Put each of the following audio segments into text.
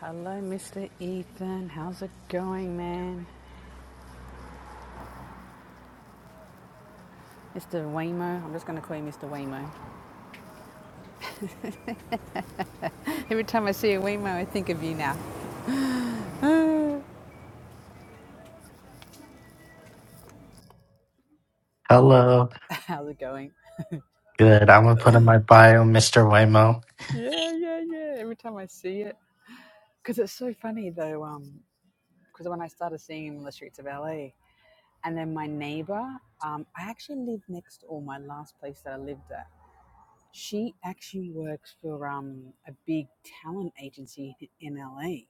Hello, Mr. Ethan. How's it going, man? Mr. Waymo. I'm just going to call you Mr. Waymo. Every time I see a Waymo, I think of you now. Hello. How's it going? Good. I'm gonna put in my bio, Mr. Waymo. Yeah, yeah, yeah. Every time I see it. Because it's so funny, though, because um, when I started seeing him in the streets of LA, and then my neighbor, um, I actually lived next to, or my last place that I lived at, she actually works for um, a big talent agency in LA.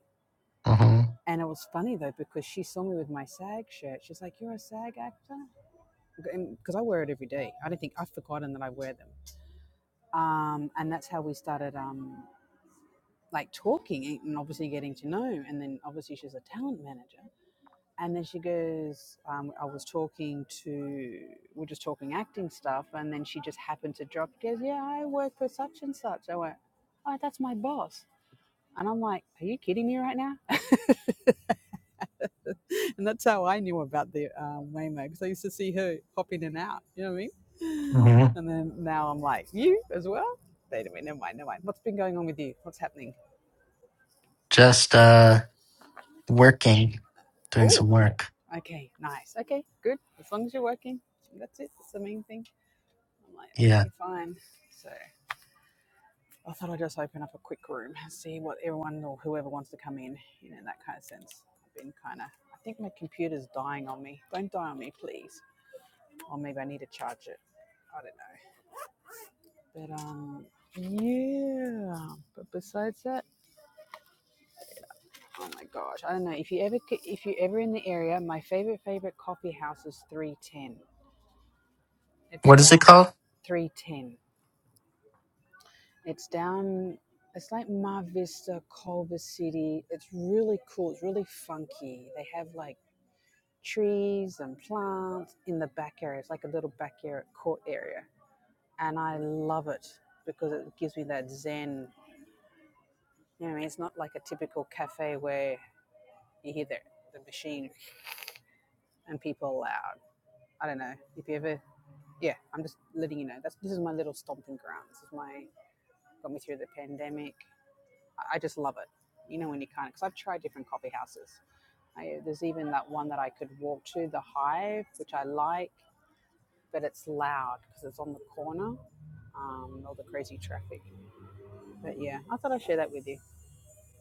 Mm-hmm. And it was funny though because she saw me with my SAG shirt. She's like, "You're a SAG actor," because I wear it every day. I don't think I've forgotten that I wear them. Um, and that's how we started, um, like talking and obviously getting to know. And then obviously she's a talent manager. And then she goes, um, "I was talking to, we're just talking acting stuff." And then she just happened to drop, "Goes, yeah, I work for such and such." I went, "Oh, that's my boss." And I'm like, "Are you kidding me right now?" And that's how I knew about the uh, Waymo because I used to see her pop in and out. You know what I mean? hmm And then now I'm like, you as well? Wait a minute, never mind, never mind. What's been going on with you? What's happening? Just uh working, doing Oh, some work. okay, nice. Okay, good. As long as you're working, that's it. That's the main thing. I'm like, Yeah. okay, fine. So I thought I'd just open up a quick room and see what everyone or whoever wants to come in, you know, in that kind of sense. I've been kind of, I think my computer's dying on me. Don't die on me, please. Or maybe I need to charge it. I don't know. But um, yeah. But besides that, oh my gosh, I don't know. If you ever c- if you ever in the area, my favorite favorite coffee house is Three Ten. It's What is it down called? Three Ten. It's down. It's like Mar Vista, Culver City. It's really cool. It's really funky. They have like trees and plants in the back area. It's like a little backyard court area, and I love it because it gives me that zen you know, what I mean? it's not like a typical cafe where You hear the, the machine and people loud. I don't know if you ever. Yeah, I'm just letting you know. That's this is my little stomping ground. This is my got me through the pandemic. I, I just love it. You know when you can't because I've tried different coffee houses. I, there's even that one that I could walk to, the Hive, which I like, but it's loud because it's on the corner. Um, all the crazy traffic. But yeah, I thought I'd share that with you.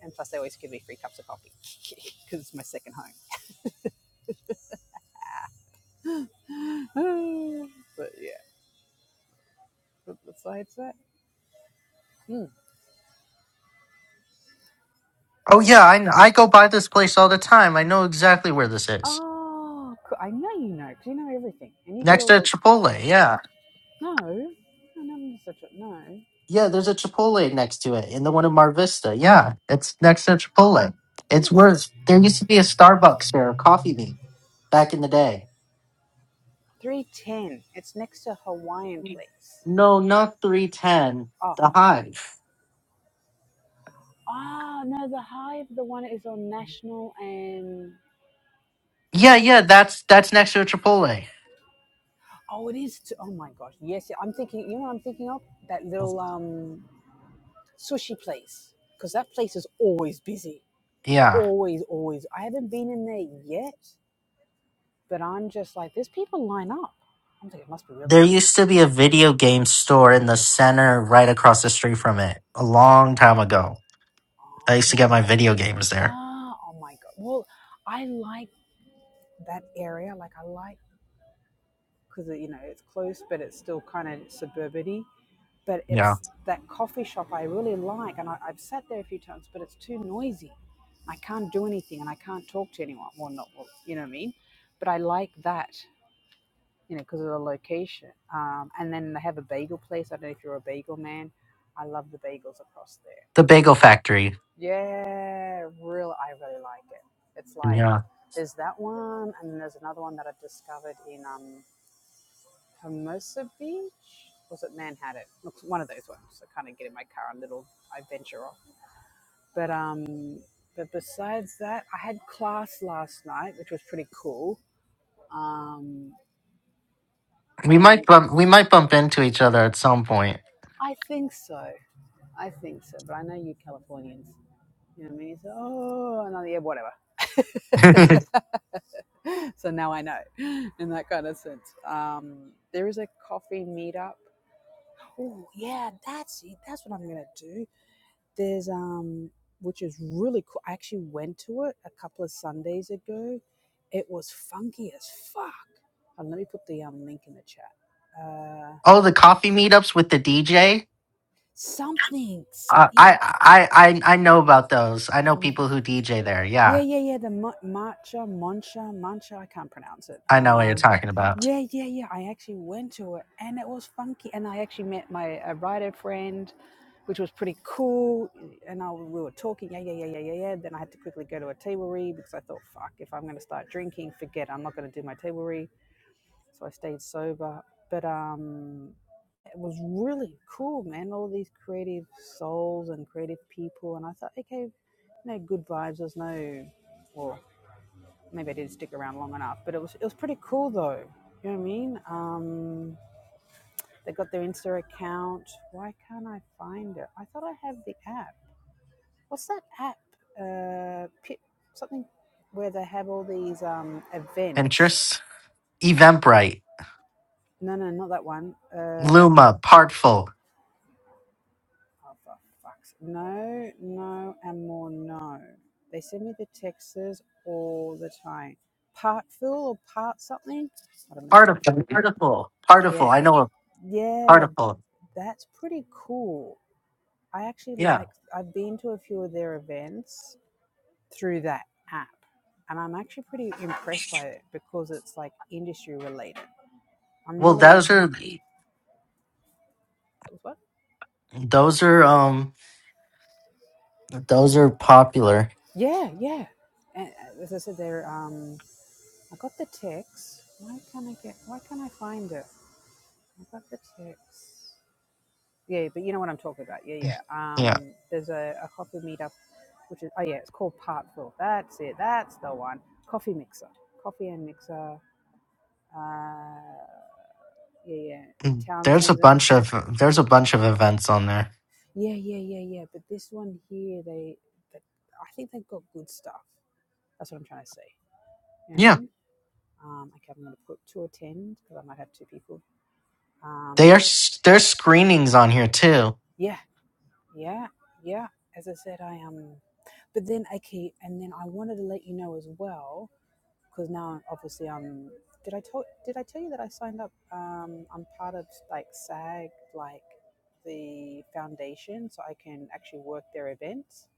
And plus, they always give me free cups of coffee because it's my second home. but yeah. the, the slides set. Hmm. Oh yeah, I I go by this place all the time. I know exactly where this is. Oh, cool. I know you know, 'cause you know everything, and you get Next all to the Chipotle. Yeah. no, no, no, such a no, Yeah, there's a Chipotle next to it, and the one in Mar Vista. Yeah, it's next to Chipotle. no. It's It's worse. There used to be a Starbucks there, a coffee bean, back in the day. three ten. It's next to Hawaiian Place. No, not 310. Oh, The Hive. ah, no, the Hive, the one is on National and no, Yeah, ne- yeah, that's that's next to a Chipotle. oh, it is. To, oh my gosh, yes, yeah, I'm thinking. You know, what I'm thinking of that little um sushi place because that place is always busy, Yeah. always, always. I haven't been in there yet But I'm just like, there's people line up. I'm thinking it must be really There good. used to be a video game store in the center right across the street from it a long time ago. Uh, I used to well, get my video games there. ah, oh my god. Well, I like that area. Like I like because you know it's close, but it's still kind of suburbity. But Yeah. it's that coffee shop I really like, and I, I've sat there a few times, but it's too noisy. I can't do anything, and I can't talk to anyone. Well, not well, you know what I mean. But I like that, you know, because of the location. Um, and then they have a bagel place. I don't know if you're a bagel man. I love the bagels across there The Bagel Factory. Yeah, real. I really like it. It's like Yeah. there's that one, and then there's another one that I discovered in um, Hermosa Beach. Was it Manhattan? Looks one of those ones. I kind of get in my car and little I venture off. But um, but besides that, I had class last night, which was pretty cool. Um, We and might bump we might bump into each other at some point. I think so. I think so. But I know you Californians. You know what I mean? You say, oh, another yeah, whatever. oh, so now I know in that kind of sense. Um, there is a coffee meetup. Oh yeah, that's it. That's what I'm gonna do. There's um, which is really cool. I actually went to it a couple of Sundays ago. It was funky as fuck. And let me put the um link in the chat. Uh, the coffee meetups with the DJ? something. So Uh, yeah. I I I I I know about those. I know people who DJ there. Yeah, Yeah. yeah, yeah. The ma- matcha, mancha, mancha. I can't pronounce it. I know what you're Um, talking about. yeah, yeah, yeah. I actually went to it, and it was funky. And I actually met my a writer friend, which was pretty cool. And I, we were talking. Yeah, yeah, yeah, yeah, yeah, yeah. Then I had to quickly go to a tablery because I thought, fuck, if I'm going to start drinking, forget. I'm not going to do my tablery. So I stayed sober. But um, it was really cool, man. All these creative souls and creative people, and I thought okay, no good vibes. There's no, well, maybe I didn't stick around long enough, but it was it was pretty cool though. You know what I mean? Um, they got their Insta account. Why can't I find it? I thought I had the app. What's that app? Uh, Pip, something where they have all these um, events. Pinterest, Eventbrite, No, no, not that one. Uh, Luma, Partful, Oh, for fuck's No, no, and more no. They send me the texts all the time. Part fill or part something? Hold on, let me look. Artiful, Artiful, Yeah, Partiful. I know what yeah, Partiful. that's pretty cool. I actually Yeah. like, I've been to a few of their events through that app, and I'm actually pretty impressed by it because it's like industry related. I'm Well, really, those are that was what? those are um those are popular. Yeah, yeah. And uh, as I said, they're, um, I got the text. Why can't I get? Why can't I find it? I've got the text, Yeah, but you know what I'm talking about. Yeah, yeah. Yeah. Um, there's a, a coffee meetup, which is oh yeah, it's called Parkville. That's it. That's the one. Coffee mixer, coffee and mixer. Uh, yeah, yeah. Mm, There's a Townsend's. it. bunch of there's a bunch of events on there. Yeah, yeah, yeah, yeah. But this one here, they, they, I think they've got good stuff. That's what I'm trying to say. You know what Yeah. I mean? Um, okay, I'm going to put two attend because I might have two people. Um, There's there's screenings on here too. yeah. Yeah, yeah. As I said, I Um, but then, okay, and then I wanted to let you know as well, because now obviously I'm. Did I tell Did I tell you that I signed up? Um, I'm part of like SAG, like the foundation, so I can actually work their events.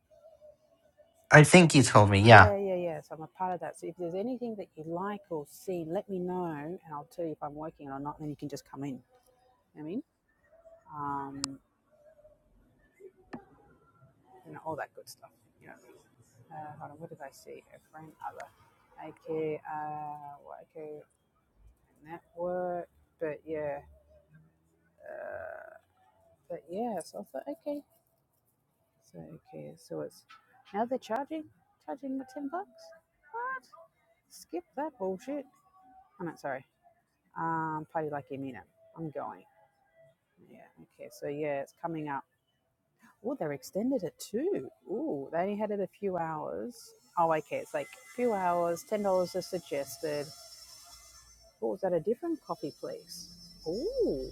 I Did, think you told me. Yeah. yeah, yeah, yeah. So I'm a part of that. So if there's anything that you like or see, let me know, and I'll tell you if I'm working or not. then you can just come in. You know what I mean, um, you know, all that good stuff. You know. Uh, hold on, what did I say? A friend, other. Okay, uh, what, okay, network. But yeah, uh, but yeah, so I thought, okay. So, okay, so it's now they're charging, charging the 10 bucks. What? Skip that bullshit. I'm not sorry. Um, party like you mean it. I'm going. Yeah, okay, so yeah, it's coming up. Oh, they're extended it too. Ooh, they only had it a few hours. Oh, okay, it's like a few hours, $10 is suggested Oh, was that a different coffee place? Ooh.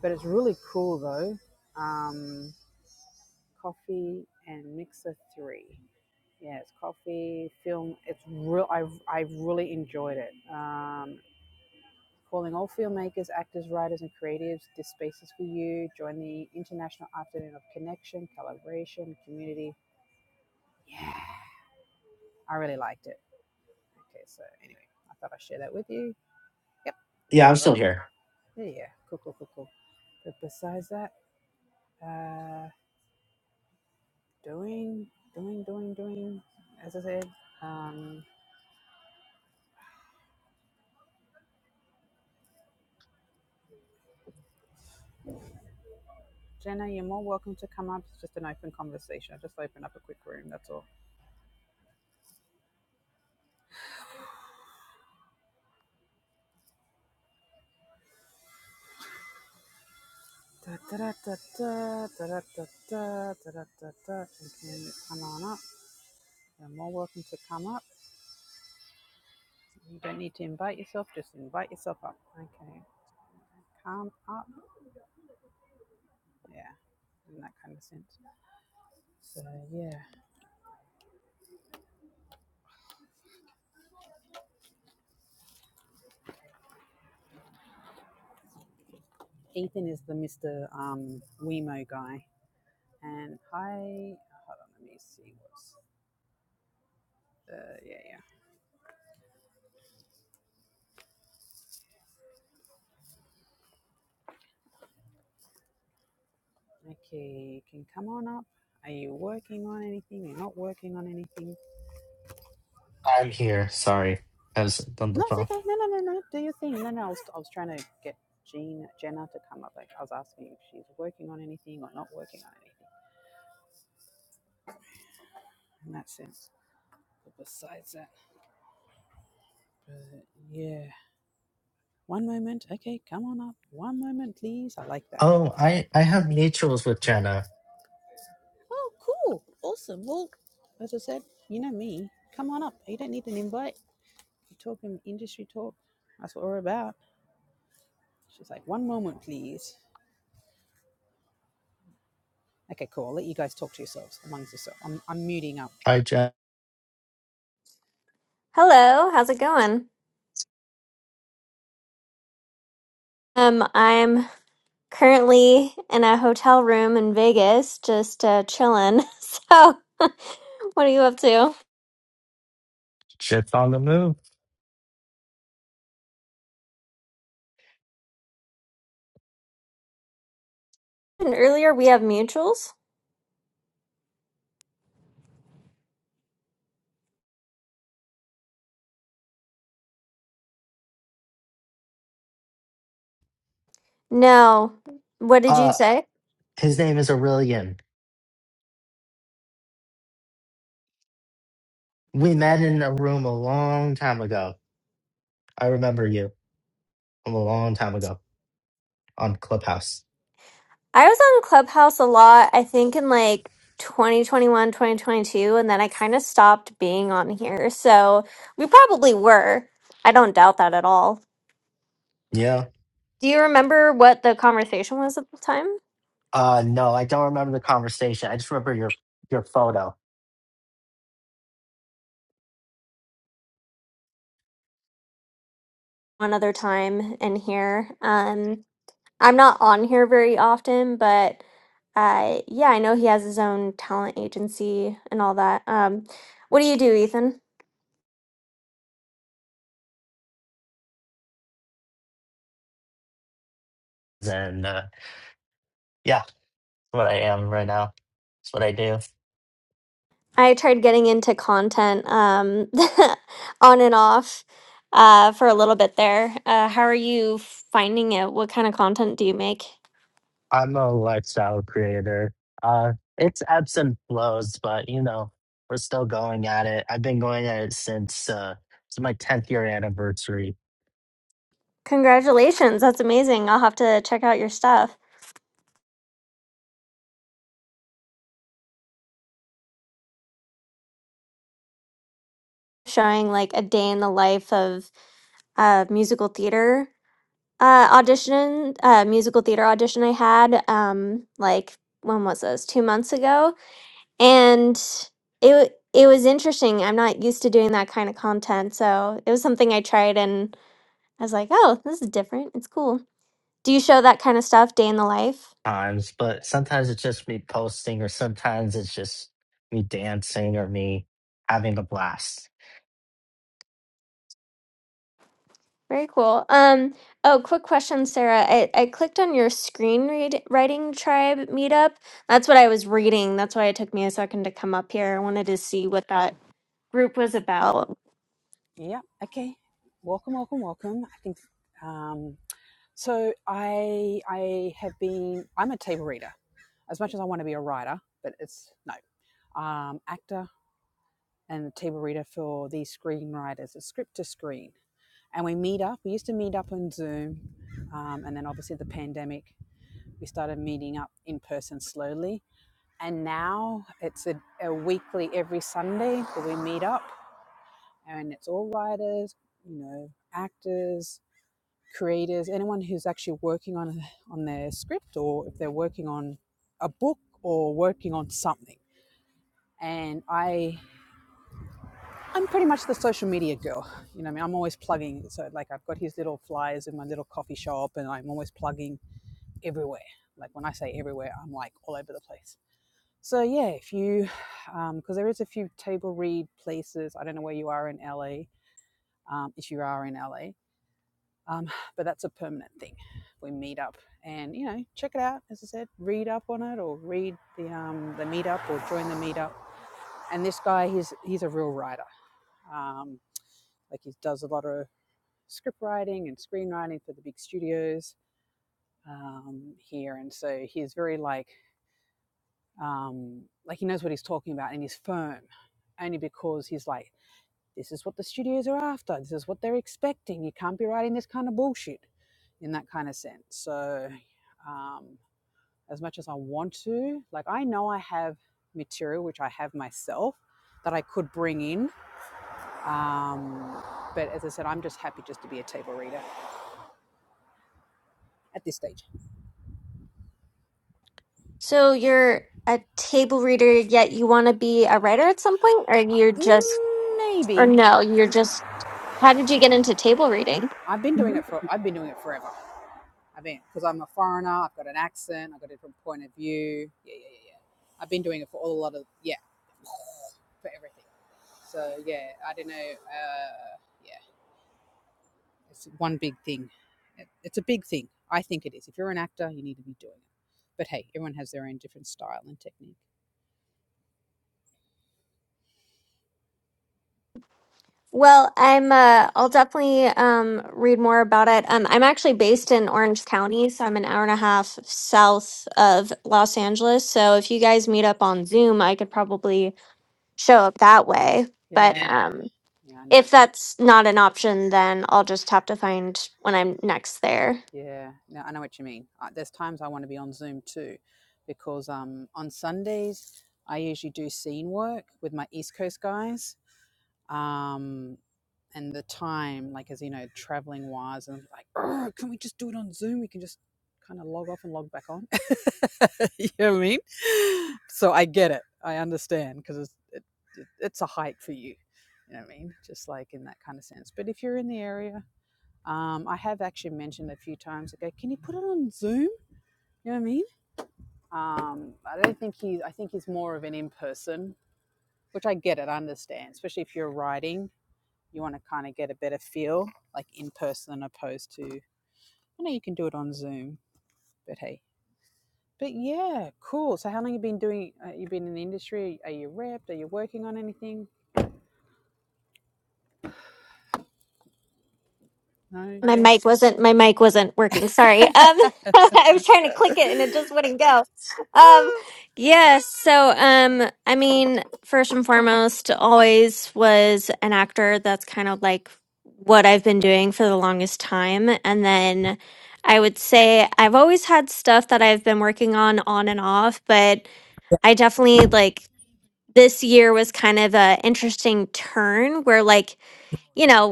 But it's really cool though. Um, coffee and mixer three. Yeah, it's coffee, film. It's real. I I really enjoyed it. Um, calling all filmmakers, actors, writers, and creatives. This space is for you. Join the International Afternoon of Connection, Collaboration, Community. Yeah, I really liked it. Okay, so anyway, I thought I'd share that with you. Yep. Yeah, I'm All right. still here. Yeah, yeah. Cool, cool, cool, cool. But besides that. Uh, doing, doing, doing, doing. As I said, um, Jenna, you're more welcome to come up. It's just an open conversation. I just open up a quick room. That's all. Da, da, da, da, da, da, da, da, da, da, da, da, da. You can come on up. You're more welcome to come up. You don't need to invite yourself. Just invite yourself up. Okay. Come up. Yeah. In that kind of sense. So yeah. Ethan is the Mr. Um, Wemo guy. And hi, hold on, let me see what's the, yeah, yeah. Okay, you can come on up. Are you working on anything? You're not working on anything? I'm here. Sorry, I was on the No, it's phone. okay. No, no, no, no. Do your thing. No, no, I was, I was trying to get Jean, Jenna to come up. Like, I was asking if she's working on anything or not working on anything. And that's it. But besides that, uh, yeah. One moment. Okay, come on up. One moment, please. I like that. Oh, I I have mutuals with Jenna. Oh, cool. Awesome. Well, as I said, you know me. Come on up. You don't need an invite You talking industry talk? That's what we're about. She's like, one moment, please. Okay, cool. I'll let you guys talk to yourselves amongst yourselves. I'm, I'm muting up. Hi, Jen. Hello, how's it going? Um, I'm currently in a hotel room in Vegas, just uh, chilling. So, what are you up to? Shit's on the move. And earlier we have mutuals. No, what did you Uh, say? his name is Aurelian. We met in a room a long time ago. I remember you from a long time ago on Clubhouse. I was on Clubhouse a lot, I think in like 2021, 2022, and then I kind of stopped being on here. So, we probably were. I don't doubt that at all. Yeah. Do you remember what the conversation was at the time? Uh, no, I don't remember the conversation. I just remember your your photo. One other time in here. Um, I'm not on here very often, but uh, yeah, I know he has his own talent agency and all that. Um, what do you do, Ethan? And uh, yeah, that's what I am right now. That's what I do. I tried getting into content um, on and off uh, for a little bit there. Uh, how are you finding it? What kind of content do you make? I'm a lifestyle creator. Uh, it's ebbs and flows, but you know, we're still going at it. I've been going at it since uh, it's my 10th year anniversary Congratulations, that's amazing. I'll have to check out your stuff showing like a day in the life of uh, musical theater Uh, audition, uh, musical theater audition I had, um, like when was this? Two months ago, and it w- it was interesting. I'm not used to doing that kind of content, so it was something I tried, and I was like, "Oh, this is different. It's cool." Do you show that kind of stuff, day in the life? times, but sometimes it's just me posting, or sometimes it's just me dancing or me having a blast. Very cool. Um, oh, quick question, Sarah. I, I clicked on your screen read, writing tribe meetup. That's what I was reading. That's why it took me a second to come up here. I wanted to see what that group was about. Yeah. Okay. Welcome, welcome, welcome. I think um, so. I I have been. I'm a table reader as much as I want to be a writer, but it's no um, actor and table reader for these screenwriters. It's script to screen, and we meet up. We used to meet up on Zoom, um, and then obviously the pandemic, we started meeting up in person slowly And now it's a, a weekly every Sunday that we meet up and it's all writers, you know, actors, creators, anyone who's actually working on on their script or if they're working on a book or working on something. And I I'm pretty much the social media girl. You know, I mean I'm always plugging so like I've got his little flyers in my little coffee shop and I'm always plugging everywhere. Like when I say everywhere, I'm like all over the place So yeah, if you, um, because there is a few table read places. I don't know where you are in LA, um, if you are in LA, um, but that's a permanent thing. We meet up and you know check it out. As I said, read up on it or read the um, the meetup or join the meetup. And this guy, he's he's a real writer. Um, like he does a lot of script writing and screenwriting for the big studios um, here, and so he's very like um, like he knows what he's talking about and he's firm only because he's like This is what the studios are after. This is what they're expecting. You can't be writing this kind of bullshit in that kind of sense. So, um, as much as I want to, like, I know I have material which I have myself that I could bring in. Um, but as I said, I'm just happy just to be a table reader at this stage. So you're a table reader, yet you want to be a writer at some point, or you're just, or Maybe no, you're just. How did you get into table reading? I've been doing it for I've been doing it forever. I've been because I'm a foreigner. I've got an accent. I've got a different point of view. Yeah, yeah, yeah. yeah. I've been doing it for all a lot of yeah. for everything. So yeah, I don't know. Uh, yeah, it's one big thing. It's a big thing. I think it is. If you're an actor, you need to be doing it. But hey, everyone has their own different style and technique. Well, I'm. Uh, I'll definitely um, read more about it. Um, I'm actually based in Orange County, so I'm an hour and a half south of Los Angeles. So if you guys meet up on Zoom, I could probably show up that way. But Yeah, um, yeah, I know. if that's not an option, then I'll just have to find when I'm next there. Yeah, no, I know what you mean. Uh, There's times I want to be on Zoom too, because um, on Sundays I usually do scene work with my East Coast guys, um, and the time, like as you know, traveling wise, and like, oh, can we just do it on Zoom? We can just kind of log off and log back on. you know what I mean? So I get it. I understand because it's it, it, it's a hike for you. You know what I mean? Just like in that kind of sense. But if you're in the area, um, I have actually mentioned a few times. I go, can you put it on Zoom? You know what I mean? Um, I don't think he's. I think he's more of an in person, which I get it. I understand, especially if you're writing you want to kind of get a better feel like in person opposed to I know you can do it on Zoom, but hey. But yeah, cool. So how long you been doing uh, you been in the industry? Are you repped? Are you working on anything? No, My mic yes. wasn't my mic wasn't working. Sorry. Um I was trying to click it and it just wouldn't go. Ah. Um yes, so um I mean, first and foremost, always was an actor. That's kind of like what I've been doing for the longest time. And then I would say I've always had stuff that I've been working on on and off, but I definitely like this year was kind of a interesting turn where like you know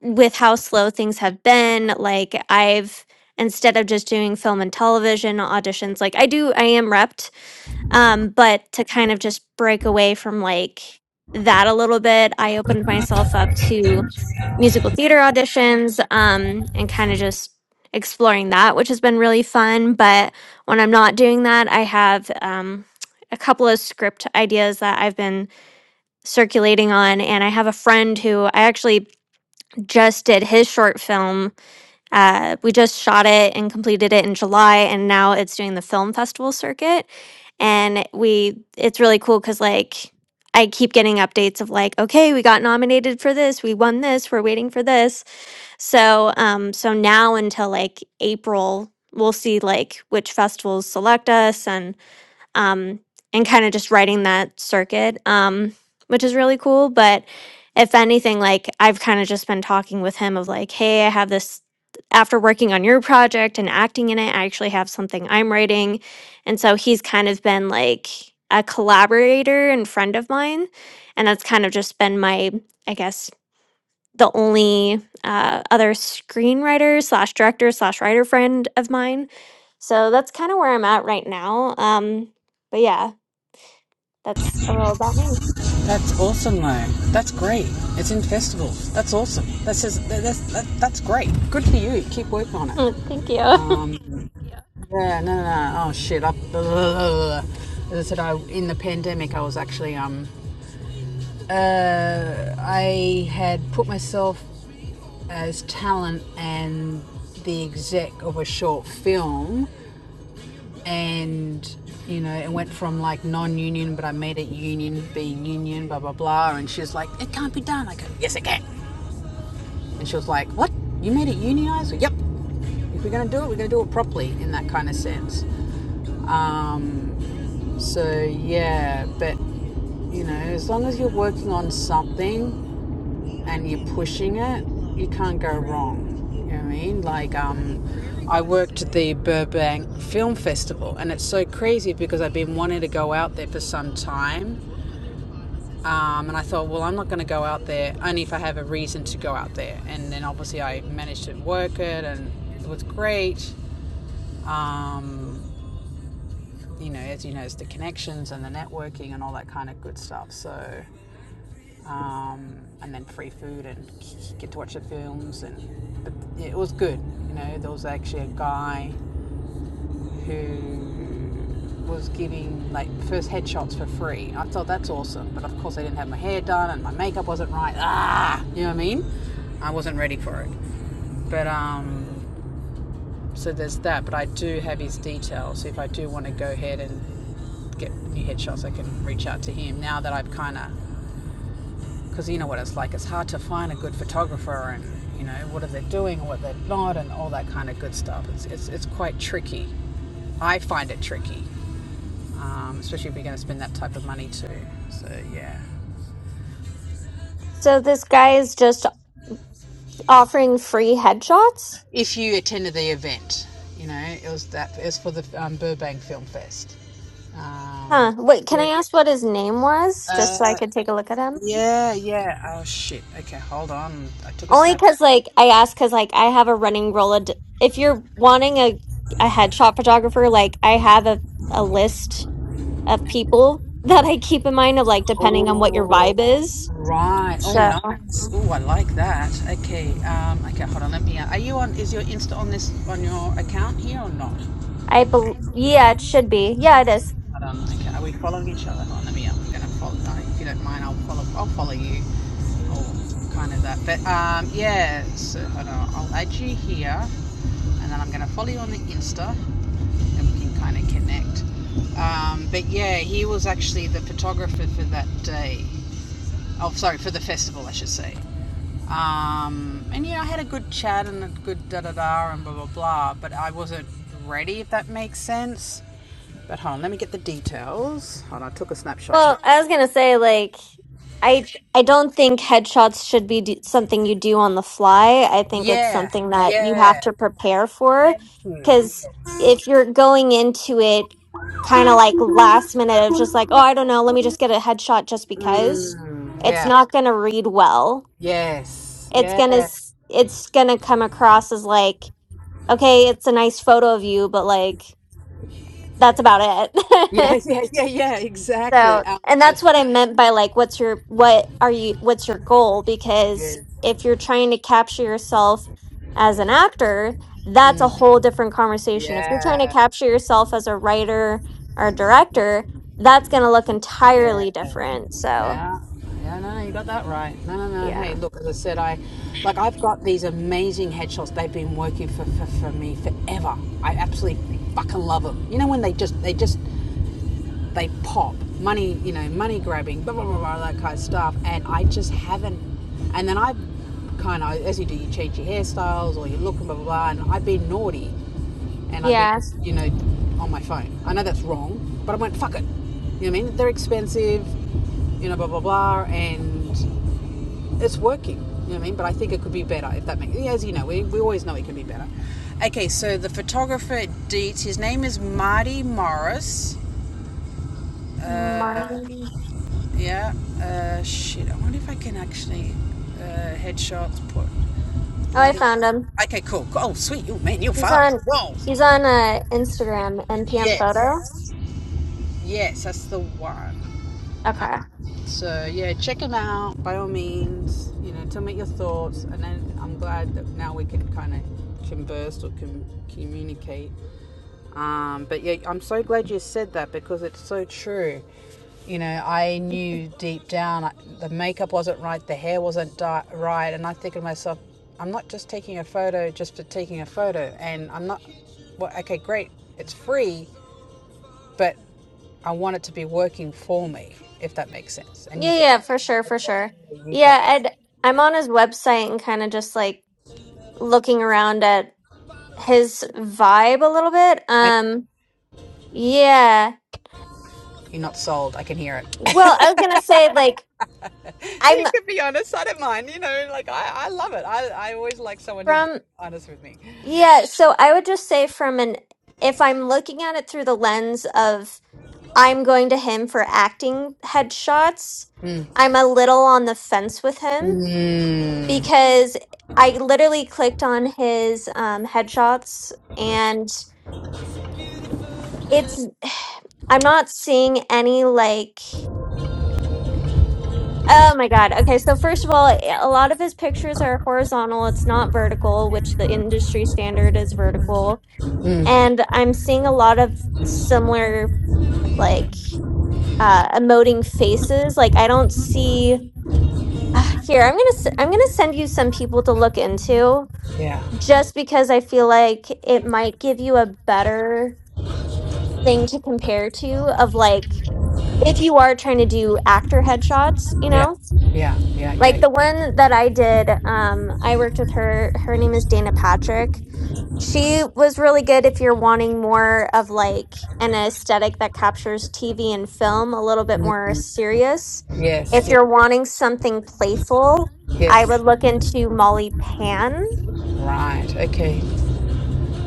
with how slow things have been like i've instead of just doing film and television auditions like i do i am repped um but to kind of just break away from like that a little bit i opened myself up to musical theater auditions um and kind of just exploring that which has been really fun but when i'm not doing that i have um a couple of script ideas that i've been circulating on and i have a friend who i actually just did his short film. Uh, we just shot it and completed it in July, and now it's doing the film festival circuit. And we, it's really cool because like I keep getting updates of like, okay, we got nominated for this, we won this, we're waiting for this. So, um, so now until like April, we'll see like which festivals select us and um, and kind of just writing that circuit, um, which is really cool. But if anything, like I've kind of just been talking with him of like, hey, I have this after working on your project and acting in it, I actually have something I'm writing. And so he's kind of been like a collaborator and friend of mine. And that's kind of just been my, I guess, the only uh, other screenwriter slash director slash writer friend of mine. So that's kind of where I'm at right now. Um, but yeah, that's a little about me. That's awesome though. That's great. It's in festivals. That's awesome. That says that's that, that's great. Good for you. Keep working on it. Thank you. Um yeah, no no no. Oh shit. I, blah, blah, blah. as I said, I in the pandemic I was actually um uh I had put myself as talent and the exec of a short film and you know it went from like non-union but i made it union be union blah blah blah and she was like it can't be done i go yes it can and she was like what you made it unionized Well, yep if we're going to do it we're going to do it properly in that kind of sense um, so yeah but you know as long as you're working on something and you're pushing it, you can't go wrong. You know what I mean? Like, um, I worked at the Burbank Film Festival, and it's so crazy because I've been wanting to go out there for some time. Um, and I thought, well, I'm not going to go out there only if I have a reason to go out there. And then obviously I managed to work it, and it was great. Um, you know, as you know, it's the connections and the networking and all that kind of good stuff. So um, and then free food and get to watch the films and but it was good you know there was actually a guy who was giving like first headshots for free i thought that's awesome but of course i didn't have my hair done and my makeup wasn't right ah you know what i mean i wasn't ready for it but um so there's that but i do have his details So if i do want to go ahead and get new headshots i can reach out to him now that i've kind of because you know what it's like. It's hard to find a good photographer, and you know what are they doing, what they're not, and all that kind of good stuff. It's it's, it's quite tricky. I find it tricky, um, especially if you're going to spend that type of money too. So yeah, So this guy is just offering free headshots? if you attended the event, you know it was that it was for the um, Burbank Film Fest. Um, Huh. Wait, can I yeah. ask what his name was just so I Uh, could take a look at him? yeah, yeah. Oh shit. Okay, hold on. I took a Only snap. because, like, I asked because, like, I have a running Rolodex. If you're wanting a, a headshot photographer, like, I have a, a list of people that I keep in mind of like depending on what your Oh, vibe is. right. Oh, So nice. Oh, I like that. Okay. Um. Okay. Hold on. Let me. uh, Are you on? Is your Insta on this on your account here or not? I bel yeah, it should be. Yeah, it is. Hold on. Okay. Are we following each other? Hold on. Let me. I'm gonna follow. Uh, if you don't mind, I'll follow. I'll follow you. Or kind of that. But um. Yeah. So hold on. I'll add you here, and then I'm gonna follow you on the Insta, and we can kind of connect. Um. But yeah, he was actually the photographer for that day. Oh, sorry, for the festival, I should say. Um, and yeah, I had a good chat and a good da da da and blah blah blah, but I wasn't ready, if that makes sense. But hold on, let me get the details. Hold on, I took a snapshot. Well, I was gonna say like I I don't think headshots should be d something you do on the fly. I think it's Yeah, something that you have yeah, to prepare for thank you. because if you're going into it kind of like last minute of just like oh I don't know let me just get a headshot just because Mm, it's yeah, not gonna read well. yes, It's yeah, gonna s- it's gonna come across as like okay, it's a nice photo of you, but like that's about yeah, it. yeah, yeah, yeah, exactly. so, Um, and that's what I meant by like what's your what are you what's your goal because yes, if you're trying to capture yourself as an actor, that's a whole different conversation. If you're trying to yeah. capture yourself as a writer or a director, that's going to look Yeah, entirely yeah, different. So, yeah. No, no, you got that right. No, no, no. yeah. Hey, look, as I said, I like I've got these amazing headshots. They've been working for for, for me forever. I absolutely fucking love them. You know when they just they just they pop money, you know, money grabbing, blah blah blah, blah that kind of stuff. And I just haven't. And then I kind of, as you do, you change your hairstyles or you look and blah blah blah. And I've been naughty, and I've been, Yeah. just, you know, on my phone. I know that's wrong, but I went fuck it. You know what I mean? They're expensive, you know, blah blah blah, and it's working. You know what I mean? But I think it could be better if that makes. yeah, As you know, we, we always know it can be better. Okay, so the photographer Dietz, his name is Marty Morris Marley. Yeah. Uh, shit. I wonder if I can actually uh, headshots put Oh, I bloody. found him. Okay, cool. cool, Oh, sweet. Oh, man, you're He's fast. on Whoa. he's on uh Instagram, NPM photos. Yes. Yes, that's the one. Okay. So yeah, check them out by all means. You know, tell me your thoughts, and then I'm glad that now we can kind of converse or com- communicate. Um, but yeah, I'm so glad you said that because it's so true. You know, I knew deep down I- the makeup wasn't right, the hair wasn't di- right, and I think to myself, I'm not just taking a photo just for taking a photo, and I'm not. Well, okay, great, it's free, but I want it to be working for me, if that makes sense. And you Yeah, get, yeah, for sure, for sure. you got, Yeah, and I'm on his website and kind of just like looking around at his vibe a little bit. okay, Um, yeah. you're not sold. I can hear it. Well, I was gonna say like I'm you can be honest. I don't mind. You know, like I, I love it. I, I always like someone who's from honest with me. yeah, so I would just say from an if I'm looking at it through the lens of I'm going to him for acting headshots. Mm. I'm a little on the fence with him Mm. because I literally clicked on his um, headshots and it's, I'm not seeing any like, oh my God. Okay. So, first of all, a lot of his pictures are horizontal, it's not vertical, which the industry standard is vertical. Mm. And I'm seeing a lot of similar like uh emoting faces like i don't see Uh, here, I'm gonna s- I'm gonna send you some people to look into, Yeah. just because I feel like it might give you a better thing to compare to of like if you are trying to do actor headshots, you Yeah. know, Yeah. Yeah. like Yeah. the one that I did. Um, I worked with her. Her name is Dana Patrick, she was really good if you're wanting more of like an aesthetic that captures TV and film, a little bit more Mm. serious. Yes. If Yes. you're wanting something playful, I Yes. would look into Molly Pan. Right. Okay.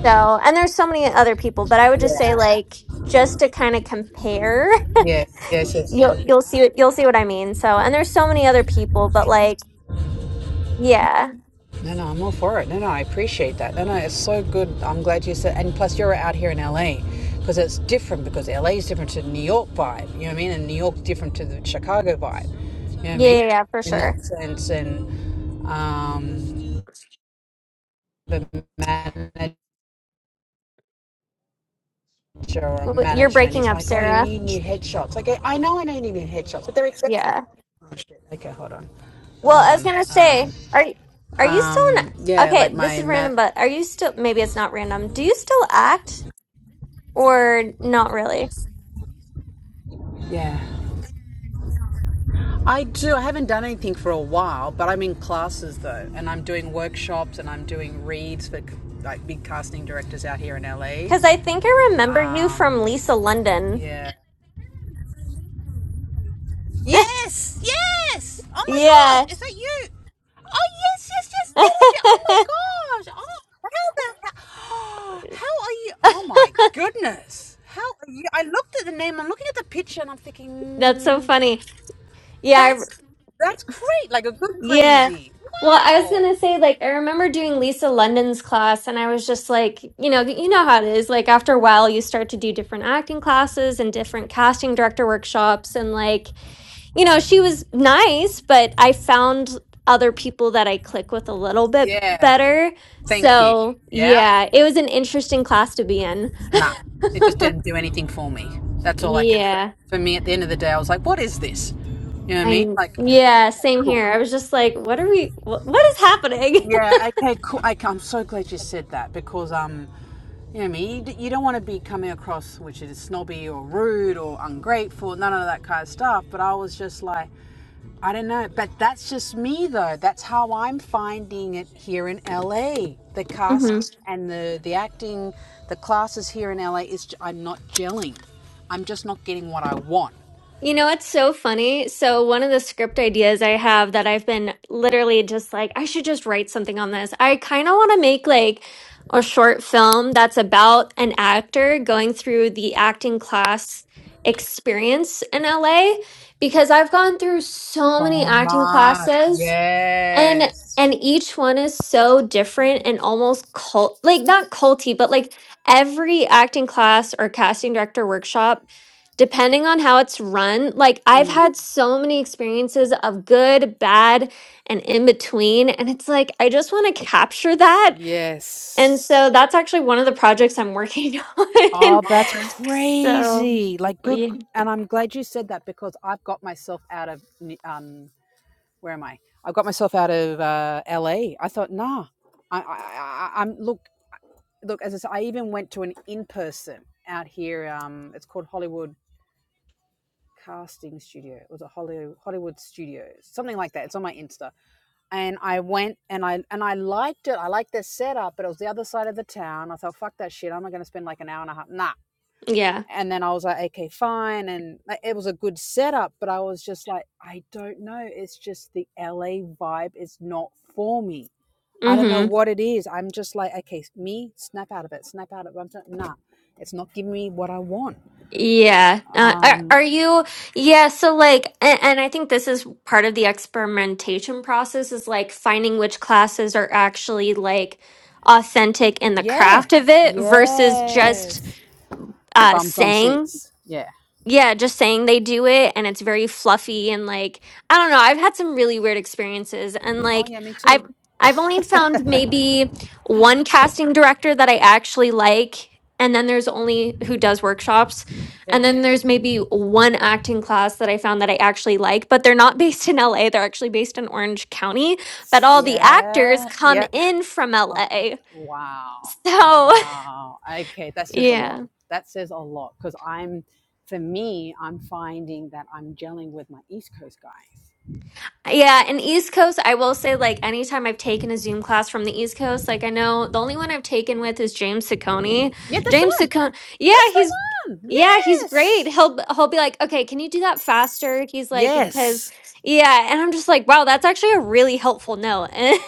So, and there's so many other people, but I would just say Yeah. like just to kind of compare, Yes. Yes. Yes. you'll you'll see what you'll see what I mean. So, and there's so many other people, but like yeah. No, no, I'm all for it. No, no, I appreciate that. No, no, it's so good. I'm glad you said. And plus, you're out here in LA because it's different because LA is different to the New York vibe. You know what I mean? And New York's different to the Chicago vibe. You know what I Yeah, mean? yeah, yeah, for In sure. that sense, and um, the manager or W- You're management, breaking he's up, like, "Oh, you Sarah. need new headshots." Like, I know I don't need new headshots, but they're expensive. Yeah. Oh shit. Okay, hold on, Well, hold I was on. gonna Um, say, are are you still in? um, yeah, like Okay, this my is man. random, but are you still? Maybe it's not random. Do you still act or not really? Yeah. I do. I haven't done anything for a while, but I'm in classes though, and I'm doing workshops and I'm doing reads for like big casting directors out here in LA. Because I think I remember you from Um, Lisa London. yeah. Yes, yes. Oh my gosh, Yeah, is that you? Oh yes, yes, yes. there it is. Oh my gosh. Oh, how the how how are you? Oh my goodness. How are you? I looked at the name. I'm looking at the picture, and I'm thinking, that's so mm, funny. Yeah, I, that's that's great. Like a good yeah. crazy. Well, I was Wow. gonna say, like, I remember doing Lisa London's class, and I was just like, you know, you know how it is. Like, after a while, you start to do different acting classes and different casting director workshops, and like. you know, she was nice, but I found other people that I click with a little bit Yeah. better. Thank you. So, Yeah. yeah, it was an interesting class to be in. Nah. It just didn't do anything for me. That's all I can say. Yeah. For me, at the end of the day, I was like, what is this? You know what I I mean? kn- Like, yeah, yeah, okay, same cool. here. I was just like, what are we wh- what is happening? Yeah. Okay. Cool. I, I'm so glad you said that because um, you know what I mean. You, d- you don't want to be coming across which is snobby or rude or ungrateful, none of that kind of stuff. But I was just like, I don't know. But that's just me though. That's how I'm finding it here in LA. The Mhm. casting and the the acting, the classes here in LA is j- I'm not gelling. I'm just not getting what I want. You know, it's so funny. So, one of the script ideas I have that I've been literally just like, I should just write something on this. I kind of want to make like a short film that's about an actor going through the acting class experience in LA because I've gone through so So many acting much. classes and Yes. and each one is so different and almost cult like not culty, but like every acting class or casting director workshop, depending on how it's run, like I've Mm, had so many experiences of good, bad, and in between. And it's like I just want to capture that. And yes. so that's actually one of the projects I'm working on. Oh, that's so crazy. Like, good. And I'm glad you said that because I've got myself out of, um, where am I? I've got myself out of uh, LA. thought, nah, I, I, I, I'm, look, look, as I said, I even went to an in person out here. Um, it's called Hollywood Casting Studio. It was a Hollywood, Hollywood studio, something like that. It's on my Insta. And I went and I, and I liked it. I liked their setup, but it was the other side of the town. I thought, fuck that shit. I'm not going to spend like an hour and a half. Nah. yeah. and then I was like, okay, fine. And like, it was a good setup, but I was just like, I don't know. It's just the LA vibe is not for me. I don't Mm-hmm. know what it is. I'm just like, okay, me, snap out of it, snap out of it. I'm not, nah, it's not giving me what I want. Yeah. Uh, are, Um, are you, yeah, so like, and, and I think this is part of the experimentation process is like finding which classes are actually like authentic in the yeah, craft of it versus just yes. uh, Bums on saying. seats. Yeah. Yeah, just saying they do it and it's very fluffy and like I don't know, I've had some really weird experiences and Oh, like yeah, me too. I've I've only found maybe one casting director that I actually like and then there's only who does workshops and then Yes. there's maybe one acting class that I found that I actually like, but they're not based in LA, they're actually based in Orange County, but all the actors Yeah, yeah. come in from Um, LA. wow. Oh, So, wow. Okay, that says a yeah. lot. That says a lot because I'm, for me, I'm finding that I'm gelling with my East Coast guys. Yeah, and East Coast, I will say, like, anytime I've taken a Zoom class from the East Coast, like, I know the only one I've taken with is James Ciccone. Yeah, that's the James one. Ciccone, yeah, That's he's, the one. yeah, he's great. Yes. He'll, he'll be like, okay, can you do that faster? He's like, because, Yes. yeah, and I'm just like, wow, that's actually a really helpful note.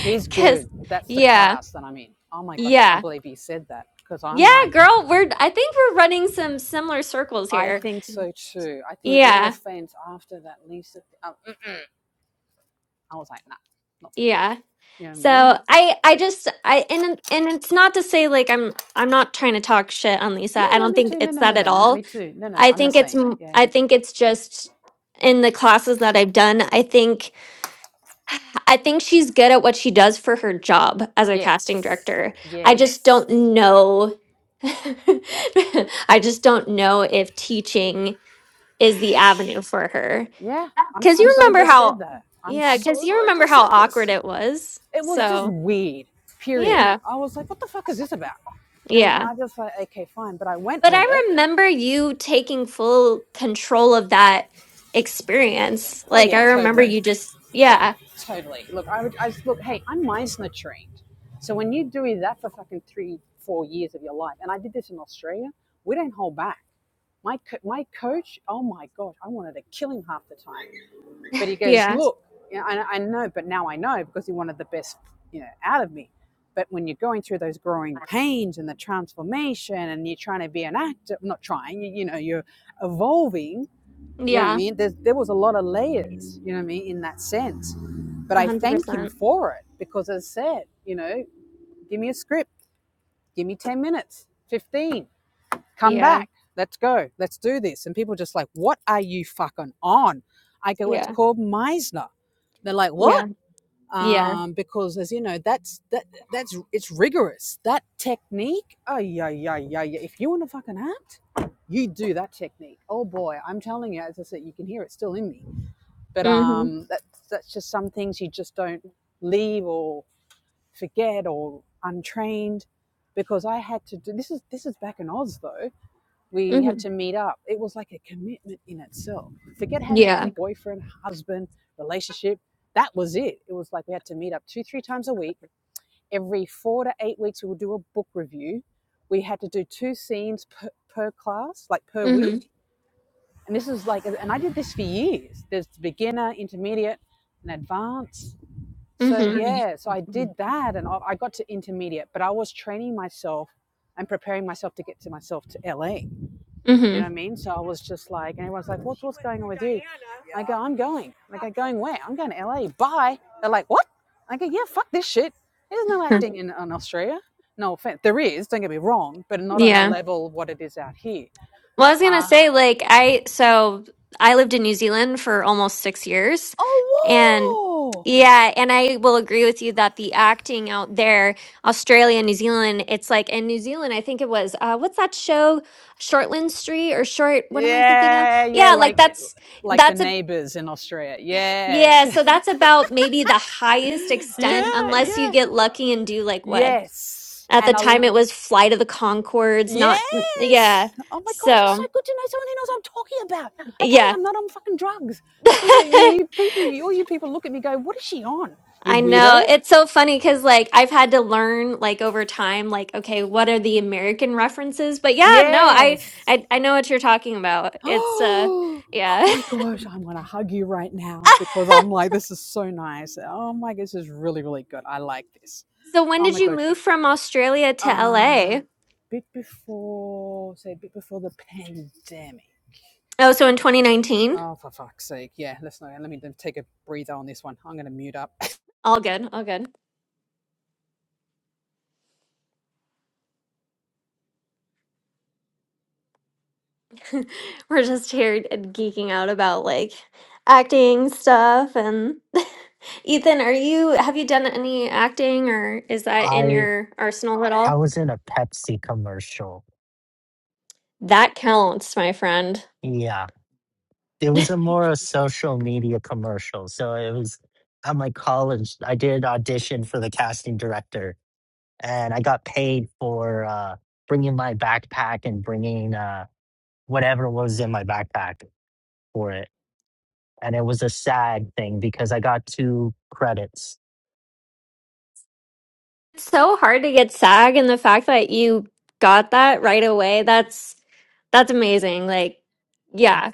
He's Because, good. That's the yeah, class that I'm in. Oh my gosh, I can't yeah, believe he said that because I'm yeah, like, girl, we're, I think we're running some similar circles I here. think so too. I think, no Yeah, offense, after that Lisa, uh, mm. I was like, nah, not for me. yeah. You know what I mean? So I I just I and and it's not to say like I'm I'm not trying to talk shit on Lisa. No, I no, no, don't me think too. No, it's no, no, that at no, no, me all. too. No, no, I I'm the think it's same. m- Yeah. I think it's just in the classes that I've done, I think I think she's good at what she does for her job as a casting Yes. director. I just Yes. don't know I just don't know if teaching is the avenue for her. Yeah. I'm Cuz you so glad remember you said how that. I'm yeah, cuz so you glad remember you how said awkward this. it was. It was just So, weird, period. yeah. I was like, what the fuck is this about? You know what I mean, Yeah. I just like, okay, fine. But I went But I with it. remember you taking full control of that experience. Oh, Like, yeah, I remember totally. you just, yeah, Totally. Look, I would, I just, look, hey, I'm Meisner trained. So when you do that for fucking three, four years of your life, and I did this in Australia, we don't hold back. My, co- my coach, oh my God, I wanted to kill him half the time But he goes, yeah, look, you know, I, I know, but now I know because he wanted the best, you know, out of me. But when you're going through those growing pains and the transformation, and you're trying to be an actor, not trying, you, you know, you're evolving. You know what I yeah, mean? There's, there was a lot of layers. You know what I mean in that sense. But I thank him 100%. for it because, as I said, you know, give me a script, give me ten minutes, fifteen come Yeah, back. Let's go. Let's do this. And people are just like, what are you fucking on? I go, it's yeah, called Meisner. They're like, what? yeah, yeah. Um, because as you know, that's that that's it's rigorous. That technique, oh yeah, yeah, yeah, yeah. If you want to fucking act, you do that technique. Oh boy, I'm telling you, as I said, you can hear it still in me. But Mm hmm. um that's that's just some things you just don't leave or forget or untrained because I had to do this is this is back in Oz though we Mm had to meet up. It was like a commitment in itself. Forget hmm. having a Yeah. boyfriend, husband, relationship. That was it. It was like we had to meet up two, three times a week. Every four to eight weeks, we would do a book review. We had to do two scenes per, per class, like per week. Mm And this is like, and I did this for years. There's beginner, intermediate, and advanced. hmm. Mm So, hmm. yeah, so I did that and I got to intermediate, but I was training myself and preparing myself to get to myself to LA you know Mm what I mean? So I was just like, and everyone's like, what's, what's going on with you? I go, I'm going. I go, going where? I'm going to LA. Bye. They're like, what? I go, yeah, fuck this shit. There's no hmm. acting in, in Australia. No offense. There is, don't get me wrong, but not on the Yeah. level of what it is out here. Well, I was gonna Uh, say, like, I so I lived in New Zealand for almost six years, and oh, whoa. yeah, and I will agree with you that the acting out there, Australia, New Zealand, it's like in New Zealand, I think it was uh, what's that show, Shortland Street or Short? What am I thinking of? Yeah, yeah, Yeah, like like that's like the that's a neighbors in Australia. yeah, Yes. so that's about maybe the highest extent, yeah, unless you yeah. get lucky and do like what Yes. at the And I time it was Flight of the Concords, not yeah, Yes. Oh my gosh, it's so so. good to know someone who knows what I'm talking about. Okay, Yeah. I'm not on fucking drugs because people, you, people, you, all you people look at me, and go, "What is she on? You I know. weirdo." It's so funny because, like, I've had to learn, like, over time, like, okay, what are the American references? But yeah, no, I, Yes. I, I know what you're talking about. It's, uh, Oh. Oh yeah. my gosh, I'm gonna hug you right now because I'm like, this is so nice. Oh my gosh, this is really, really good. I like this. So when Oh did my you gosh. move from Australia to LA? Um, bit before, say, bit before the pandemic. Oh, so in 2019? Oh, for fuck's sake. Yeah, let's not, let me take a breather on this one. I'm going to mute up. All good. All good. We're just here geeking out about, like, acting stuff. And Ethan, are you, have you done any acting or is that in I your arsenal at I all? was in a Pepsi commercial. That counts, my friend. Yeah, it was a more a social media commercial, so it was at my college. I did audition for the casting director and I got paid for uh, bringing my backpack and bringing uh, whatever was in my backpack for it. And it was a sad thing because I got two credits. It's so hard to get SAG, and the fact that you got that right away, that's that's amazing. Like, yeah.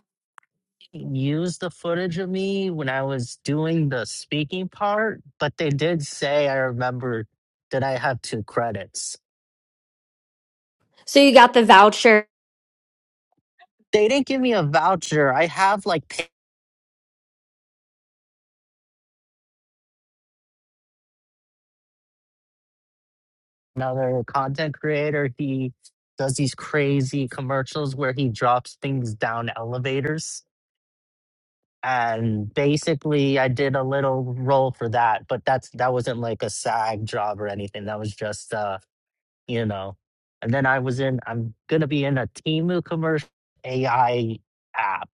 Used the footage of me when I was doing the speaking part, but they did say I remember that I have two credits. So you got the voucher. They didn't give me a voucher. I have like paid another content creator. He does these crazy commercials where he drops things down elevators and basically i did a little role for that but that's that wasn't like a sag job or anything that was just uh you know and then i was in i'm gonna be in a Temu commercial ai app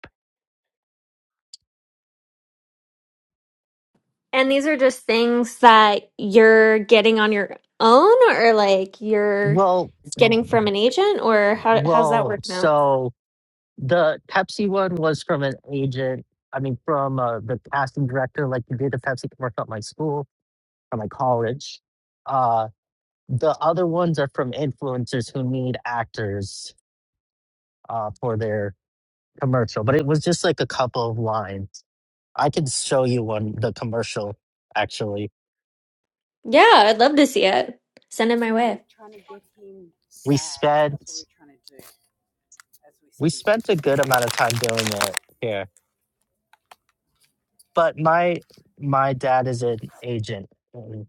And these are just things that you're getting on your own or like you're well getting from w- an agent or how how's that well working out? so the pepsi one was from an agent i mean from uh, the casting director like you did the pepsi commercial at my school or my college uh the other ones are from influencers who need actors uh, for their commercial, but it was just like a couple of lines. I could show you one the commercial. Actually, Yeah, I'd love to see it. Send it my and we're way. trying to get him we SAG. That's what spent we're trying to do as we we speak. spent a good amount of time doing it here. But my my dad is an agent in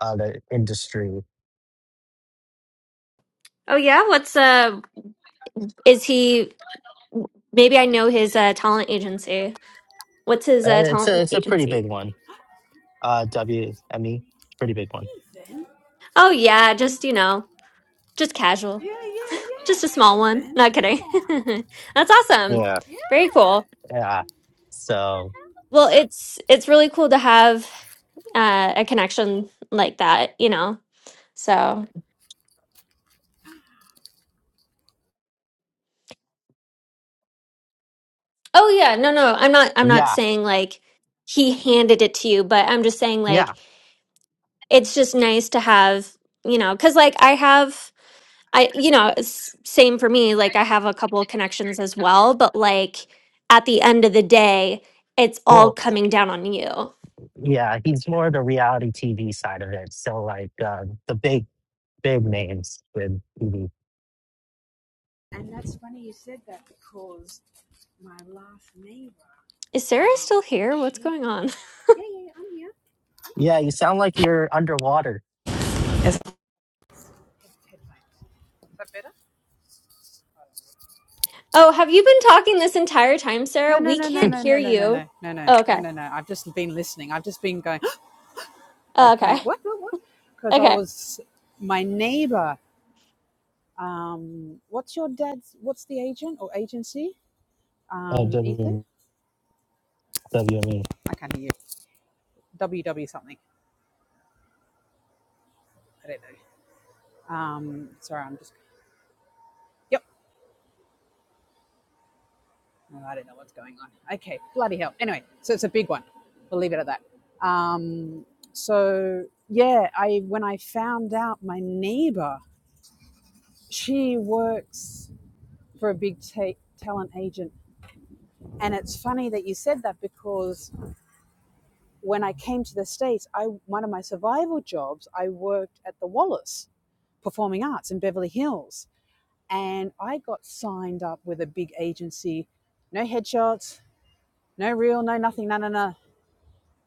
uh, the industry. Oh yeah, what's uh is he maybe I know his uh talent agency. What's his Uh, uh it's a talent it's a pretty agency? big one. Uh, WME, pretty big one. Ethan? Oh yeah, just you know, just casual. Yeah, yeah, yeah. Just a small one. Ethan? Not kidding. Come on. That's awesome. Yeah, Very Yeah. cool. yeah. So Well, it's it's really cool to have uh, a connection like that, you know. So, oh yeah, no, no, I'm not. I'm not yeah, saying like he handed it to you, but I'm just saying yeah. like it's just nice to have, you know, because like I have, I you know, it's same for me. Like I have a couple of connections as well, but like at the end of the day, it's all Well, coming down on you. yeah. He's more the reality TV side of it. So like uh, the big big names with TV. And that's funny you said that because my last neighbor, Is Sarah um, still here? What's she. going on? Yeah, yeah, yeah, I'm here. I'm Yeah, here. you sound like you're underwater. Yes. Is that better? Oh, have you been talking this entire time, Sarah? No, no, We no, no, can't no, hear no, no, no, you. no, no, no, Oh, oh, okay. no, no. I've just been listening. I've just been going, Oh, like, okay. going, what, what, what? Because I Okay. was, my neighbor Um, what's your dad's? What's the agent or agency? Oh, Um, Ethan. W- WME. I can't hear you. W W something. I don't know. Um, sorry, I'm just. Yep. No, I don't know what's going on. Okay. Bloody hell. Anyway, so it's a big one. We'll leave it at that. Um, so yeah, I when I found out my neighbor, she works for a big ta talent agent, and it's funny that you said that because when I came to the States, I one of my survival jobs, I worked at the Wallace Performing Arts in Beverly Hills. And I got signed up with a big agency, no headshots, no reel, no nothing, no no no.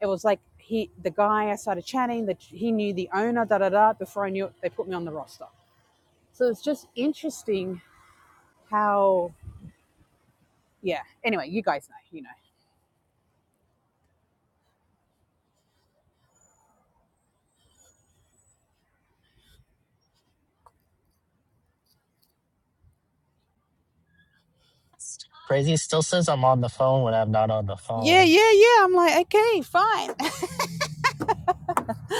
It was like he the guy I started chatting, that he knew the owner, da da da. Before I knew it, they put me on the roster. So it's just interesting how yeah. Anyway, you guys know, you know. Crazy still says I'm on the phone when I'm not on the Yeah, phone. yeah, yeah. I'm like, okay, fine.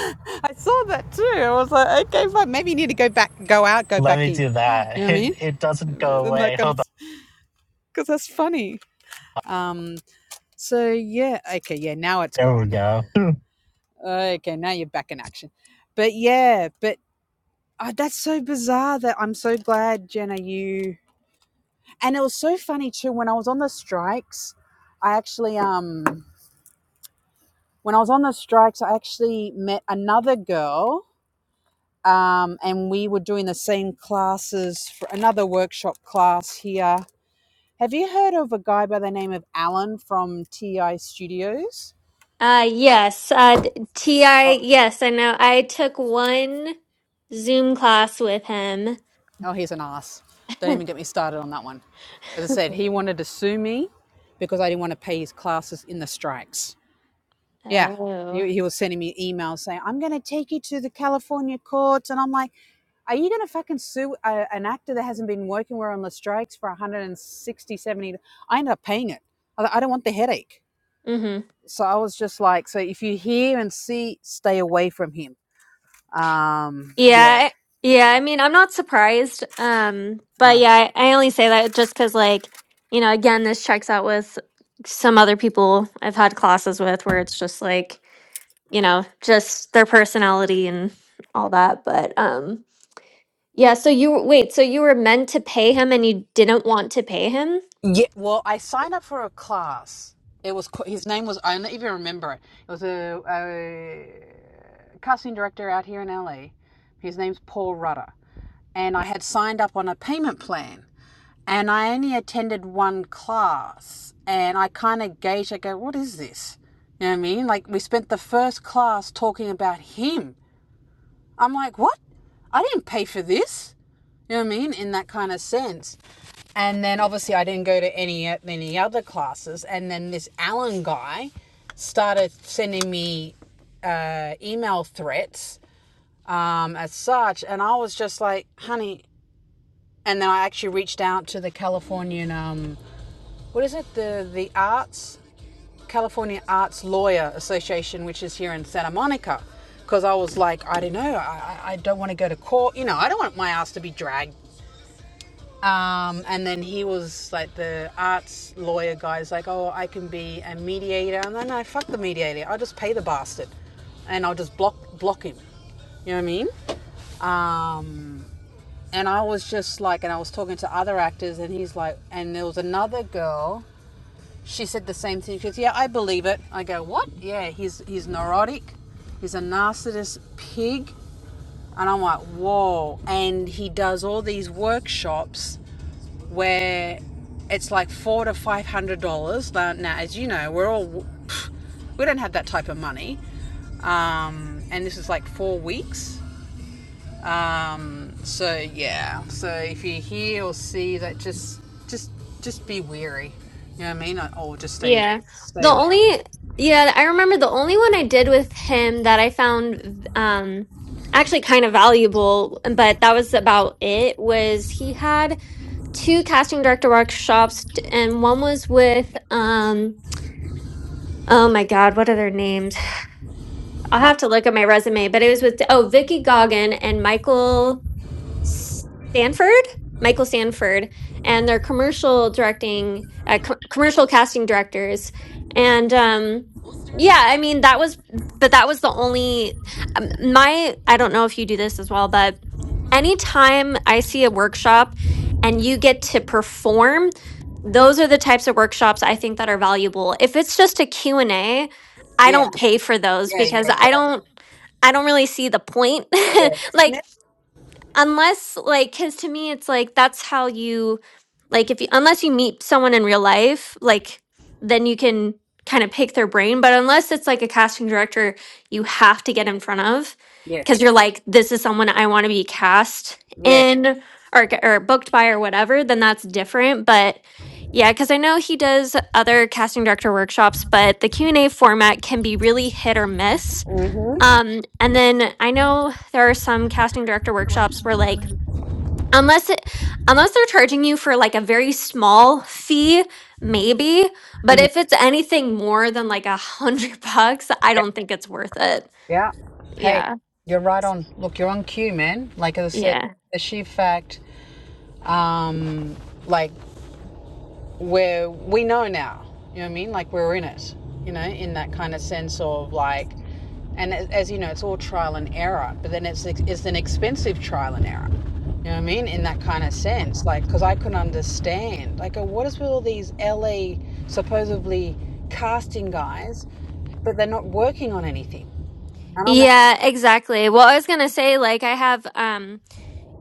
I saw that too. I was like, okay, fine. Maybe you need to go back, go out, go Let back me in. do You that. know what I It mean? it doesn't go And that away. kind of, Hold on. because that's funny. Um, so yeah, okay, yeah. Now it's There we gone. go. Okay, now you're back in action. But yeah, but oh, that's so bizarre. That I'm so glad, Jenna. You and it was so funny too when I was on the strikes. I actually um when I was on the strikes, I actually met another girl um, and we were doing the same classes for another workshop class here. Have you heard of a guy by the name of Alan from TI Studios? Uh yes, uh d- TI Oh, yes, I know. I took one Zoom class with him. oh, he's an ass. Don't even get me started on that one. As I said, he wanted to sue me because I didn't want to pay his classes in the strikes. Yeah, Oh. he, he was sending me emails saying, "I'm going to take you to the California courts," and I'm like. Are you going to fucking sue a, an actor that hasn't been working? We're on the strikes for 160, 70. I ended up paying it. I, I don't want the headache. Mm-hmm. So I was just like, so if you hear and see, stay away from him. Um, yeah. Yeah, I- yeah. I mean, I'm not surprised. Um, Uh. but yeah, I, I only say that just because, like, you know, again, this checks out with some other people I've had classes with where it's just like, you know, just their personality and all that. But um, yeah. So you wait. So you were meant to pay him, and you didn't want to pay him. Yeah, well, I signed up for a class. It was his name was I don't even remember it. It was a, a casting director out here in LA. His name's Paul Rudder, and I had signed up on a payment plan, and I only attended one class, and I kind of gauged. I go, what is this? You know what I mean? Like we spent the first class talking about him. I'm like, what? I didn't pay for this. You know what I mean? In that kind of sense. And then obviously I didn't go to any any other classes. And then this Alan guy started sending me uh, email threats um, as such, and I was just like, honey. And then I actually reached out to the Californian, um, what is it, the the Arts California Arts Lawyer Association, which is here in Santa Monica, because I was like, I don't know, I, I- I don't want to go to court. You know, I don't want my ass to be dragged Um, and then he was like the arts lawyer guy's like, oh, I can be a mediator. And then I fuck the mediator. I'll just pay the bastard, and I'll just block block him. You know what I mean? Um, and I was just like, and I was talking to other actors, and he's like, and there was another girl. She said the same thing. She goes, yeah, I believe it. I go, what? Yeah, he's he's neurotic. He's a narcissist pig. And I'm like, whoa. And he does all these workshops where it's like four to five hundred dollars. Now, now, as you know, we're all we don't have that type of money, um, and this is like four weeks. Um, so yeah, so if you hear or see that, just just just be wary. You know what I mean? Or just stay Yeah. The stay away. only yeah, I remember the only one I did with him that I found um actually kind of valuable, but that was about it was he had two casting director workshops t- and one was with um oh my God, what are their names? I'll Mark. have to look at my resume, but it was with oh Vicky Goggin and Michael Sanford, Michael Sanford, and they're commercial directing, uh, co- commercial casting directors. And um, yeah, I mean, that was, but that was the only, um, my, I don't know if you do this as well, but anytime I see a workshop and you get to perform, those are the types of workshops I think that are valuable. If it's just a Q and A, I yeah, don't pay for those yeah, yeah, because I yeah, don't I don't really see the point. yeah. like Yeah. unless like because to me it's like that's how you like if you unless you meet someone in real life like then you can kind of pick their brain but unless it's like a casting director you have to get in front of Yes, because you're like this is someone i want to be cast yeah, in or, g- or booked by or whatever then that's different but yeah because i know he does other casting director workshops but the q&a format can be really hit or miss um, and then I know there are some casting director workshops where like unless it unless they're charging you for like a very small fee, maybe, but if it's anything more than like a hundred bucks, I yeah, don't think it's worth it. yeah. Hey, Yeah. you're right on. Look, you're on cue, man. Like I said, Yeah. the sheer fact um, like where we know now, you know what I mean? Like we're in it, you know, in that kind of sense of like, and as, as you know, it's all trial and error, but then it's, it's an expensive trial and error. You know what I mean? In that kind of sense, like, because I couldn't understand, like, oh, what is with all these LA supposedly casting guys, but they're not working on anything? And I'm like, Yeah, exactly. Well, I was gonna say like I have um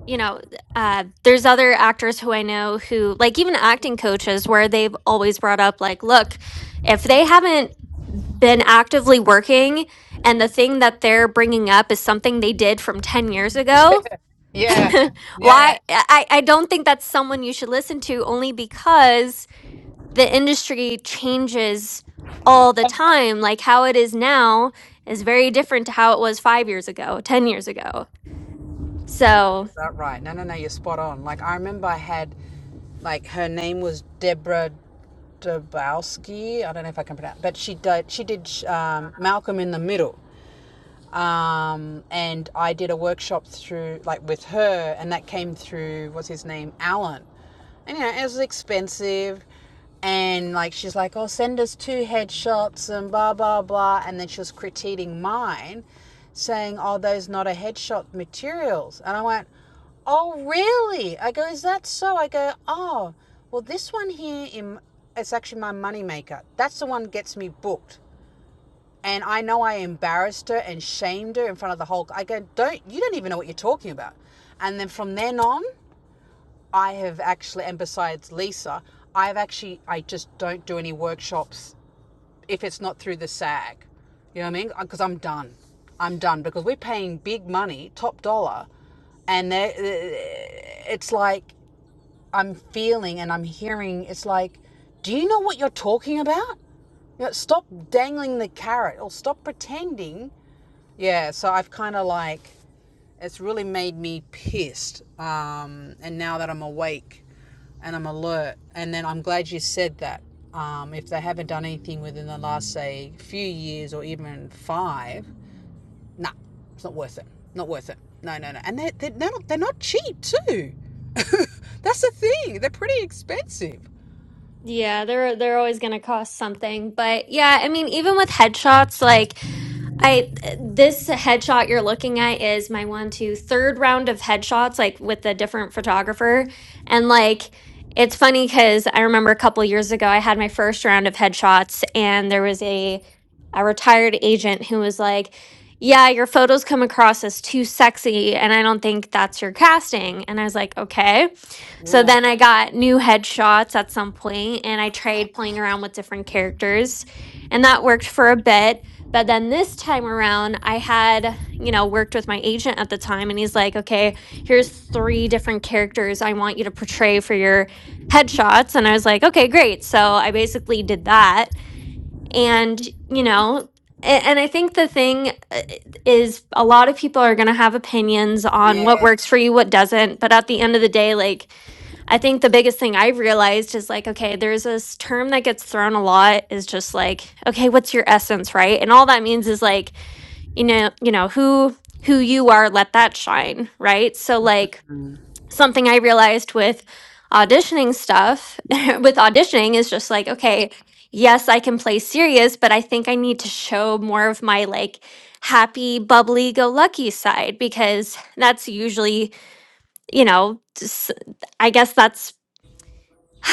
you know, uh, there's other actors who I know who, like, even acting coaches, where they've always brought up, like, look, if they haven't been actively working and the thing that they're bringing up is something they did from 10 years ago, yeah, yeah, why? I, I don't think that's someone you should listen to only because the industry changes all the time. Like, how it is now is very different to how it was five years ago, 10 years ago. So. That right. No, no, no. You're spot on. Like I remember I had, like her name was Deborah Dabowski. I don't know if I can pronounce, but she did. She did um, Malcolm in the Middle um, and I did a workshop through like with her, and that came through what's his name, Alan, and you know it was expensive, and like she's like, oh, send us two headshots and blah blah blah, and then she was critiquing mine, saying, oh, those not a headshot materials, and I went, oh really? I go, is that so? I go, oh, well this one here in it's actually my moneymaker. That's the one that gets me booked and I know I embarrassed her and shamed her in front of the whole. I go, don't you don't even know what you're talking about. And then from then on, I have actually, and besides Lisa, I've actually I just don't do any workshops if it's not through the SAG. You know what I mean? Because I'm done. I'm done because we're paying big money, top dollar, and it's like I'm feeling and I'm hearing. It's like, do you know what you're talking about? You know, stop dangling the carrot or stop pretending yeah, so I've kind of like, it's really made me pissed. Um, and now that I'm awake and I'm alert, and then I'm glad you said that. Um, if they haven't done anything within the last, say, few years or even five, nah, it's not worth it. Not worth it. No, no, no. And they're, they're, not, they're not cheap, too. That's the thing. They're pretty expensive. Yeah, they're they're always going to cost something. But yeah, I mean, even with headshots, like I this headshot you're looking at is my one, two, third round of headshots, like with a different photographer. And like it's funny because I remember a couple years ago I had my first round of headshots and there was a a retired agent who was like, Yeah, your photos come across as too sexy and I don't think that's your casting. And I was like, Okay. So Yeah. then I got new headshots at some point and I tried playing around with different characters and that worked for a bit but then this time around, I had, you know, worked with my agent at the time, and he's like, okay, here's three different characters I want you to portray for your headshots. And I was like, okay, great. So I basically did that. And, you know, a- and I think the thing uh, is a lot of people are going to have opinions on what Yeah. works for you, what doesn't. But at the end of the day, like, I think the biggest thing I've realized is like, okay, there's this term that gets thrown a lot is just like, okay, what's your essence, right? And all that means is like, you know, you know, who who you are, let that shine, right? So like something I realized with auditioning stuff, with auditioning is just like, okay, yes, I can play serious, but I think I need to show more of my like happy, bubbly, go lucky side because that's usually, you know, s- I guess that's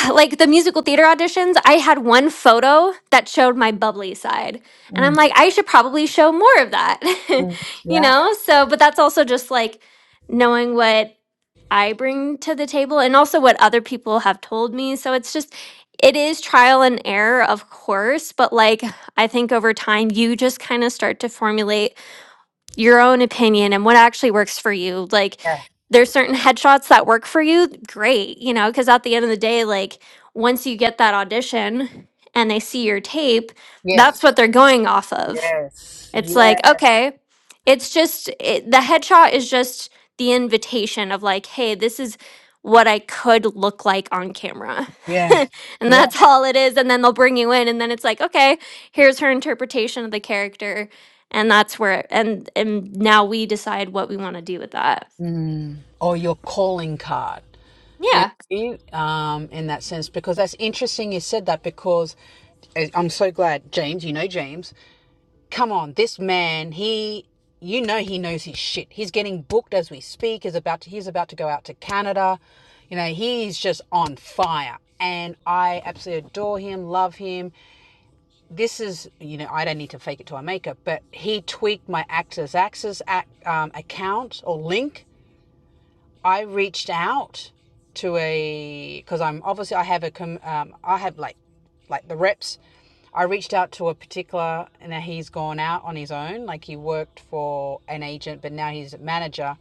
like the musical theater auditions, I had one photo that showed my bubbly side. And Mm, I'm like, I should probably show more of that, mm, you yeah. know? So, but that's also just like knowing what I bring to the table and also what other people have told me. So it's just, it is trial and error, of course, but like I think over time, you just kind of start to formulate your own opinion and what actually works for you. Like Yeah. there's certain headshots that work for you, great, you know, because at the end of the day, like once you get that audition and they see your tape, Yes. that's what they're going off of. Yes. It's Yeah. like, okay, it's just it, the headshot is just the invitation of like, hey, this is what I could look like on camera. Yeah. and Yeah. that's all it is. And then they'll bring you in, and then it's like, okay, here's her interpretation of the character. And that's where, and and now we decide what we want to do with that. or your calling card. You know Yeah, what I mean? Um, in that sense, because that's interesting you said that because I- am so glad, James, you know James. Come on, this man, he you know he knows his shit. He's getting booked as we speak, is about to he's about to go out to Canada. You know, he's just on fire. And I absolutely adore him, love him. This is, you know, I don't need to fake it till I make it, but he tweaked my Access Access ac- um, account or link I reached out to a because I'm obviously I have a um, I have like like the reps. I reached out to a particular and now he's gone out on his own. Like he worked for an agent, but now he's a manager.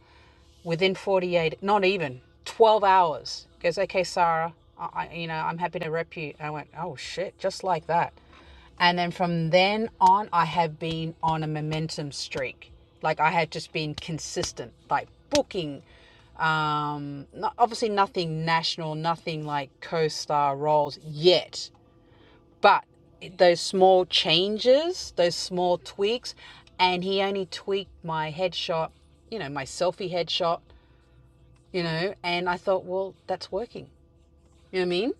Within 48, not even 12 hours, he goes okay, Sarah. I, I- you know, I'm happy to rep you. And I went, oh shit, just like that. And then from then on, I have been on a momentum streak. Like I had just been consistent, like booking. Um, no- obviously, nothing national, nothing like co star roles yet, but those small changes, those small tweaks, and he only tweaked my headshot, you know, my selfie headshot, you know, and I thought, well, that's working. You know what I mean?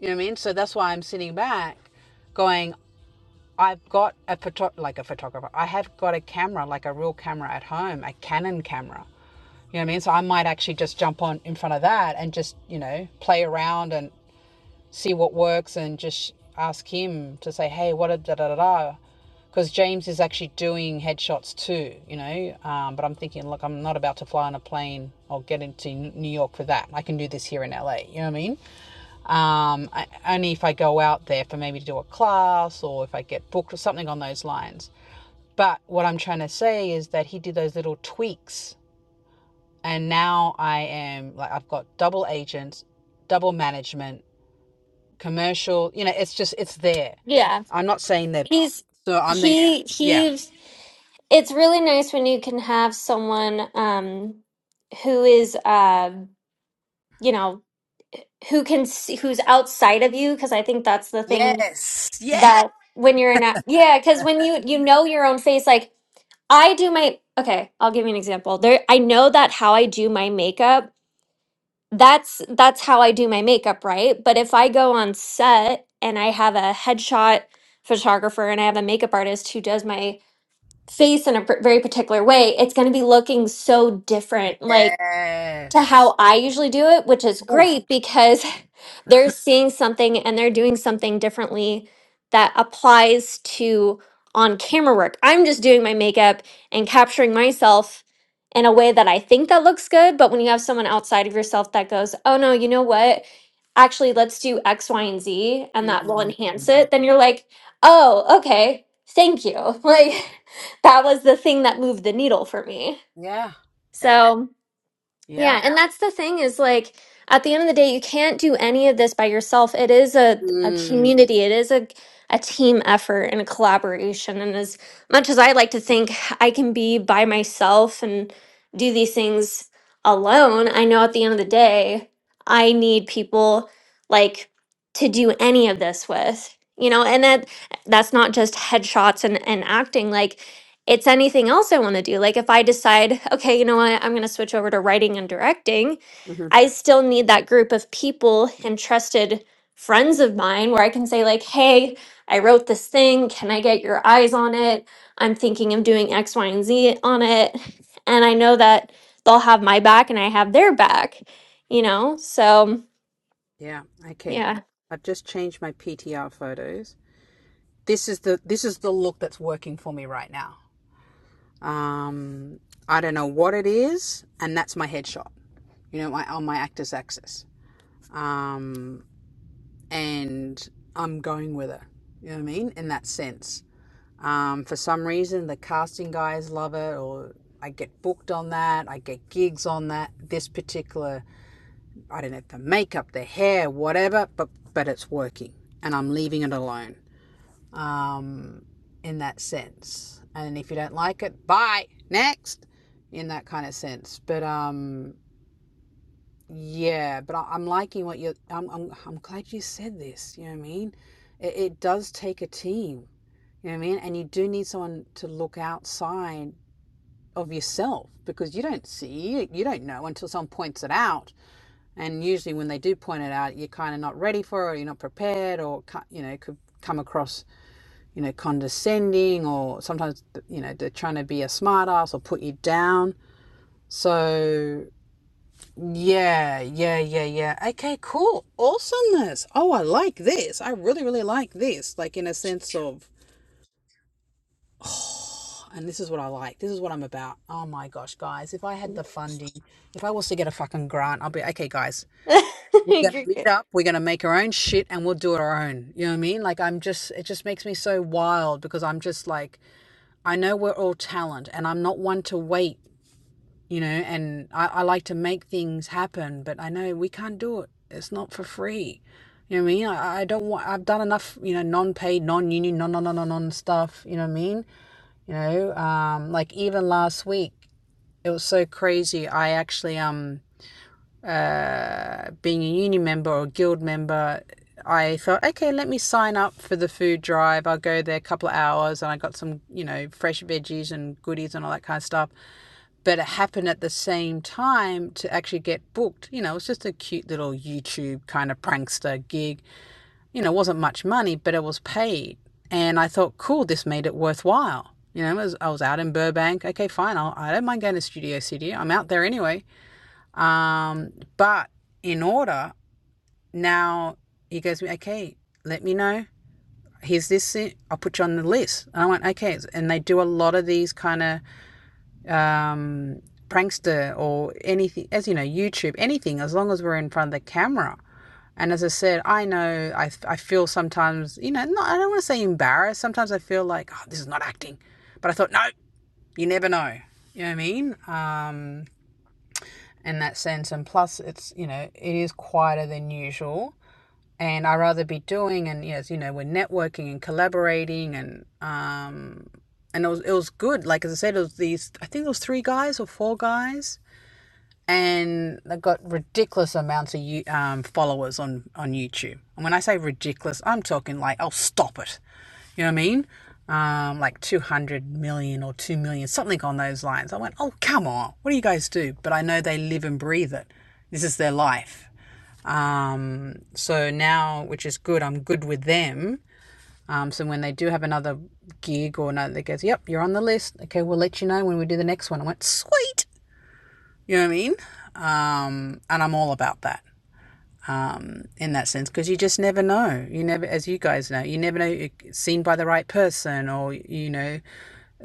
You know what I mean? So that's why I'm sitting back going, I've got a photo- like a photographer. I have got a camera, like a real camera at home, a Canon camera. You know what I mean? So I might actually just jump on in front of that and just, you know, play around and see what works and just ask him to say, hey, what a da da da da. Because James is actually doing headshots too, you know. Um, but I'm thinking, look, I'm not about to fly on a plane or get into New York for that. I can do this here in LA. You know what I mean? Um, I, only if I go out there for maybe to do a class or if I get booked or something on those lines. But what I'm trying to say is that he did those little tweaks, and now I am like I've got double agents, double management, commercial. You know, it's just it's there. yeah. I'm not saying that. He's So I'm thinking, he yeah, he's. It's really nice when you can have someone um, who is, uh, you know, who can see who's outside of you because i think that's the thing yes, yes, that when you're in a, yeah because when you you know your own face like i do my okay i'll give you an example there i know that how i do my makeup that's that's how i do my makeup right but if i go on set and i have a headshot photographer and i have a makeup artist who does my face in a pr- very particular way it's going to be looking so different like to yes. how I usually do it, which is Oof. great because they're seeing something and they're doing something differently that applies to on camera work. I'm just doing my makeup and capturing myself in a way that I think that looks good, but when you have someone outside of yourself that goes, "Oh no, you know what? Actually, let's do X, Y, and Z and that will Mm. enhance it." Then you're like, "Oh, okay. Thank you." Like that was the thing that moved the needle for me. Yeah. So, Yeah. yeah, and that's the thing is like at the end of the day, you can't do any of this by yourself. It is a, a Mm. community, it is a, a team effort and a collaboration. And as much as I like to think I can be by myself and do these things alone, I know at the end of the day, I need people like to do any of this with. You know, and that that's not just headshots and, and acting. Like it's anything else I want to do. Like if I decide, okay, you know what, I'm going to switch over to writing and directing, Mm-hmm. I still need that group of people and trusted friends of mine where I can say like, "Hey, I wrote this thing. Can I get your eyes on it? I'm thinking of doing X, Y, and Z on it." And I know that they'll have my back and I have their back, you know? So, Yeah. Okay. yeah. I've just changed my PTR photos. This is the this is the look that's working for me right now. Um, I don't know what it is, and that's my headshot. You know, my on my actor's axis. Um, and I'm going with it. You know what I mean? In that sense. Um, for some reason, the casting guys love it, or I get booked on that. I get gigs on that. This particular I don't have the makeup, the hair, whatever, but but it's working, and I'm leaving it alone. Um, in that sense, and if you don't like it, bye, next, in that kind of sense. But um, yeah, but I, I'm liking what you. I'm, I'm I'm glad you said this. You know what I mean? It, it does take a team. You know what I mean? And you do need someone to look outside of yourself because you don't see you don't know until someone points it out and usually, when they do point it out, you're kind of not ready for it, or you're not prepared, or you know, could come across, you know, condescending, or sometimes, you know, they're trying to be a smart ass or put you down. So, yeah, yeah, yeah, yeah. Okay, cool. Awesomeness. Oh, I like this. I really, really like this. Like, in a sense of, and this is what I like. This is what I'm about. Oh my gosh, guys. If I had the funding, if I was to get a fucking grant, I'll be, okay, guys, We're You're gonna good. meet up. We're gonna make our own shit, and we'll do it our own. You know what I mean? Like I'm just, it just makes me so wild because I'm just like, I know we're all talent, and I'm not one to wait. You know, and I, I like to make things happen, but I know we can't do it. It's not for free. You know what I mean? I, I don't want. I've done enough. You know, non-paid, non-union, non, union, non, non, non, non non stuff. You know what I mean? You know, um, like even last week, it was so crazy. I actually um uh, being a uni member or guild member, I thought, okay, let me sign up for the food drive. I'll go there a couple of hours and I got some, you know, fresh veggies and goodies and all that kind of stuff. But it happened at the same time to actually get booked. You know, it was just a cute little YouTube kind of prankster gig. You know, it wasn't much money, but it was paid. And I thought, cool, this made it worthwhile. You know, I was, I was out in Burbank. Okay, fine. I'll, I don't mind going to Studio City. I'm out there anyway. Um, but in order, now he goes, okay, let me know. Here's this. I'll put you on the list. And I went, okay. And they do a lot of these kind of um, prankster or anything, as you know, YouTube, anything, as long as we're in front of the camera. And as I said, I know I, I feel sometimes, you know, not, I don't want to say embarrassed. Sometimes I feel like, oh, this is not acting. But I thought, no, you never know. You know what I mean? Um, in that sense. And plus, it's, you know, it is quieter than usual. And I rather be doing and yes, you know, we're networking and collaborating and um and it was it was good. Like as I said, it was these I think it was three guys or four guys, and they got ridiculous amounts of you um followers on on YouTube. And when I say ridiculous, I'm talking like oh stop it you know what I mean? Um, like 200 million or 2 million, something on those lines. I went, oh, come on. What do you guys do? But I know they live and breathe it. This is their life. Um, so now, which is good, I'm good with them. Um, so when they do have another gig or another, they goes, yep, you're on the list. Okay, we'll let you know when we do the next one. I went, sweet. You know what I mean? And I'm all about that. in that sense because you just never know you never as you guys know you never know you're seen by the right person or you know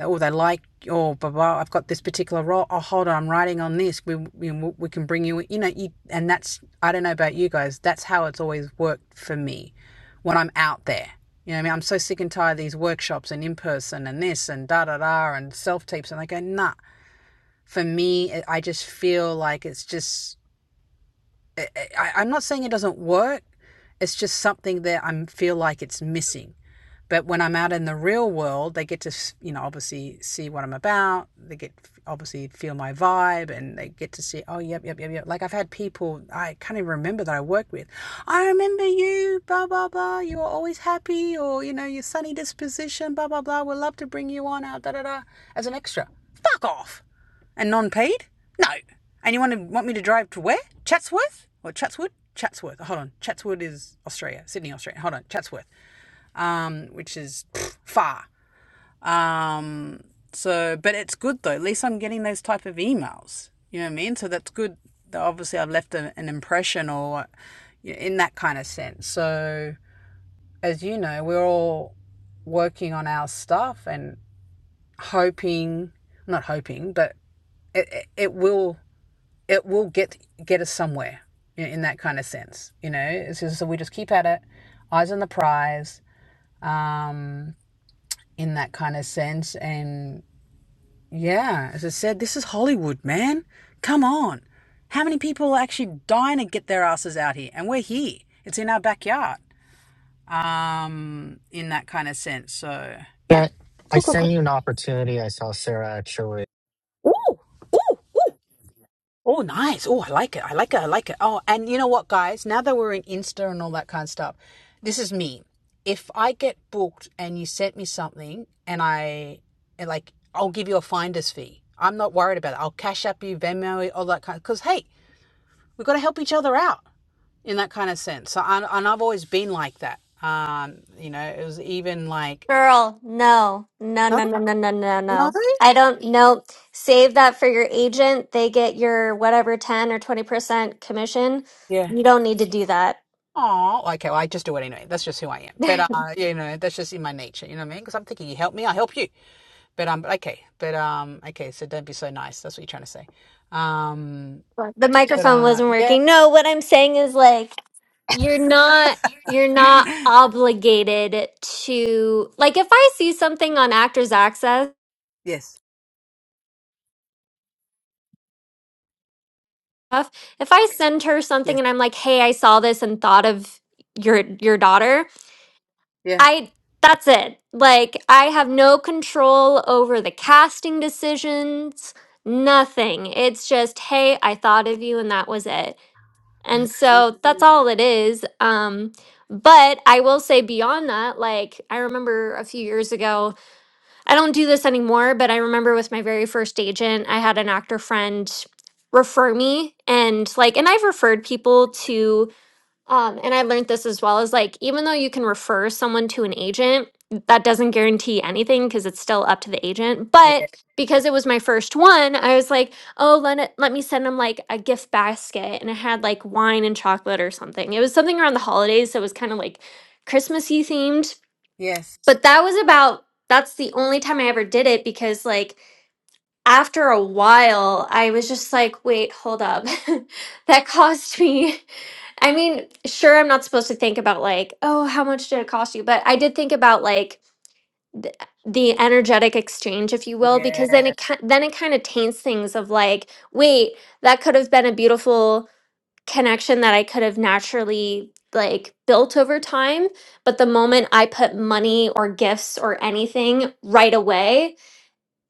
oh they like oh blah, blah i've got this particular role oh hold on i'm writing on this we, we we can bring you you know you and that's i don't know about you guys that's how it's always worked for me when i'm out there you know what i mean i'm so sick and tired of these workshops and in person and this and da da da and self tapes and i go nah for me I just feel like it's just I, I'm not saying it doesn't work. It's just something that I feel like it's missing. But when I'm out in the real world, they get to, you know, obviously see what I'm about. They get obviously feel my vibe and they get to see, oh, yep, yep, yep, yep. Like I've had people I can't even remember that I work with. I remember you, blah, blah, blah. You were always happy or, you know, your sunny disposition, blah, blah, blah. We'd love to bring you on out, da, da, da, as an extra. Fuck off. And non paid? No. And you want to want me to drive to where? Chatsworth? Or Chatswood? Chatsworth. Hold on. Chatswood is Australia. Sydney, Australia. Hold on. Chatsworth um, which is pff, far. Um, so, but it's good though. At least I'm getting those type of emails. You know what I mean? So that's good. that Obviously, I've left a, an impression or you know, in that kind of sense. So, as you know, we're all working on our stuff and hoping, not hoping, but it, it, it will it will get get us somewhere you in that kind of sense. You know, it's just, so we just keep at it, eyes on the prize. Um, in that kind of sense. And yeah, as I said, this is Hollywood, man. Come on. How many people are actually dying to get their asses out here? And we're here. It's in our backyard. Um, in that kind of sense. So yeah. That- I Cool, cool, cool. sent you an opportunity. I saw Sarah actually. Ooh, ooh, ooh. Oh, nice. Oh, I like it. I like it. I like it. Oh, and you know what, guys? Now that we're in Insta and all that kind of stuff, this is me. If I get booked and you sent me something and I, and like, I'll give you a finder's fee. I'm not worried about it. I'll cash up you, Venmo, all that kind of, because, hey, we've got to help each other out in that kind of sense. So, and, and I've always been like that. Um, you know, it was even like, Girl, no, no, no, no, no, no, no, no, no. no. I don't know. Save that for your agent. They get your whatever 10 or 20% commission. Yeah. You don't need to do that. Oh, okay. Well, I just do it anyway. That's just who I am. But uh, you know, that's just in my nature. You know what I mean? Because I'm thinking, you help me, I help you. But um, okay. But um, okay. So don't be so nice. That's what you're trying to say. Um, The but microphone uh, wasn't yeah. working. No, what I'm saying is like you're not you're not obligated to like if I see something on Actors Access Yes. stuff, if I send her something Yes. and I'm like, "Hey, I saw this and thought of your your daughter." Yeah. I that's it. Like I have no control over the casting decisions, nothing. It's just, hey, I thought of you and that was it. And Mhm. so that's all it is. Um but I will say beyond that, like I remember a few years ago, I don't do this anymore, but I remember with my very first agent, I had an actor friend refer me and like and I've referred people to um, and I learned this as well as like, even though you can refer someone to an agent, that doesn't guarantee anything because it's still up to the agent. Yeah. But because it was my first one, I was like, oh, let, it, let me send them like a gift basket. And it had like wine and chocolate or something. It was something around the holidays. So it was kind of like Christmassy themed. Yes. But that was about, that's the only time I ever did it because like after a while, I was just like, wait, hold up. that cost me. I mean, sure, I'm not supposed to think about like, oh, how much did it cost you? But I did think about like th- the energetic exchange, if you will, because Yeah. then it ki- then it kind of taints things of like, wait, that could have been a beautiful connection that I could have naturally like built over time. But the moment I put money or gifts or anything right away,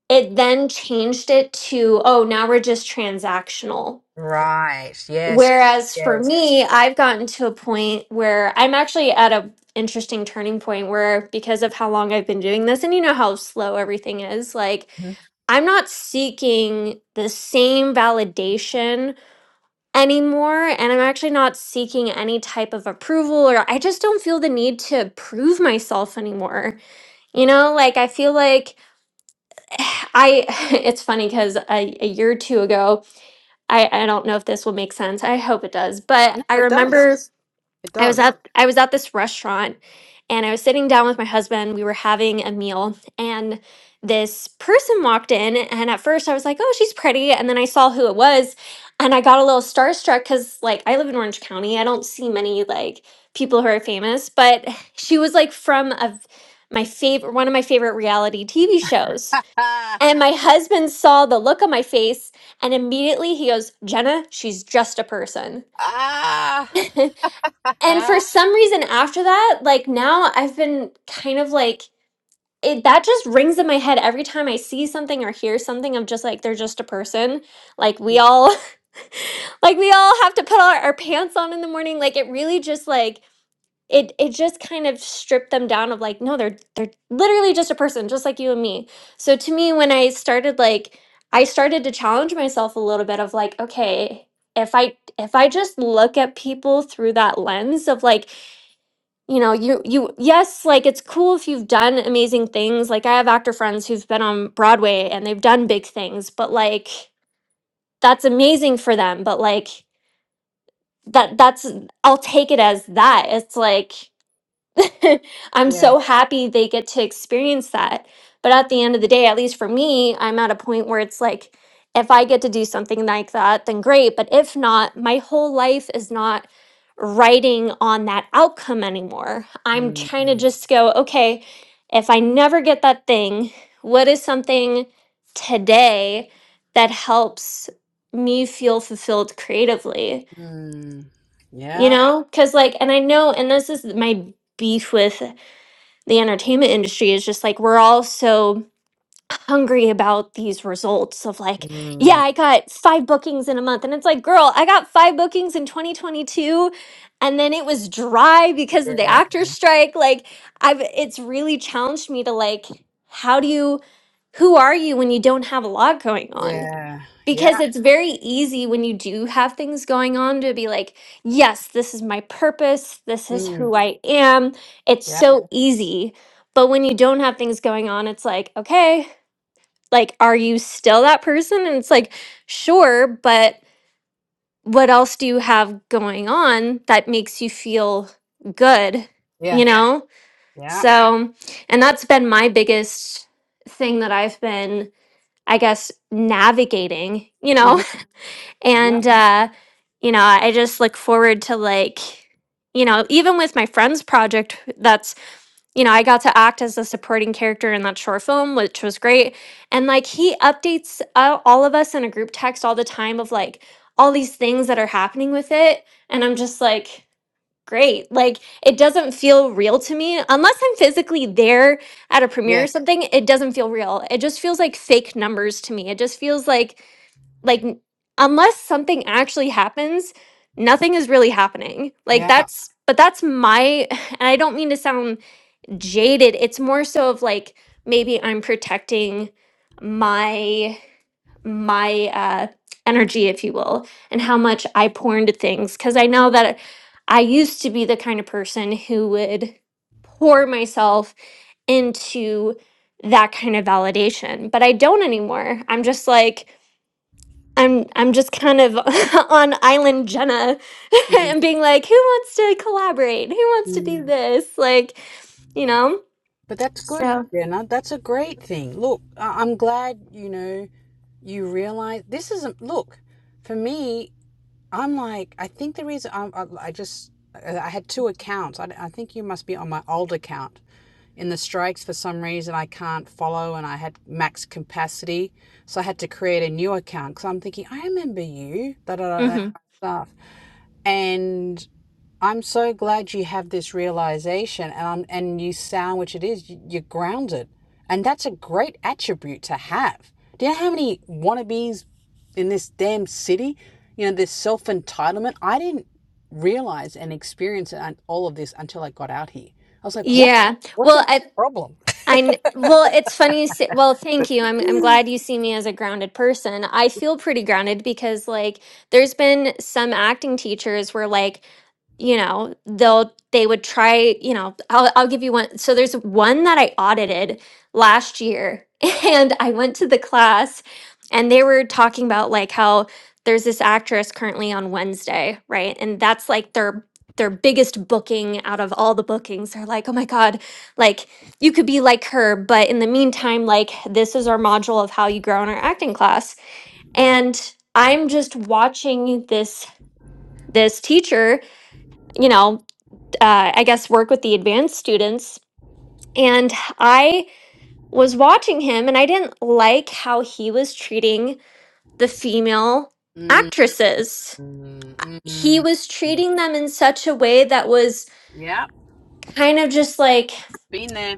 it then changed it to oh now we're just transactional Right. Yes. whereas for Yes. me i've gotten to a point where i'm actually at a interesting turning point where because of how long i've been doing this and you know how slow everything is like Mhm. i'm not seeking the same validation anymore and i'm actually not seeking any type of approval or i just don't feel the need to prove myself anymore you know like i feel like I it's funny because a, a year or two ago, I, I don't know if this will make sense. I hope it does, but No, I it does. remember It I was does. at I was at this restaurant and I was sitting down with my husband. We were having a meal and this person walked in and at first I was like, "Oh, she's pretty." And then I saw who it was and I got a little starstruck cuz like I live in Orange County. I don't see many like people who are famous, but she was like from a my favorite one of my favorite reality TV shows ah. and my husband saw the look on my face and immediately he goes, Jenna, she's just a person. and for some reason, after that, like now I've been kind of like, it, that just rings in my head every time I see something or hear something. I'm just like, they're just a person. Like we yeah. all, like we all have to put our, our pants on in the morning. Like it really just like it it just kind of stripped them down of like no they're they're literally just a person just like you and me so to me when i started like i started to challenge myself a little bit of like okay if i if i just look at people through that lens of like you know you you yes like it's cool if you've done amazing things like i have actor friends who've been on broadway and they've done big things but like that's amazing for them but like that that's i'll take it as that it's like I'm Yeah. so happy they get to experience that. But at the end of the day, at least for me, I'm at a point where it's like, if I get to do something like that, then great. But if not, my whole life is not writing on that outcome anymore. I'm trying to Mm. just go, okay, if I never get that thing, what is something today that helps me feel fulfilled creatively? Mm. You Yeah. know, because like, and I know, and this is my beef with the entertainment industry is just like we're all so hungry about these results of like yeah Mm. i got five bookings in a month and it's like girl i got five bookings in 2022 and then it was dry because of the Yeah. actors strike like i've it's really challenged me to like how do you who are you when you don't have a lot going on Yeah. because Yeah. it's very easy when you do have things going on to be like, yes, this is my purpose. This is Mm. who I am. It's Yeah. so easy. But when you don't have things going on, it's like, okay, like, are you still that person? And it's like, sure, but what else do you have going on that makes you feel good, Yeah. you know? Yeah. So, and that's been my biggest thing that I've been, I guess, navigating, you know? hmm Yeah. and uh you know i just look forward to like you know even with my friends project that's you know i got to act as a supporting character in that short film which was great and like he updates uh, all of us in a group text all the time of like all these things that are happening with it and i'm just like great. Like it doesn't feel real to me unless I'm physically there at a premiere Yeah. or something. It doesn't feel real. It just feels like fake numbers to me. It just feels like like n- unless something actually happens nothing is really happening like Yeah. that's but that's my and i don't mean to sound jaded it's more so of like maybe i'm protecting my my uh, energy, if you will, and how much I pour into things. Because I know that I used to be the kind of person who would pour myself into that kind of validation, but I don't anymore. I'm just like, I'm I'm just kind of on island Jenna and being like, who wants to collaborate? Who wants to do Mm. this? Like, you know? But that's good, So, Jenna. That's a great thing. Look, I- I'm glad, you know, you realize this isn't, look, for me, I'm like, I think the reason I, I, I just, I I had two accounts. I, I think you must be on my old account. In the strikes, for some reason, I can't follow and I had max capacity. So I had to create a new account because I'm thinking, I remember you, da da da, that mhm. kind of stuff. And I'm so glad you have this realization and I'm, and you sound which it is, you- you're grounded. And that's a great attribute to have. Do you know how many wannabes in this damn city? You know, this self entitlement. I didn't realize and experience and all of this until I got out here. I was like, what? yeah. What's Well, your I, problem? I kn- well, it's funny you say. Well, thank you. I'm I'm glad you see me as a grounded person. I feel pretty grounded because like there's been some acting teachers where like you know they'll they would try you know I'll I'll give you one. So there's one that I audited last year, and I went to the class, and they were talking about like how there's this actress currently on Wednesday, right? And that's like their their biggest booking out of all the bookings. They're like, oh my god, like you could be like her, but in the meantime, like this is our module of how you grow in our acting class. And I'm just watching this this teacher, you know, uh, I guess work with the advanced students. And I was watching him, and I didn't like how he was treating the female Mm, actresses. mm, He mm. was treating them in such a way that was Yeah, kind of just like been there.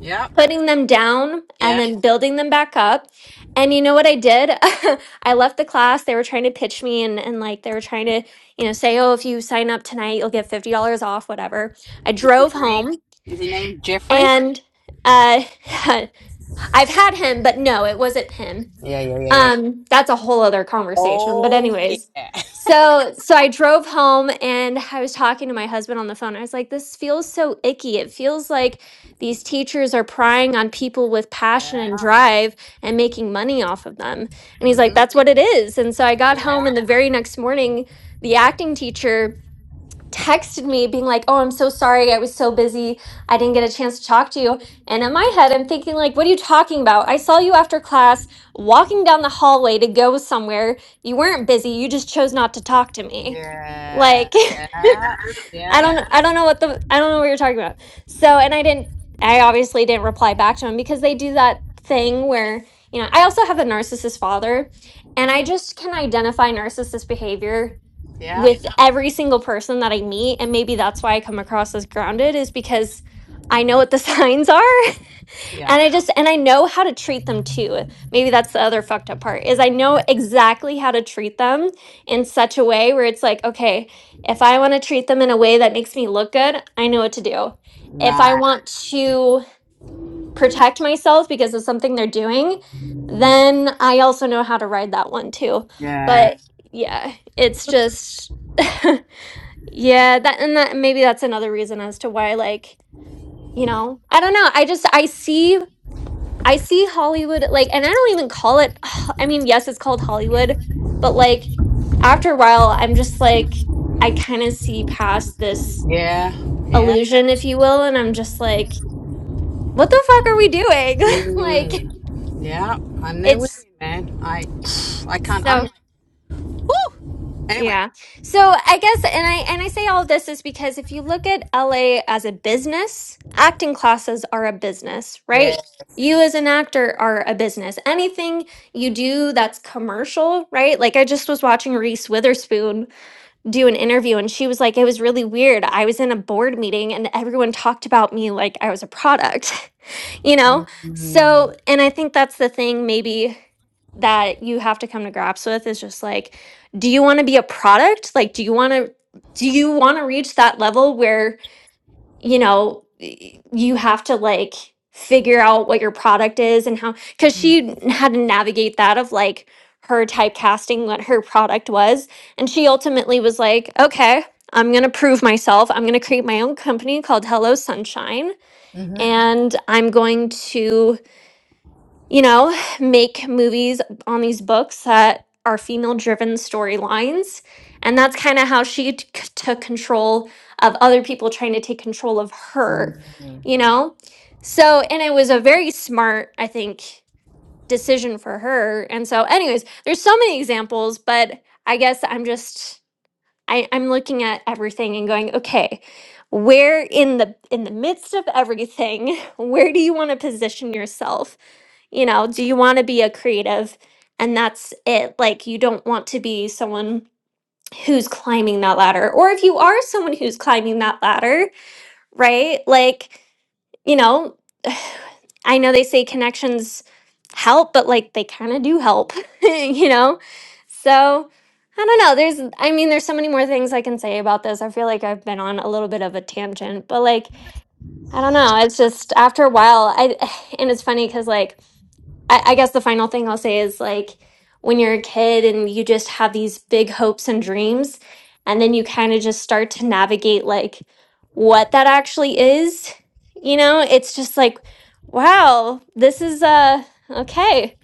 Yeah, putting them down and yeah. then building them back up. And you know what I did? I left the class. They were trying to pitch me and, and like they were trying to, you know, say, oh, if you sign up tonight, you'll get $50 off, whatever. I Is his drove name? home Is he named Jeffrey? and uh, I've had him, but no, it wasn't him Yeah, yeah, yeah, um that's a whole other conversation but Oh anyways yeah. so so i drove home and i was talking to my husband on the phone i was like this feels so icky it feels like these teachers are prying on people with passion Yeah. and drive and making money off of them and he's like Mhm. that's what it is and so i got home Yeah. and the very next morning the acting teacher texted me being like, "Oh, I'm so sorry. I was so busy. I didn't get a chance to talk to you." And in my head, I'm thinking like, "What are you talking about? I saw you after class walking down the hallway to go somewhere. You weren't busy. You just chose not to talk to me." Yeah. Like, Yeah. I Yeah. don't I don't know what the I don't know what you're talking about. So, and I didn't I obviously didn't reply back to him because they do that thing where, you know, I also have a narcissist father, and I just can identify narcissist behavior Yeah. with every single person that I meet. And maybe that's why I come across as grounded, is because I know what the signs are Yeah. and I just, and I know how to treat them too. Maybe that's the other fucked up part is I know exactly how to treat them in such a way where it's like, okay, if I want to treat them in a way that makes me look good, I know what to do. If I Nice, want to protect myself because of something they're doing, then I also know how to ride that one too. Yeah. But yeah, it's just Yeah, that and that maybe that's another reason as to why like, you know, I don't know. I just I see I see Hollywood like and I don't even call it I mean, yes, it's called Hollywood, but like after a while I'm just like I kind of see past this Yeah. Yeah. illusion if you will and I'm just like what the fuck are we doing? like Mm. Yeah. I'm there with you, it's man. I I can't I'm so like woo anyway. Yeah. So I guess and I and I say all this is because if you look at LA as a business, acting classes are a business, right? Yes. You as an actor are a business. Anything you do that's commercial, right? Like I just was watching Reese Witherspoon do an interview and she was like it was really weird. I was in a board meeting and everyone talked about me like I was a product, you know? So, and I think that's the thing maybe that you have to come to grips with is just like do you want to be a product like do you want to do you want to reach that level where you know y- you have to like figure out what your product is and how because she had to navigate that of like her typecasting what her product was and she ultimately was like okay i'm going to prove myself i'm going to create my own company called hello sunshine Mhm. and i'm going to you know, make movies on these books that are female driven storylines. And that's kind of how she t- c- took control of other people trying to take control of her, Mm. you know? So, and it was a very smart, I think, decision for her. And so, anyways, there's so many examples, but I guess I'm just. I, I'm looking at everything and going, okay, where in the in the midst of everything, where do you want to position yourself? You know, do you want to be a creative? And that's it. Like, you don't want to be someone who's climbing that ladder. Or if you are someone who's climbing that ladder, right? Like, you know, I know they say connections help, but like they kind of do help, you know? So I don't know. There's, I mean, there's so many more things I can say about this. I feel like I've been on a little bit of a tangent, but like, I don't know. It's just after a while, I, and it's funny because like, I, I guess the final thing I'll say is like when you're a kid and you just have these big hopes and dreams, and then you kind of just start to navigate like what that actually is, you know, it's just like, wow, this is uh okay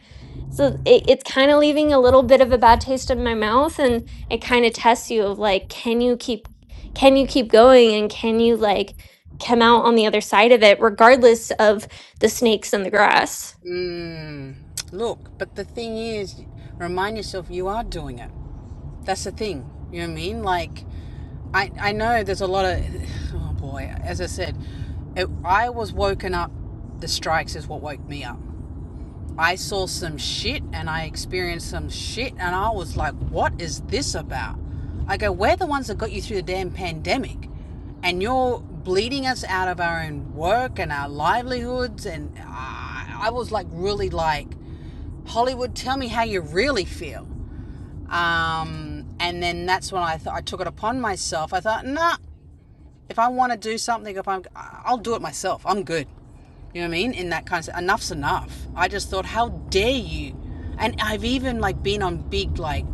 so it, it's kind of leaving a little bit of a bad taste in my mouth and it kind of tests you of like can you keep can you keep going and can you like come out on the other side of it regardless of the snakes in the grass Mm. Look, but the thing is, remind yourself you are doing it. That's the thing. You know what I mean? Like, I I know there's a lot of oh boy. As I said, it, I was woken up. The strikes is what woke me up. I saw some shit and I experienced some shit and I was like, what is this about? I go, we're the ones that got you through the damn pandemic, and you're bleeding us out of our own work and our livelihoods. And I, I was like, really like, Hollywood, tell me how you really feel. Um, and then that's when I thought I took it upon myself. I thought, nah, if I want to do something, if I'm, I'll do it myself. I'm good. You know what I mean? In that kind of enough's enough. I just thought, how dare you? And I've even like been on big like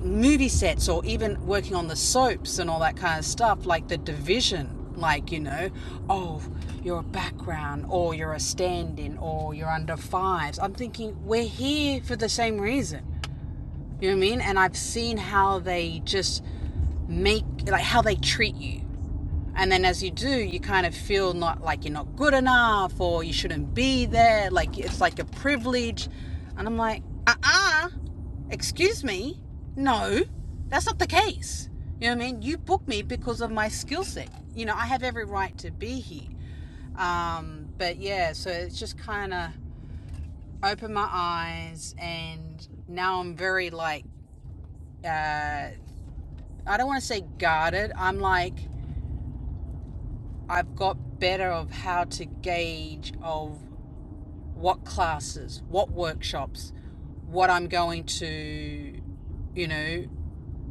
movie sets or even working on the soaps and all that kind of stuff, like the division. Like, you know, oh, you're a background or you're a stand in or you're under fives. I'm thinking we're here for the same reason. You know what I mean? And I've seen how they just make, like, how they treat you. And then as you do, you kind of feel not like you're not good enough or you shouldn't be there. Like, it's like a privilege. And I'm like, uh uh excuse me. No, that's not the case. You know what I mean? You booked me because of my skill set. You know, I have every right to be here. Um, but yeah, so it's just kind of opened my eyes, and now I'm very like uh, I don't want to say guarded. I'm like, I've got better of how to gauge of what classes, what workshops, what I'm going to, you know,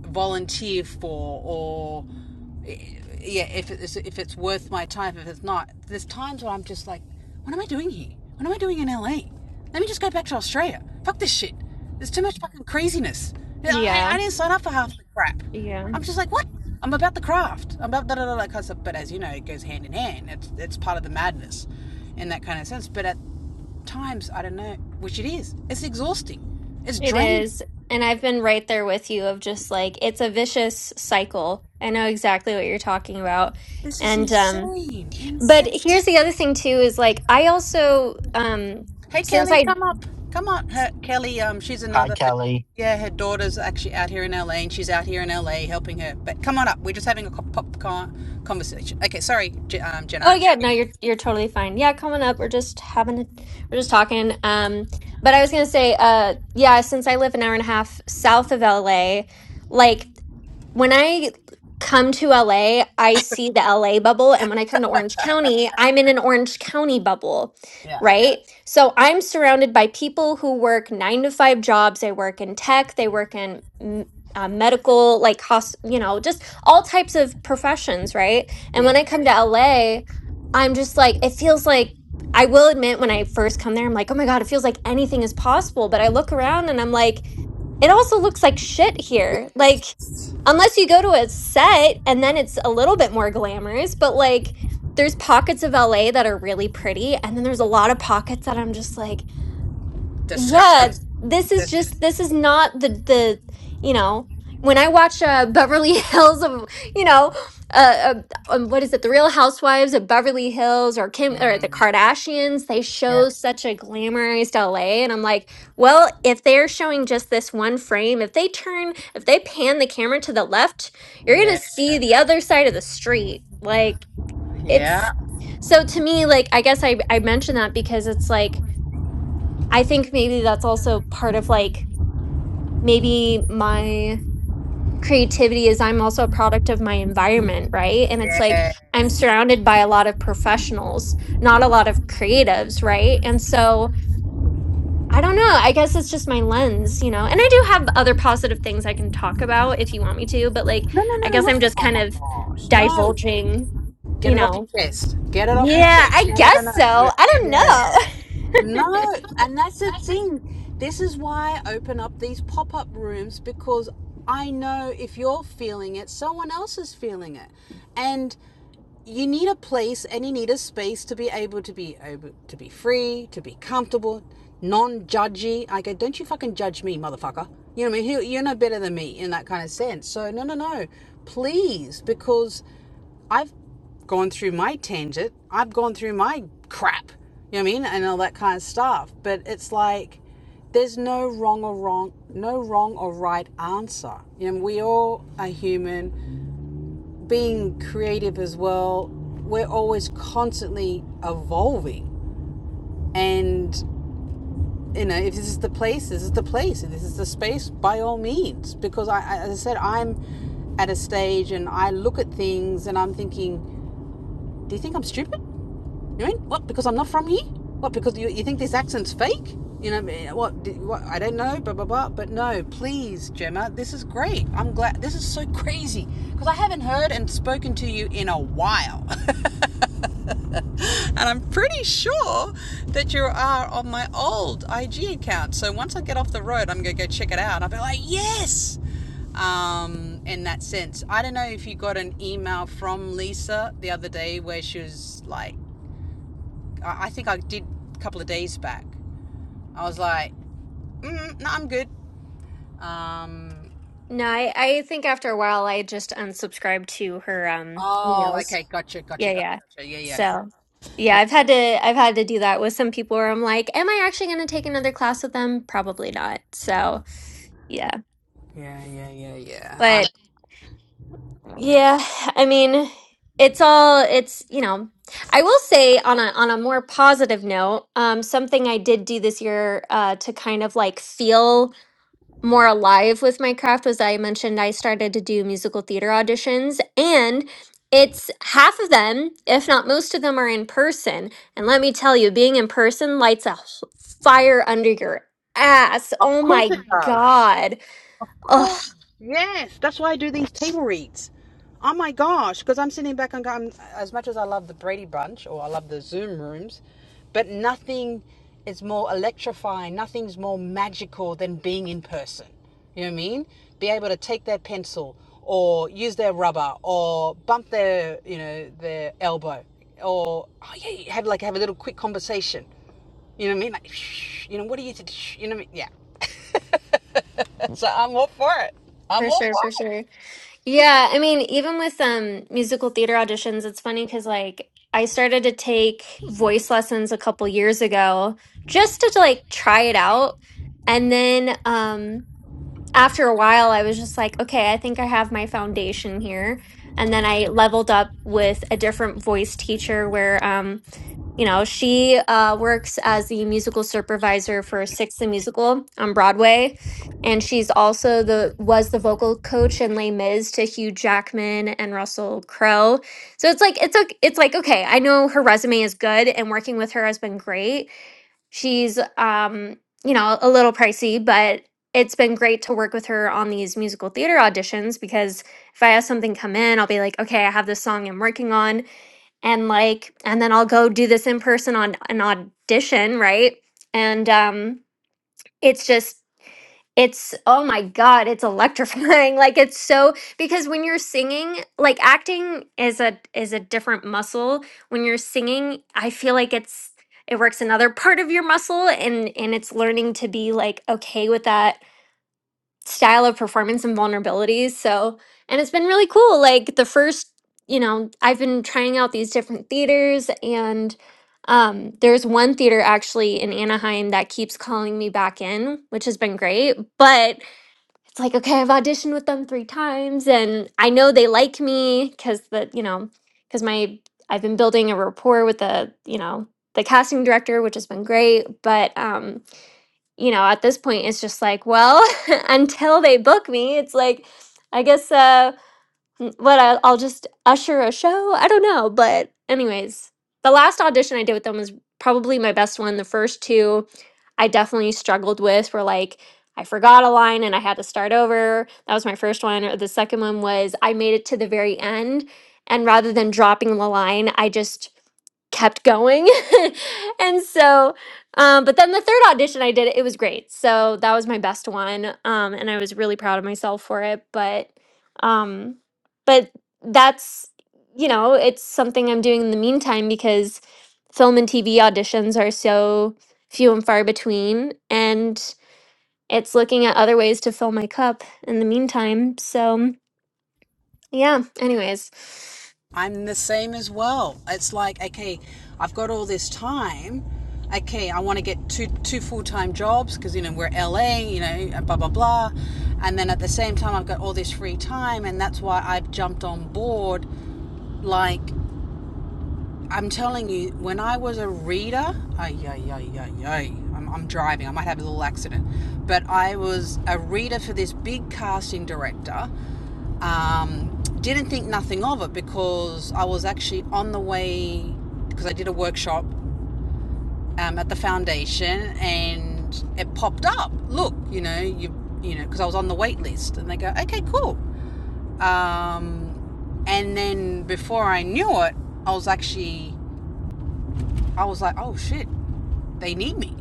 volunteer for or yeah if it's if it's worth my time if it's not there's times where i'm just like what am i doing here what am i doing in la let me just go back to australia fuck this shit there's too much fucking craziness i, yeah I didn't sign up for half the crap yeah i'm just like what i'm about the craft i'm about da da da da cause, but as you know it goes hand in hand it's it's part of the madness in that kind of sense but at times i don't know which it is it's exhausting it's It draining is. And I've been right there with you of just like it's a vicious cycle. I know exactly what you're talking about. this is And um insane but insane here's the other thing too is like I also um Hey since Kelly, I come up. Come on. Her, Kelly, um, she's Hi, another. Her, Kelly. yeah, her daughter's actually out here in LA, and she's out here in LA helping her. But come on up. We're just having a co- pop con- conversation. Okay, sorry, J- um, Jenna. Oh yeah, no, you're you're totally fine. Yeah, coming up, we're just having a, we're just talking. Um, but I was gonna say, uh, yeah, since I live an hour and a half south of LA, like when I come to LA, I see the LA bubble. And when I come to Orange County, I'm in an Orange County bubble, Yeah. right? So I'm surrounded by people who work nine to five jobs. They work in tech, they work in m- uh, medical, like, hos- you know, just all types of professions, right? And Yeah. when I come to LA, I'm just like, it feels like, I will admit when I first come there, I'm like, oh my God, it feels like anything is possible. But I look around and I'm like, it also looks like shit yeah. here. Like, unless you go to a set and then it's a little bit more glamorous, but like, there's pockets of LA that are really pretty. And then there's a lot of pockets that I'm just like, yeah Disgusting. this is Dis- just this is not the the you know when i watch uh beverly hills of you know uh, uh um, what is it the real housewives of beverly hills or kim or the mm, kardashians they yeah. show such a glamorized la and i'm like well if they're showing just this one frame if they turn if they pan the camera to the left you're gonna see the other side of the street like it's Yeah. so to me like i guess i i mentioned that because it's like I think maybe that's also part of like maybe my creativity is I'm also a product of my environment, right? And it's like I'm surrounded by a lot of professionals, not a lot of creatives, right? And so I don't know. I guess it's just my lens, you know. And I do have other positive things I can talk about if you want me to, but like No, no, no, I no. guess You're. I'm just Oh kind my of gosh. No. divulging, Get you it off your know. chest. Get it off your Yeah, chest. I No, no, no, guess no. so. Yeah, yeah. I don't know. No, and that's the thing. This is why I open up these pop up rooms because I know if you're feeling it, someone else is feeling it. And you need a place and you need a space to be able to be able to be free, to be comfortable, non-judgy. I go, don't you fucking judge me, motherfucker. You know what I mean? You- You're no better than me in that kind of sense. So no, no, no, please, because I've gone through my tangent. I've gone through my crap. You know what I mean? And all that kind of stuff. But it's like there's no wrong or wrong, no wrong or right answer. You know, we all are human being creative as well, we're always constantly evolving. And, you know, if this is the place, this is the place. If this is the space, by all means. Because, I, as I said, I'm at a stage and I look at things and I'm thinking, do you think I'm stupid? You mean what? Because I'm not from here? What? Because you, you think this accent's fake? You know eh, what? What? I don't know. Blah blah blah. But no, please, Gemma, this is great. I'm glad. This is so crazy because I haven't heard and spoken to you in a while. And I'm pretty sure that you are on my old IG account. So once I get off the road, I'm going to go check it out. I'll be like, yes! Um, in that sense, I don't know if you got an email from Lisa the other day where she was like, I think I did a couple of days back. I was like, mm, no, I'm good. Um, No, I, I think after a while I just unsubscribed to her um oh, emails. okay, gotcha, gotcha, Yeah, gotcha. yeah. gotcha. Yeah, yeah. So cool. yeah, I've had to I've had to do that with some people where I'm like, am I actually gonna take another class with them? Probably not. So yeah. Yeah, yeah, yeah, yeah. I'm, But yeah, I mean, it's all it's you know, I will say on a on a more positive note, um, something I did do this year uh to kind of like feel more alive with my craft was I mentioned I started to do musical theater auditions and it's half of them, if not most of them are in person. And let me tell you, being in person lights a h- fire under your ass. of Oh course my it does. god. Oh, Yes, that's why I do these table reads. Oh my gosh, because I'm sitting back and going, as much as I love the Brady Bunch or I love the Zoom rooms, but nothing is more electrifying, nothing's more magical than being in person. You know what I mean? Be able to take their pencil or use their rubber or bump their, you know, their elbow or, oh yeah, you have like have a little quick conversation. You know what I mean? Like, shh, you know, what do you, th- shh, you know, what I mean? yeah. so I'm all for it. I'm for all sure, for for it. sure. Yeah, I mean, even with um musical theater auditions, it's funny cuz like I started to take voice lessons a couple years ago just to like try it out. And then um after a while, I was just like, okay, I think I have my foundation here. And then I leveled up with a different voice teacher where, um, you know, she uh, works as the musical supervisor for Six the Musical on Broadway. And she's also the was the vocal coach in Les Mis to Hugh Jackman and Russell Crowe. So it's like it's like it's like okay, I know her resume is good and working with her has been great, She's um, you know, a little pricey, but it's been great to work with her on these musical theater auditions because if I have something come in, I'll be like, okay, I have this song I'm working on and like and then I'll go do this in person on an audition, right? And um it's just it's oh my god it's electrifying like it's so because when you're singing like acting is a is a different muscle when you're singing i feel like it's it works another part of your muscle and and it's learning to be like okay with that style of performance and vulnerabilities so and it's been really cool like the first you know i've been trying out these different theaters and um there's one theater actually in anaheim that keeps calling me back in which has been great but it's like okay i've auditioned with them three times and i know they like me because the you know because my i've been building a rapport with the you know the casting director which has been great but um you know at this point it's just like well until they book me it's like i guess uh Mm, what I, I'll just usher a show. I don't know, but anyways, the last audition I did with them was probably my best one. The first two I definitely struggled with were like I forgot a line and I had to start over. That was my first one. Or The second one was I made it to the very end and rather than dropping the line, I just kept going. and so, um, but then the third audition I did, it was great. So that was my best one. Um, and I was really proud of myself for it. But, um, but that's, you know, it's something I'm doing in the meantime because film and TV auditions are so few and far between. And it's looking at other ways to fill my cup in the meantime. So, yeah, anyways. I'm the same as well. It's like, okay, I've got all this time. Okay, I want to get two two full time jobs because you know we're LA, you know, blah blah blah, and then at the same time I've got all this free time, and that's why I've jumped on board, like I'm telling you, when I was a reader, ay, ay, ay, ay, ay, I'm, I'm driving, I might have a little accident, but I was a reader for this big casting director. Um, didn't think nothing of it because I was actually on the way, because I did a workshop um, at the foundation and it popped up. Look, you know, you, you know, because I was on the wait list and they go, okay, cool. Um, and then before I knew it, I was actually I was like, oh shit, they need me.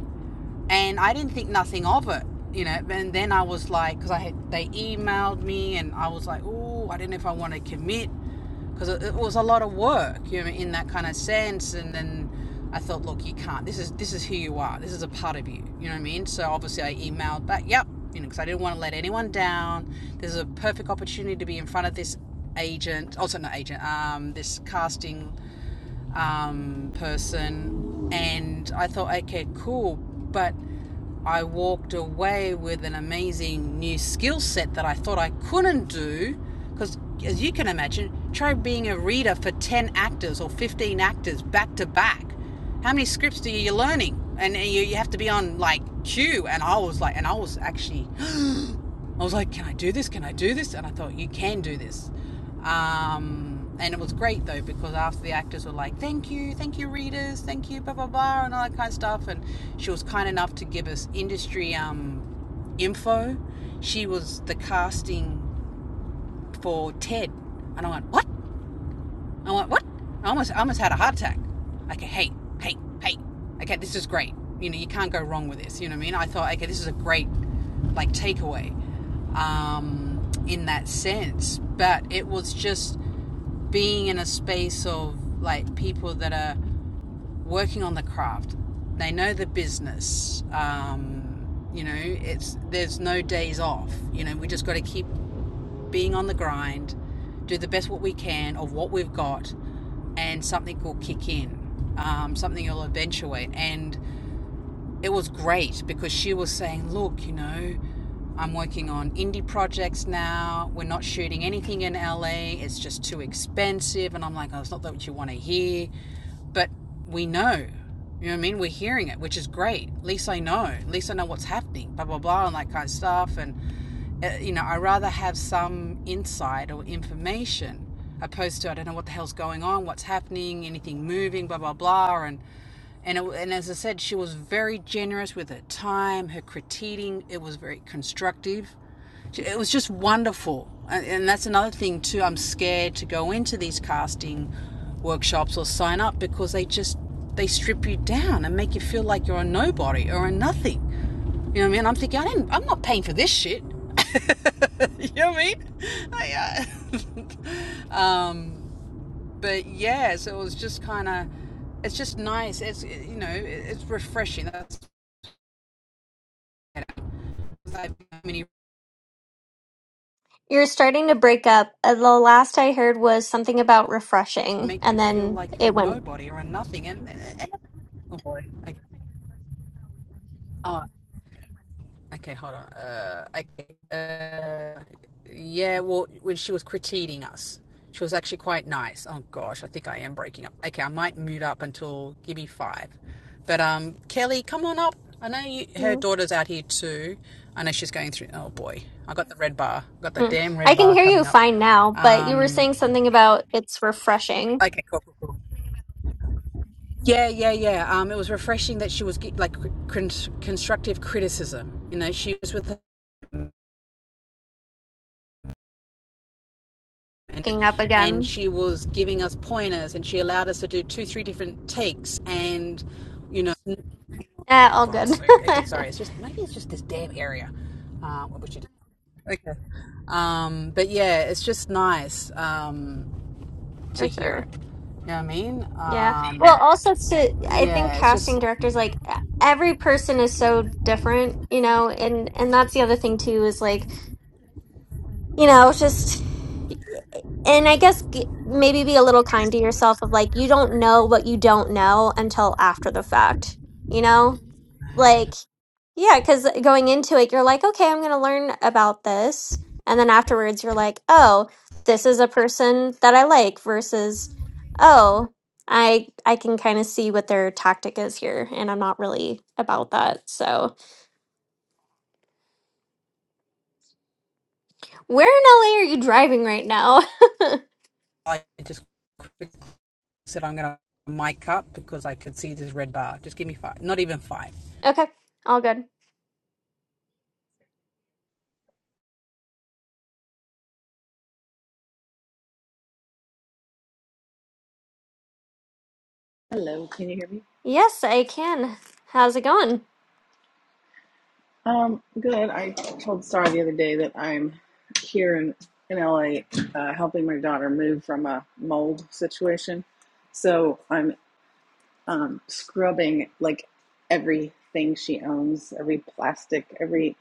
And I didn't think nothing of it, you know. And then I was like, because I had, they emailed me and I was like, oh, I didn't know if I want to commit because it, it was a lot of work, you know, in that kind of sense. And then I thought, look, you can't. This is this is who you are. This is a part of you. You know what I mean? So obviously I emailed back, yep, you know, because I didn't want to let anyone down. This is a perfect opportunity to be in front of this agent, also not agent, um, this casting um, person, and I thought, okay, cool, but I walked away with an amazing new skill set that I thought I couldn't do because, as you can imagine, try being a reader for 10 actors or 15 actors back to back. How many scripts do you, you're learning? And you, you have to be on like cue. And I was like, and I was actually I was like, can I do this? Can I do this? And I thought, you can do this. Um, and it was great though because after the actors were like, thank you, thank you, readers, thank you, blah blah blah, and all that kind of stuff. And she was kind enough to give us industry um, info. She was the casting for Ted, and I went, what? I went, what? I almost, I almost had a heart attack. Okay, hey, hey, hey. Okay, this is great. You know, you can't go wrong with this. You know what I mean? I thought, okay, this is a great, like, takeaway um, in that sense. But it was just being in a space of, like, people that are working on the craft. They know the business. Um, you know, it's there's no days off. You know, we just got to keep being on the grind, do the best what we can of what we've got, and something will kick in. Um, something will eventuate. And it was great because she was saying, look, you know, I'm working on indie projects now. We're not shooting anything in LA. It's just too expensive. And I'm like, oh, it's not what you want to hear. But we know. You know what I mean? We're hearing it, which is great. At least I know. At least I know what's happening, blah, blah, blah, and that kind of stuff. And, uh, you know, i rather have some insight or information opposed to I don't know what the hell's going on, what's happening, anything moving, blah, blah, blah. And, and it, and as I said, she was very generous with her time, her critiquing. It was very constructive. It was just wonderful, and, and that's another thing too. I'm scared to go into these casting workshops or sign up because they just they strip you down and make you feel like you're a nobody or a nothing. You know what I mean? I'm thinking I didn't, I'm not paying for this shit. you know what I mean? I, uh, um, but yeah, so it was just kind of, it's just nice. It's eh, you know, it's refreshing. That's like many You're starting to break up. Uh, The last I heard was something about refreshing, make you and feel then like you're a it went. nobody or a nothing, and, and, and- oh boy, like, oh, Okay, hold on. Uh, okay, uh, yeah, well, when she was critiquing us, she was actually quite nice. Oh gosh, I think I am breaking up. Okay, I might mute up until give me five. But um, Kelly, come on up. I know you, her Mm. daughter's out here too. I know she's going through. Oh boy, I got the red bar. I Got the Mm. damn red I can bar hear you coming up. fine now, but you were Um, saying something about it's refreshing. okay, cool, cool, cool. Yeah, yeah, yeah. Um, it was refreshing that she was get- like cr- constructive criticism. You know, she was with and Picking up and again. she was giving us pointers and she allowed us to do two three different takes and you know for Eh, all fuck's good. sake okay sorry it's just maybe it's just this damn area uh, what was she do? okay um but yeah it's just nice um to For hear sure. it you know what i mean Yeah. um Well, also, to, I think yeah it's just casting directors, like, e, every person is so different, you know, and, and that's the other thing, too, is like, you know, just. and I guess g- maybe be a little kind to yourself of like you don't know what you don't know until after the fact. You know? Like yeah, cuz going into it you're like, "Okay, I'm going to learn about this." And then afterwards you're like, "Oh, this is a person that I like versus oh, I I can kind of see what their tactic is here and I'm not really about that." So, where in LA are you driving right now? like i just quickly said i'm gonna mic up because i could see this red bar just give me five not even five okay. All good. Hello, can you hear me? Yes, I can. How's it going? Um, good. I told Star the other day that I'm here in in LA, uh, helping my daughter move from a mold situation. So I'm um, scrubbing like everything she owns, every plastic, every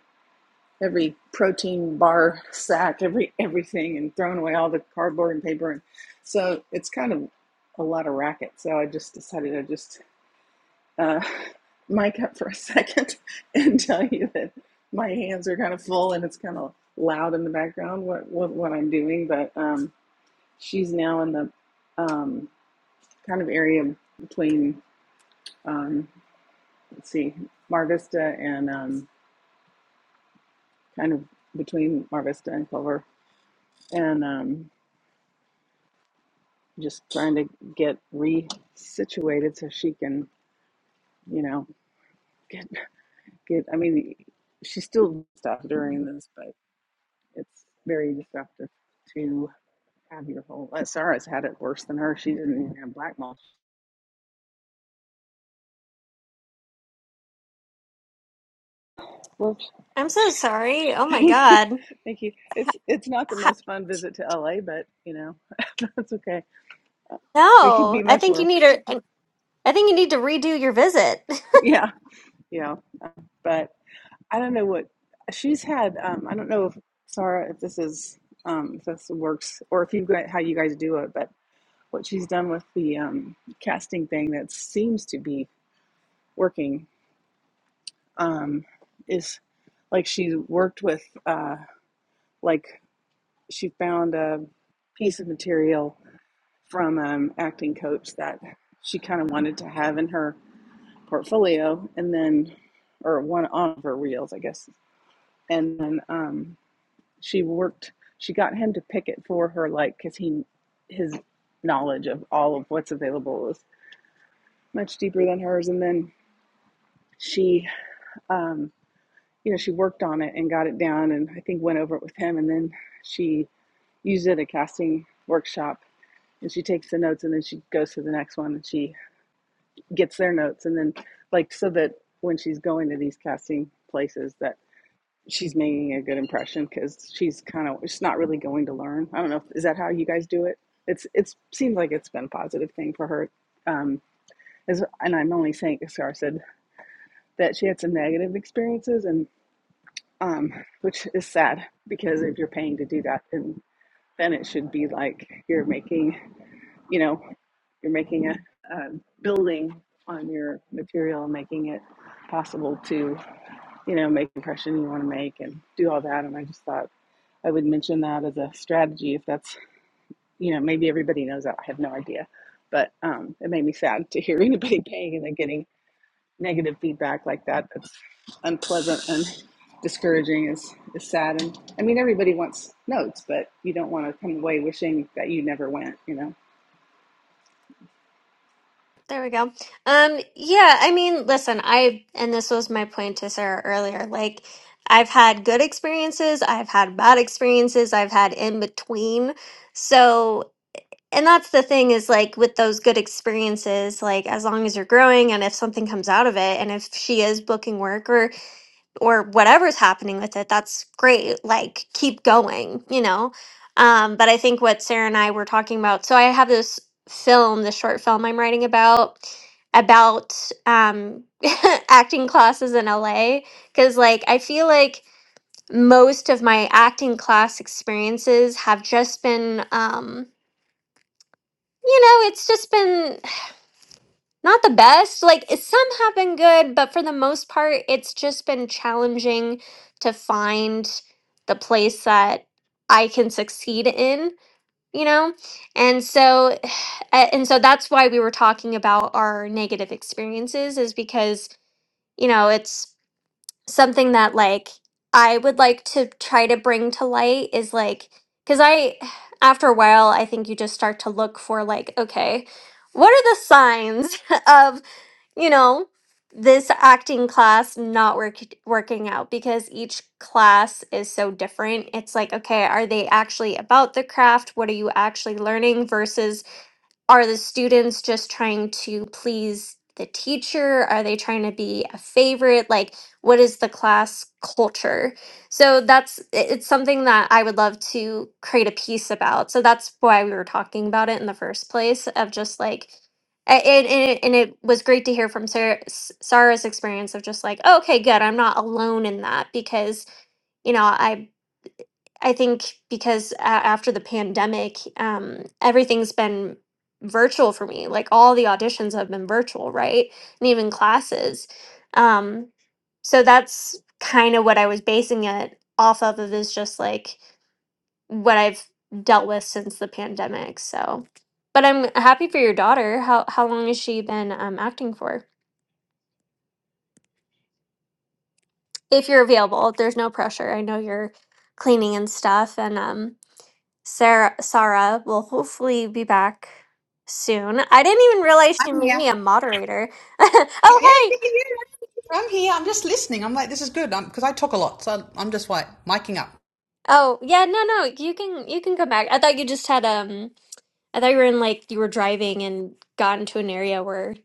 every protein bar sack, every everything, and throwing away all the cardboard and paper. And so it's kind of a lot of racket. So I just decided I just uh, mic up for a second and tell you that my hands are kind of full and it's kind of loud in the background what what, what I'm doing. But um, she's now in the um, kind of area between um, let's see, Mar Vista and um, kind of between Mar Vista and Clover, and um, just trying to get resituated so she can you know get get. I mean, she's still stuff during this, It's very disruptive to have your whole. Uh, Sarah's had it worse than her. She didn't even have black mold. Whoops. I'm so sorry. Oh my Thank you, God. thank you. It's it's not the Ha- most fun visit to LA, but you know that's okay. It could No, be I much think you worse. need a, I think you need to redo your visit. Yeah, yeah. Uh, But I don't know what she's had. Um, I don't know if Sarah, if this is um, if this works or if you got how you guys do it, but what she's done with the um, casting thing that seems to be working um, is like she worked with uh, like she found a piece of material from an acting coach that she kind of wanted to have in her portfolio and then or one on her reels i guess and then um, she worked she got him to pick it for her like because he his knowledge of all of what's available was much deeper than hers and then she um, you know, she worked on it and got it down and I think went over it with him and then she used it at a casting workshop and she takes the notes and then she goes to the next one and she gets their notes and then like so that when she's going to these casting places that she's making a good impression because she's kind of she's not really going to learn. I don't know is that how you guys do it? It's it's seems like it's been a positive thing for her. Um, as, and I'm only saying, as Sarah said, that she had some negative experiences and um, which is sad because if you're paying to do that, then then it should be like you're making, you know, you're making a, a building on your material, making it possible to, you know, make the impression you want to make and do all that. And I just thought I would mention that as a strategy if that's, you know, maybe everybody knows that. I have no idea. But um, it made me sad to hear anybody paying and then getting negative feedback like that that's unpleasant and discouraging is, is sad and i mean everybody wants notes but you don't want to come away wishing that you never went you know There we go. Um, yeah, I mean, listen, I, and this was my point to Sarah earlier, like, I've had good experiences, I've had bad experiences, I've had in between. So, and that's the thing is like with those good experiences, like, as long as you're growing and if something comes out of it, and if she is booking work or whatever's happening with it that's great like keep going you know um but i think what sarah and i were talking about so i have this film this short film i'm writing about about um acting classes in la because like i feel like most of my acting class experiences have just been um you know it's just been not the best. Like it- some have been good, but for the most part, it's just been challenging to find the place that I can succeed in, you know? And so a- and so that's why we were talking about our negative experiences is because, you know, it's something that like I would like to try to bring to light is like cuz I after a while, I think you just start to look for like okay, what are the signs of you know, this acting class not work, working out because each class is so different. It's like, okay, are they actually about the craft? What are you actually learning versus are the students just trying to please the teacher? Are they trying to be a favorite? Like, what is the class culture? So that's it- it's something that I would love to create a piece about. So that's why we were talking about it in the first place of just like a- and, and, it, and it was great to hear from Sarah, S- Sarah's experience of just like, "Oh, okay, good. I'm not alone in that because, you know, I I think because a- after the pandemic, um, everything's been virtual for me. Like all the auditions have been virtual, right? And even classes. Um, so that's kind of what I was basing it off of. Of is just like what I've dealt with since the pandemic. So, but I'm happy for your daughter. How how long has she been um, acting for? If you're available, there's no pressure. I know you're cleaning and stuff, and um, Sarah Sarah will hopefully be back soon. I didn't even realize i she I'm made here. me a moderator. Yeah, oh yeah, hey. yeah. I'm here. I'm just listening. I'm like, this is good. Because I talk a lot, so I'm just like miking up. Oh, yeah, no no, you can you can come back. I thought you just had um I thought you were in like you were driving and got into an area where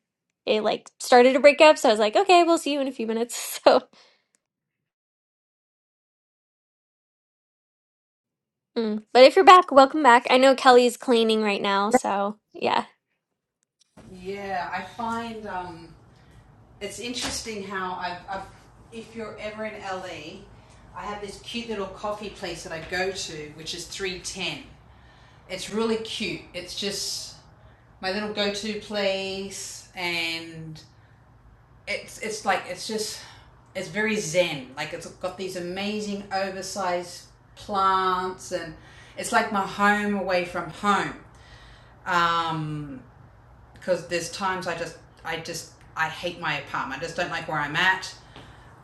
it like started to break up, so I was like, okay, we'll see you in a few minutes. So, mm. but if you're back, welcome back. I know Kelly's cleaning right now, so yeah. Yeah, I find um, it's interesting how I've, I've, if you're ever in LA, I have this cute little coffee place that I go to, which is 310. It's really cute. It's just my little go to place, and it's it's like it's just it's very zen. Like it's got these amazing oversized plants, and it's like my home away from home. Um, because there's times I just I just I hate my apartment. I just don't like where I'm at.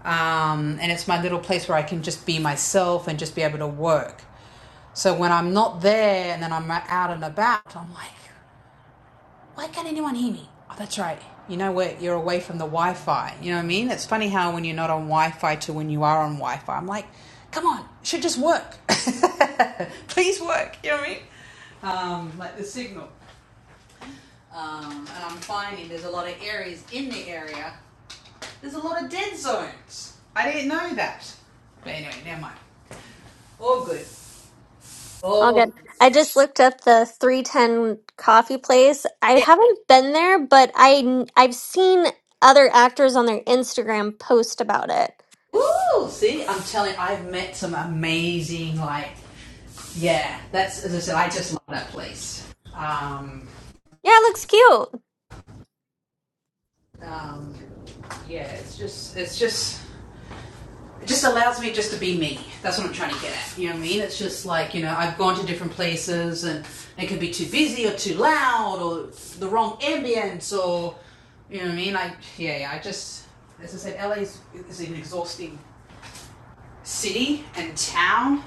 Um, and it's my little place where I can just be myself and just be able to work. So when I'm not there and then I'm out and about, I'm like, why can't anyone hear me? Oh, that's right. You know what? You're away from the Wi Fi. You know what I mean? It's funny how when you're not on Wi Fi to when you are on Wi Fi, I'm like, come on, it should just work. Please work. You know what I mean? Um, like the signal. Um, and I'm finding there's a lot of areas in the area, there's a lot of dead zones. I didn't know that. But anyway, never mind. All good. All All good. good. I just looked up the 310 coffee place. I haven't been there, but I I've seen other actors on their Instagram post about it. Ooh, see, I'm telling you, I've met some amazing, like, yeah, that's, as I said, I just love that place. Um, Yeah, it looks cute. um, yeah, it's just, it's just, it just allows me just to be me. That's what I'm trying to get at. You know what I mean? It's just like, you know, I've gone to different places and it could be too busy or too loud or the wrong ambience or, you know what I mean? I, yeah, yeah, I just, as I said, LA's is an exhausting city and town,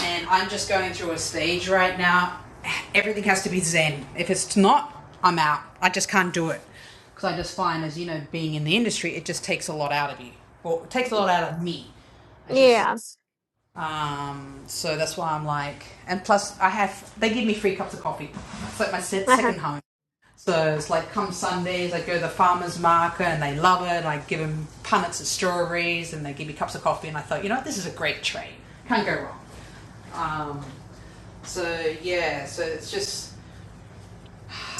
and I'm just going through a stage right now. Everything has to be zen. If it's not, I'm out. I just can't do it because I just find, as you know, being in the industry, it just takes a lot out of you. Well, it takes a Y- lot out of me, I should say. Yeah. Um, so that's why I'm like, and plus I have they give me free cups of coffee. It's like my Uh-huh. second home. So it's like come Sundays, I go to the farmer's market and they love it. I give them punnets of strawberries and they give me cups of coffee. And I thought, you know what, this is a great trade. Can't go wrong. Um, so yeah, so it's just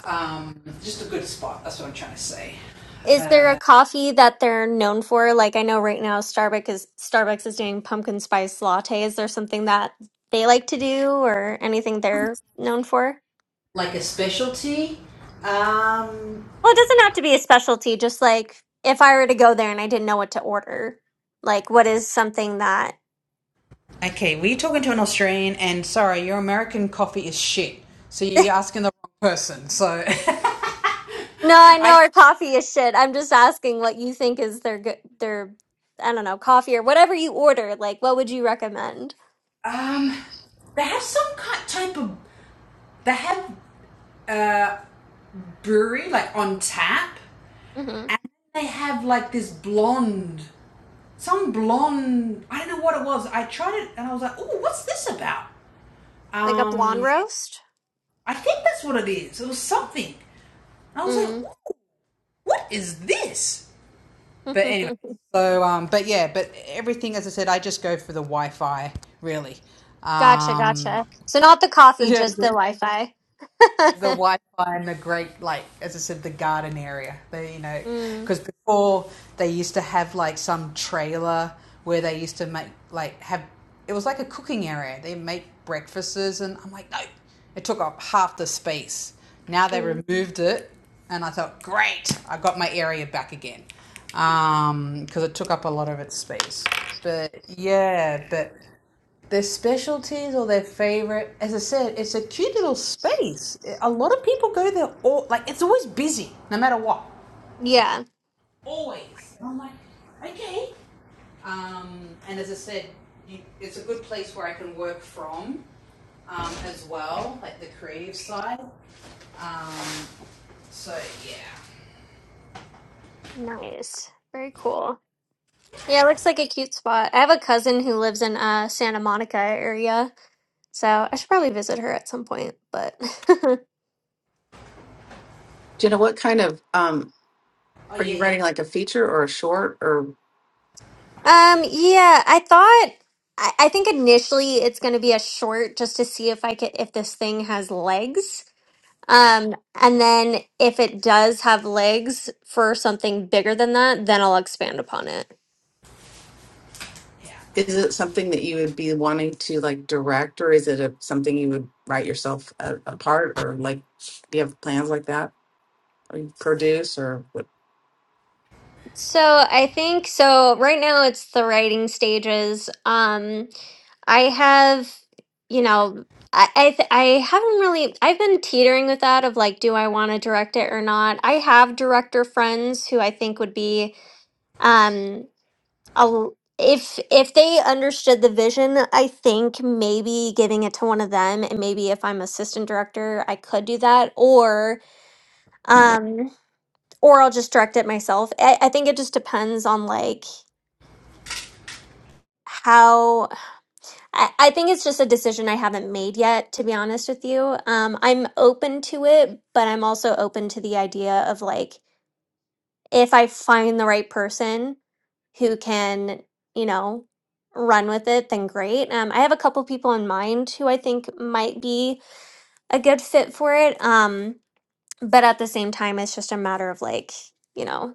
um, just a good spot. That's what I'm trying to say. Is there a coffee that they're known for? Like I know right now Starbucks is Starbucks is doing pumpkin spice latte. Is there something that they like to do or anything they're known for? Like a specialty. Um, Well, it doesn't have to be a specialty, just like if I were to go there and I didn't know what to order like what is something that okay, were you talking to an Australian? And sorry, your American coffee is shit. So you're asking the wrong person. So No, I know our coffee is shit. I'm just asking what you think is their good, their, I don't know, coffee or whatever you order. Like, what would you recommend? um, they have some kind type of they have. Uh, brewery, like on tap, hmm they have like this blonde, some blonde. I don't know what it was. I tried it and I was like, "Oh, what's this about?" Like a blonde Um, roast? I think that's what it is. It was something. And I was like, Mm. "Ooh, "What is this?" But anyway, so um, but yeah, but everything as I said, I just go for the Wi-Fi really. Gotcha, Um, gotcha. So not the coffee, just yeah, the Wi-Fi. the Wi-Fi and the great, like as I said, the garden area. They, you know, Mm, because before they used to have like some trailer where they used to make like have it was like a cooking area. They make breakfasts, and I'm like, no, it took up half the space. Now they mm. removed it, and I thought, great, I got my area back again, um, because it took up a lot of its space. But yeah, but. Their specialties or their favorite, as I said, it's a cute little space. A lot of people go there, all like it's always busy, no matter what. Yeah, Always. And I'm like, okay. Um, and as I said, you, it's a good place where I can work from um, as well, like the creative side. So yeah. nice. Very cool. Yeah, it looks like a cute spot. I have a cousin who lives in uh Santa Monica area, so I should probably visit her at some point, but Jenna, what kind of um Oh are you yeah, yeah, writing like a feature or a short or Um, yeah, I thought I, I think initially it's going to be a short just to see if I could if this thing has legs. Um, and then if it does have legs for something bigger than that, then I'll expand upon it. yeah. is it something that you would be wanting to like direct or is it a, something you would write yourself a, a part or like do you have plans like that or you produce or what? So I think so right now it's the writing stages. Um I have, you know, I I, th- I haven't really I've been teetering with that of like do I want to direct it or not. I have director friends who I think would be um a l- if if they understood the vision, I think maybe giving it to one of them and maybe if I'm assistant director, I could do that or um or I'll just direct it myself. I, I think it just depends on like how I, I think it's just a decision I haven't made yet, to be honest with you. Um, I'm open to it, but I'm also open to the idea of like if I find the right person who can, you know, run with it, then great. Um, I have a couple people in mind who I think might be a good fit for it. Um, but at the same time, it's just a matter of like, you know.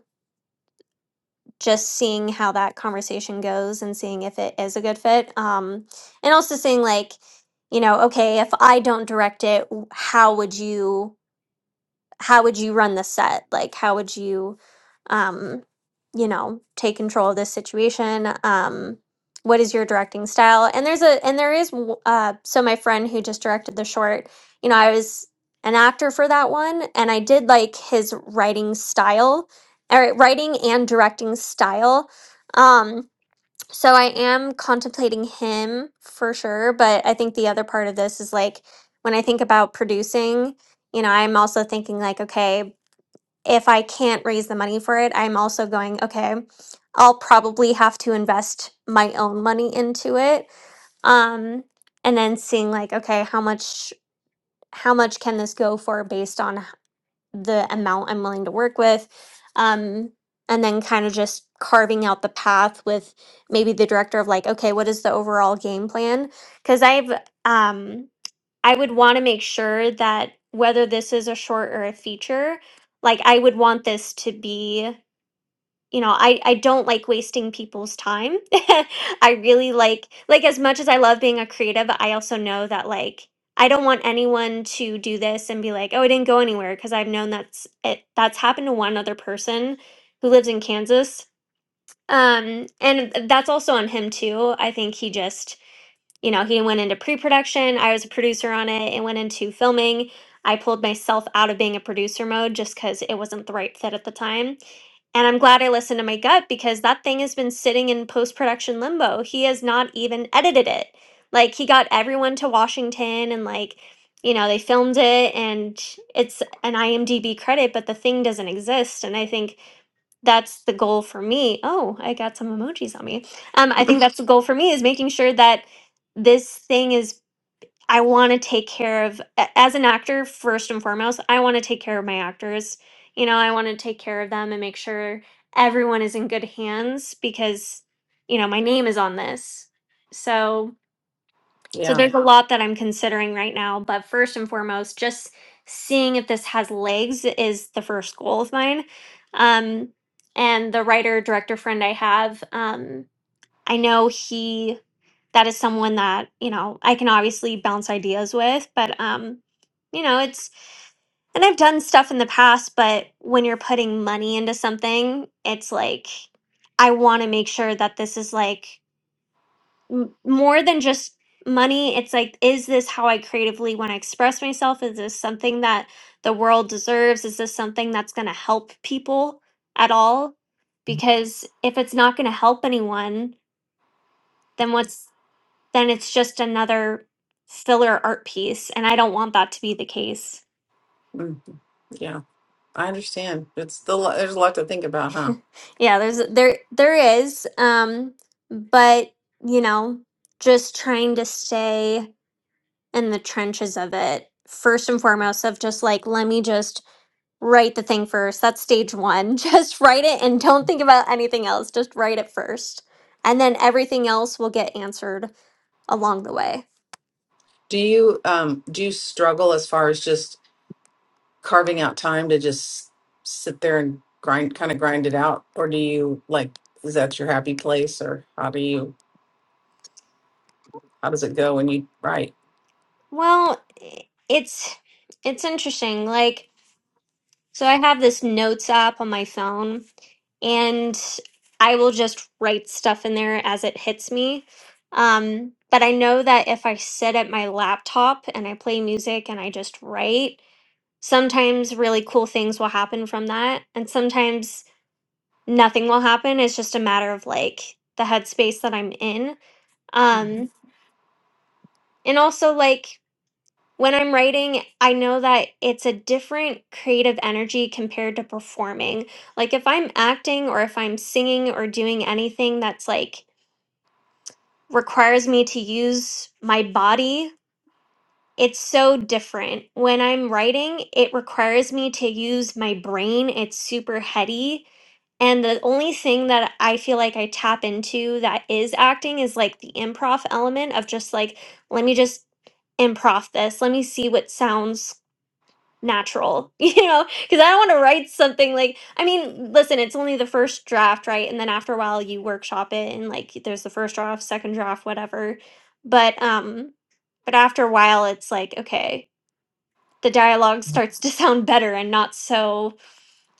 just seeing how that conversation goes and seeing if it is a good fit. Um, and also seeing like, you know, okay, if I don't direct it, w- how would you? how would you run the set? Like, how would you, um, you know, take control of this situation? Um, what is your directing style? And there's a, and there is, w- uh, so my friend who just directed the short, you know, I was an actor for that one and I did like his writing style, or writing and directing style. Um, so I am contemplating him for sure, but I think the other part of this is like when I think about producing, you know, I'm also thinking like, okay, if I can't raise the money for it, I'm also going, okay, I'll probably have to invest my own money into it. Um and then seeing like, okay, how much how much can this go for based on the amount I'm willing to work with. Um, and then kind of just carving out the path with maybe the director of like, okay, what is the overall game plan? Because I've, um, I would want to make sure that whether this is a short or a feature, like I would want this to be you know i i don't like wasting people's time i really like like as much as i love being a creative i also know that like i don't want anyone to do this and be like oh it didn't go anywhere because i've known that's it that's happened to one other person who lives in kansas um and that's also on him too i think he just you know, he went into pre production. I was a producer on it. It went into filming. I pulled myself out of being a producer mode just because it wasn't the right fit at the time. And I'm glad I listened to my gut because that thing has been sitting in post production limbo. He has not even edited it. Like, he got everyone to Washington and, like, you know, they filmed it and it's an IMDb credit, but the thing doesn't exist. And I think that's the goal for me. Oh, I got some emojis on me. Um, I think that's the goal for me is making sure that this thing is. I want to take care of a- as an actor first and foremost. I want to take care of my actors. You know, I want to take care of them and make sure everyone is in good hands because you know my name is on this. So so Yeah, there's a lot that I'm considering right now, but first and foremost, just seeing if this has legs is the first goal of mine. Um, and the writer director friend I have, um, I know he that is someone that you know I can obviously bounce ideas with, but um, you know it's and I've done stuff in the past, but when you're putting money into something, it's like I want to make sure that this is like m- more than just money it's like is this how i creatively want to express myself is this something that the world deserves is this something that's going to help people at all because if it's not going to help anyone then what's then it's just another filler art piece and i don't want that to be the case mm, yeah, I understand. It's the lo- there's a lot to think about, huh? yeah there's there there is um but you know just trying to stay in the trenches of it first and foremost of just like let me just write the thing first that's stage one just write it and don't think about anything else just write it first and then everything else will get answered along the way Do you um do you struggle as far as just carving out time to just sit there and grind kind of grind it out or do you like is that your happy place or how do you how does it go when you write? well i- it's it's interesting like so i have this notes app on my phone and i will just write stuff in there as it hits me um, but I know that if I sit at my laptop and I play music and I just write, Sometimes really cool things will happen from that, and sometimes nothing will happen. It's just a matter of like the headspace that I'm in. Mhm. Um, and also, like when I'm writing, I know that it's a different creative energy compared to performing. Like if I'm acting or if I'm singing or doing anything that's like requires me to use my body it's so different. When I'm writing, it requires me to use my brain. It's super heady. And the only thing that I feel like I tap into that is acting is like the improv element of just like, let me just improv this. Let me see what sounds natural, you know? Because I don't want to write something like, I mean, listen, it's only the first draft, right? And then after a while, you workshop it and like there's the first draft, second draft, whatever. But, um, but after a while, it's like, okay, the dialogue starts to sound better and not so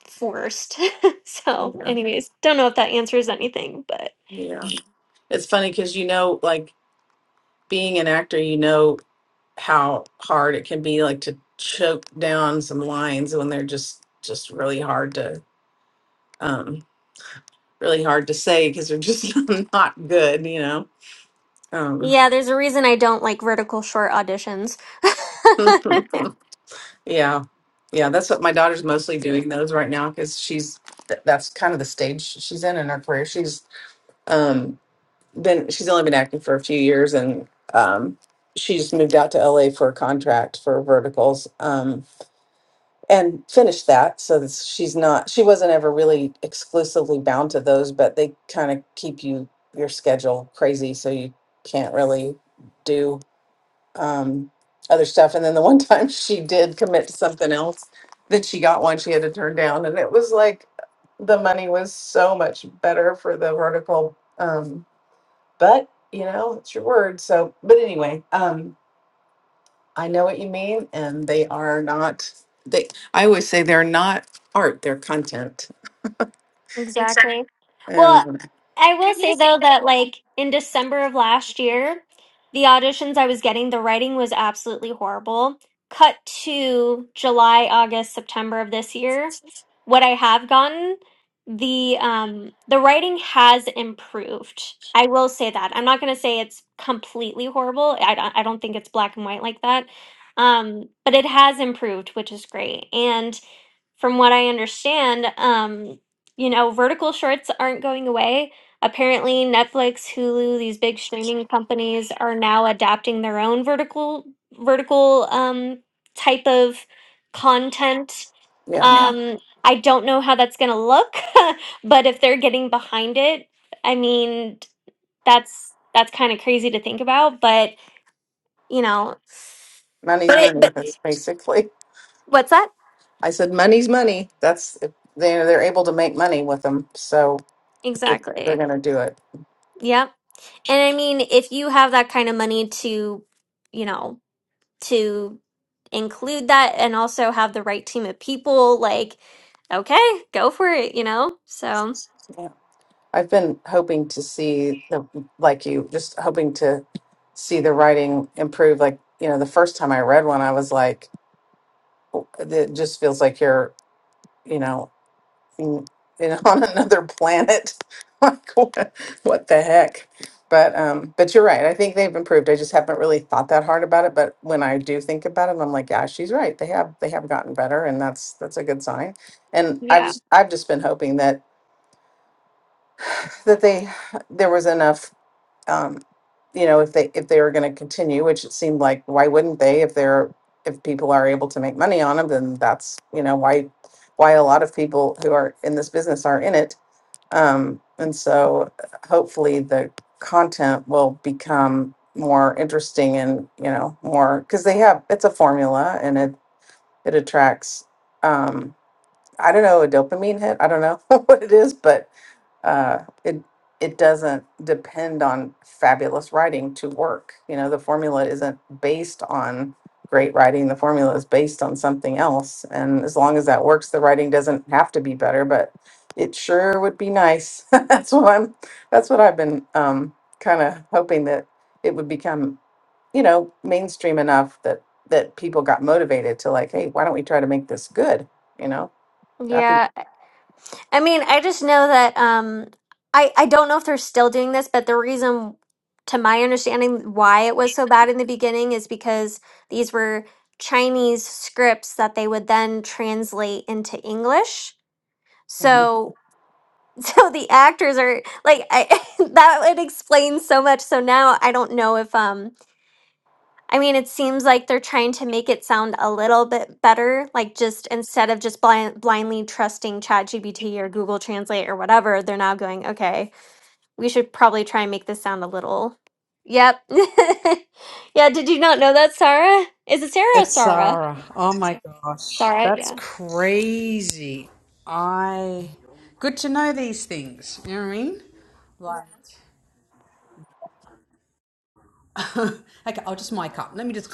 forced. so, Yeah. anyways, don't know if that answers anything, but Yeah. It's funny cuz you know like being an actor you know how hard it can be like to choke down some lines when they're just just really hard to um really hard to say cuz they're just not good, you know. Um yeah, there's a reason I don't like vertical short auditions. Yeah. Yeah, that's what my daughter's mostly doing those right now because she's th- that's kind of the stage she's in in her career. She's um been she's only been acting for a few years and um she's moved out to LA for a contract for verticals um and finished that so that she's not she wasn't ever really exclusively bound to those but they kind of keep you your schedule crazy so you can't really do um, other stuff. And then the one time she did commit to something else that she got one she had to turn down, and it was like the money was so much better for the vertical. Um, but you know, it's your word. So, but anyway, um, I know what you mean, and they are not. They, I always say they're not art; they're content. Exactly. Exactly. Well, And I will say though that like in December of last year, the auditions I was getting, the writing was absolutely horrible. Cut to July, August, September of this year, what I have gotten, the um the writing has improved. I will say that. I'm not going to say it's completely horrible. I don't, I don't think it's black and white like that. Um, but it has improved, which is great. And from what I understand, um you know, vertical shorts aren't going away. Apparently, Netflix, Hulu, these big streaming companies are now adapting their own vertical vertical um, type of content. yeah, Yeah. Um, I don't know how that's going to look, but if they're getting behind it, I mean, that's that's kind of crazy to think about. But you know, money's but it, money. but That's basically. what's that I said money's money. That's they they're able to make money with them. So We're, we're exactly? going to do it. Yep. And I mean, if you have that kind of money to, you know to include that and also have the right team of people like okay go for it you know so Yeah. I've been hoping to see the, like you, just hoping to see the writing improve. Like, you know, the first time I read one, I was like, "Oh, it just feels like you're, you know, in, in on another planet. like, what, what the heck? But, um, but you're right. I think they've improved. I just haven't really thought that hard about it. But when I do think about it, I'm like, yeah, she's right. They have, they have gotten better, and that's that's a good sign. And I've yeah just- I've just been hoping that that they there was enough um you know if they if they were going to continue which it seemed like why wouldn't they if they're if people are able to make money on them then that's you know why why a lot of people who are in this business are in it um and so hopefully the content will become more interesting and you know more because they have it's a formula and it it attracts um, I don't know, a dopamine hit. I don't know what it is, but uh, it it doesn't depend on fabulous writing to work. You know, the formula isn't based on great writing. The formula is based on something else, and as long as that works, the writing doesn't have to be better. But it sure would be nice. that's what I'm. That's what I've been um, kind of hoping that it would become you know mainstream enough that that people got motivated to like hey why don't we try to make this good you know That'd be, yeah i mean i just know that um i i don't know if they're still doing this but the reason to my understanding why it was so bad in the beginning is because these were chinese scripts that they would then translate into english mhm, so so the actors are like i that would explain so much so now i don't know if um I mean, it seems like they're trying to make it sound a little bit better, like just instead of just blind, blindly trusting ChatGPT or Google Translate or whatever, they're now going, okay, we should probably try and make this sound a little. Yep. yeah, did you not know that, Sarah? Is it Sarah or It's Sarah? Sarah. Oh my gosh, Sarah, that's yeah. crazy. I good to know these things. You know what I mean? Like, okay, I'll just mic up. Let me just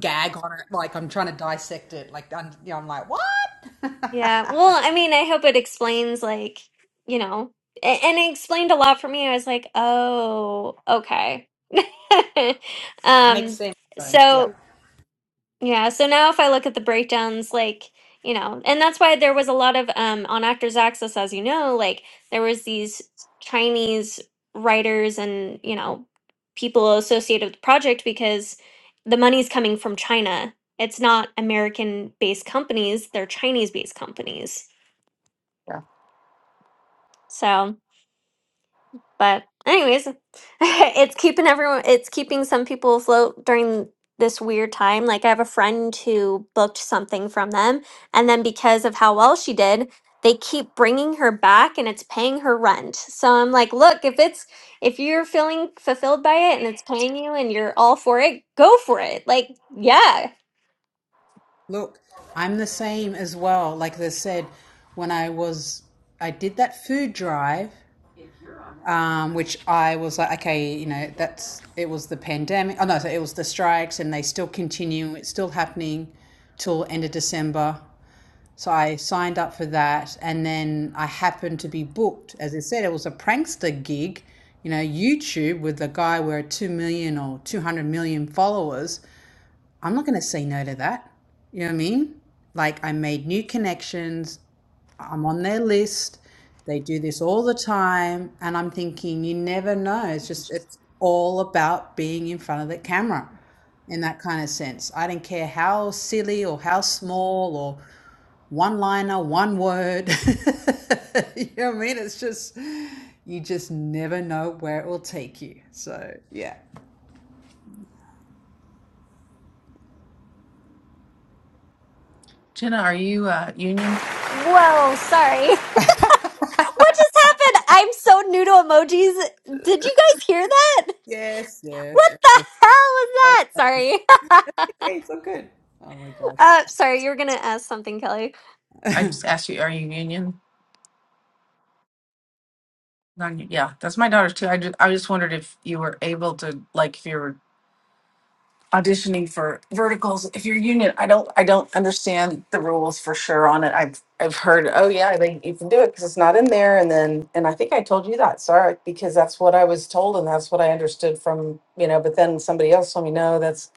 gag on it like I'm trying to dissect it. Like I'm, you know, I'm like, what? Yeah. Well, I mean, I hope it explains, like, you know, a- and it explained a lot for me. I was like, oh, okay. Makes um, sense. So, so. yeah. Yeah, so now if I look at the breakdowns, like, you know, and that's why there was a lot of um on Actors Access, as you know, like there was these Chinese writers and, you know, people associated with the project because the money's coming from China. It's not American-based companies, they're Chinese-based companies. yeah. So But anyways, it's keeping everyone it's keeping some people afloat during this weird time. Like I have a friend who booked something from them and then because of how well she did, they keep bringing her back and it's paying her rent. So I'm like, look, if it's if you're feeling fulfilled by it and it's paying you and you're all for it, go for it. Like, yeah. Look, I'm the same as well. Like they said, when I was, I did that food drive um, which I was like, okay, you know, that's it was the pandemic. Oh no, so it was the strikes, and they still continue. It's still happening till end of December. So I signed up for that, and then I happened to be booked. As I said, it was a prankster gig, you know, YouTube with a guy with two million or two hundred million followers. I'm not going to say no to that. You know what I mean? Like I made new connections. I'm on their list. They do this all the time. And I'm thinking, you never know. It's just, it's all about being in front of the camera in that kind of sense. I don't care how silly or how small or one liner, one word. you know what I mean? It's just, you just never know where it will take you. So, yeah. Jenna, are you uh, union? Whoa, sorry. What just happened? I'm so new to emojis. Did you guys hear that? Yes, yes. What the hell was That's, that? Sorry. it's all good. Oh my God. Uh, sorry, you were gonna ask something, Kelly. I just asked you, are you union? Non, yeah, that's my daughter too. I just, I just wondered if you were able to, like, if you were auditioning for verticals, if you're union. I don't, I don't understand the rules for sure on it. I've, I've heard, oh yeah, they you can do it because it's not in there, and then, and I think I told you that, sorry, because that's what I was told and that's what I understood from, you know. But then somebody else told me, no, that's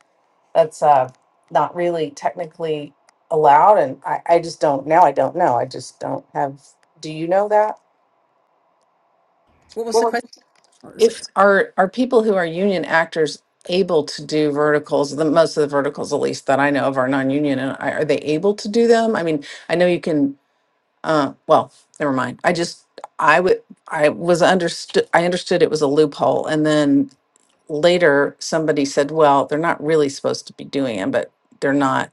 that's uh, not really technically allowed. And I, I just don't, now I don't know. I just don't have, do you know that? What was the question? What was it? If are are people who are union actors able to do verticals, the most of the verticals at least that I know of are non-union and I- are they able to do them? I mean, I know you can uh well, never mind. I just I would I was understood I understood it was a loophole and then later somebody said, well, they're not really supposed to be doing it, but they're not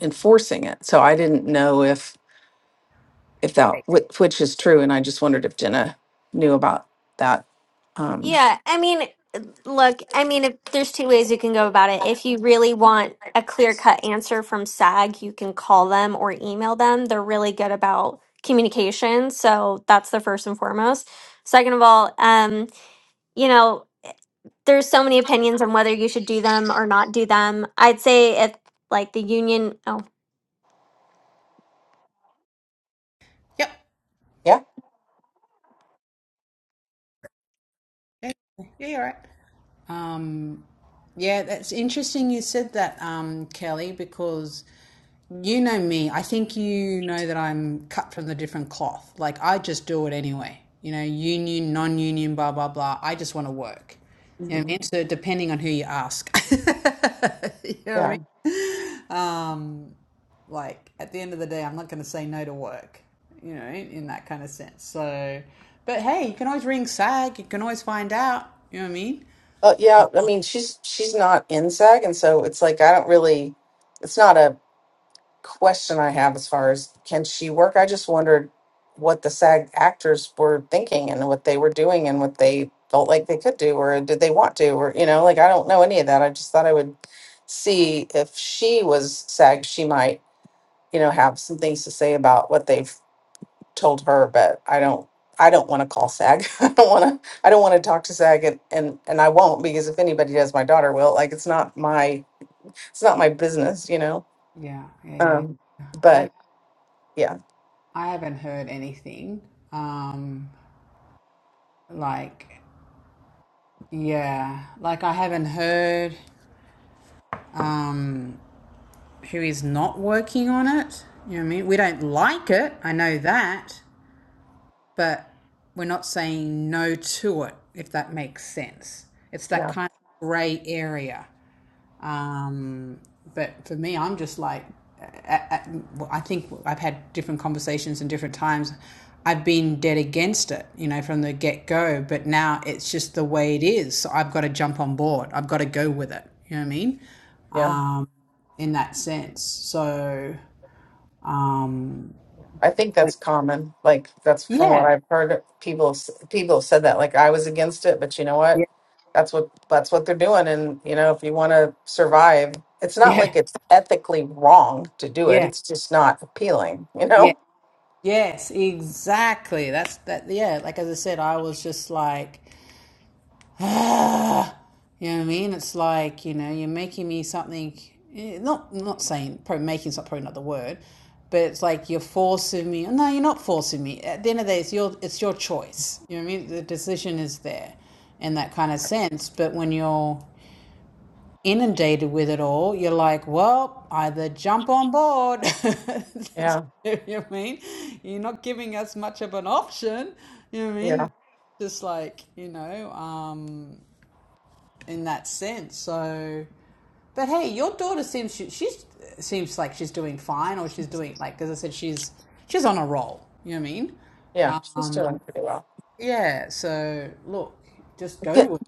enforcing it. So I didn't know if if Hey. that whi- which is true, and I just wondered if Jenna knew about that. Um, Yeah, I mean, look, I mean, if, there's two ways you can go about it. If you really want a clear-cut answer from SAG, you can call them or email them. They're really good about communication, so that's the first and foremost. Second of all, um, you know. there's so many opinions on whether you should do them or not do them. I'd say if like the union. Oh, Yep. Yeah. Yeah, yeah, you're right. Um. Yeah, that's interesting you said that, um, Kelly, because you know me. I think you know that I'm cut from the different cloth. Like, I just do it anyway. You know, union, non union, blah, blah, blah. I just want to work. You know what I Mhm. mean? So, depending on who you ask. you know what I Yeah. mean? yeah, Like, at the end of the day, I'm not going to say no to work, you know, in that kind of sense. So, but hey, you can always ring SAG. You can always find out. You know what I mean? Uh, yeah. I mean, she's she's not in SAG, and so it's like I don't really. It's not a question I have as far as can she work. I just wondered what the SAG actors were thinking and what they were doing and what they felt like they could do or did they want to or you know like I don't know any of that. I just thought I would see if she was SAG. She might. you know, have some things to say about what they've told her, but I don't I don't want to call SAG. I don't want to I don't want to talk to SAG and, and and I won't because if anybody does my daughter will. Like it's not my it's not my business, you know. Yeah, yeah, Um yeah. I. know. but yeah. I haven't heard anything. Um, like, yeah, like I haven't heard um, who is not working on it. You know what I mean? We don't like it. I know that, but we're not saying no to it, if that makes sense. It's that Yeah. kind of gray area. Um, but for me, I'm just like, I, I, I think I've had different conversations and different times. I've been dead against it, you know, from the get go. But now it's just the way it is. So I've got to jump on board. I've got to go with it. You know what I mean? yeah. Um, in that sense. So, um, I think but that's common. Like that's from what yeah, I've heard. People s- people have said that. Like I was against it, but you know yeah, what? That's what that's what they're doing. And you know, if you want to survive, it's not like yeah, it's ethically wrong to do it. yeah, It's just not appealing. You yeah. know? Yes, exactly. That's that. Yeah, like as I said, I was just like, ah, you know what I mean? It's like, you know, you're making me something, eh, not, not saying, probably making's not, probably not the word, but it's like you're forcing me. No, you're not forcing me. At the end of the day, it's your, it's your choice. You know what I mean? The decision is there in that kind of sense. But when you're inundated with it all, you're like, well, either jump on board. you Yeah. know what I mean? You're not giving us much of an option. You know what I mean? Yeah. Just like, you know, um, in that sense. So, but hey, your daughter seems she, she's seems like she's doing fine, or she's doing like as I said, she's she's on a roll. You know what I mean? Yeah. She's doing Um, pretty well. yeah. So look, just go Get- with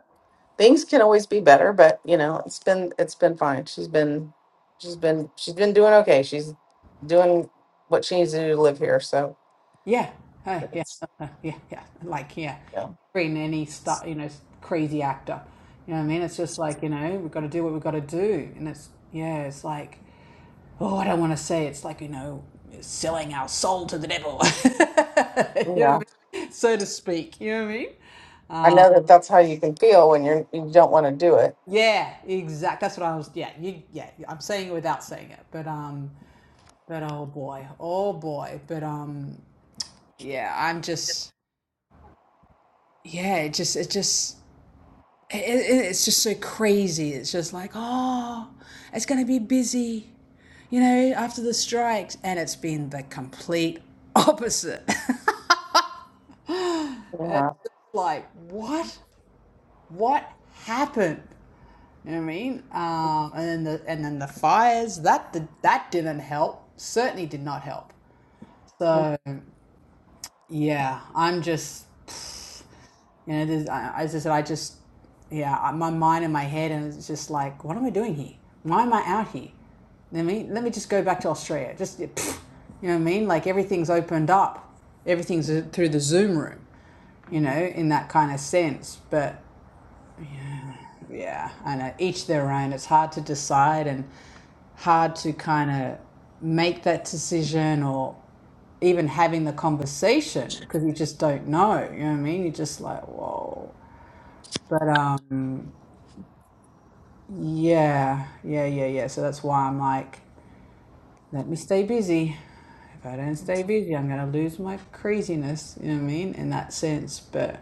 Things can always be better, but you know, it's been it's been fine. She's been she's been she's been doing okay. She's doing what she needs to do to live here. So Yeah, uh, yeah, it's uh, yeah, yeah. Like yeah, yeah every any stuff you know, crazy actor. You know what I mean? It's just like you know, we've got to do what we've got to do, and it's yeah, it's like oh, I don't want to say it's like you know, selling our soul to the devil. you know yeah. what I mean? So to speak. You know what I mean? I know that that's how you can feel when you're you don't want to do it. Yeah, exact. That's what I was. Yeah, you, yeah. I'm saying it without saying it, but um, but oh boy, oh boy, but um, yeah. I'm just yeah. It just it just it, it- it's just so crazy. It's just like, oh, it's going to be busy, you know, after the strikes. And it's been the complete opposite. it's Yeah, just like, what? What happened? You know what I mean? Um, and then the and then the fires that did, that didn't help. Certainly did not help. So yeah, I'm just You know, I- as I said, I just, yeah, my mind and my head, and it's just like, what am I doing here? Why am I out here? Let me let me just go back to Australia. Just yeah, you know what I mean? Like everything's opened up, everything's uh, through the Zoom room, you know, Mhm. in that kind of sense. But yeah, I know each their own. It's hard to decide and hard to kind of make that decision or even having the conversation because you just don't know. You know what I mean? You're just like, whoa. But um, yeah, yeah, yeah, yeah. So that's why I'm like, let me stay busy. If I don't stay busy, I'm gonna lose my craziness. You know what I mean? In that sense. But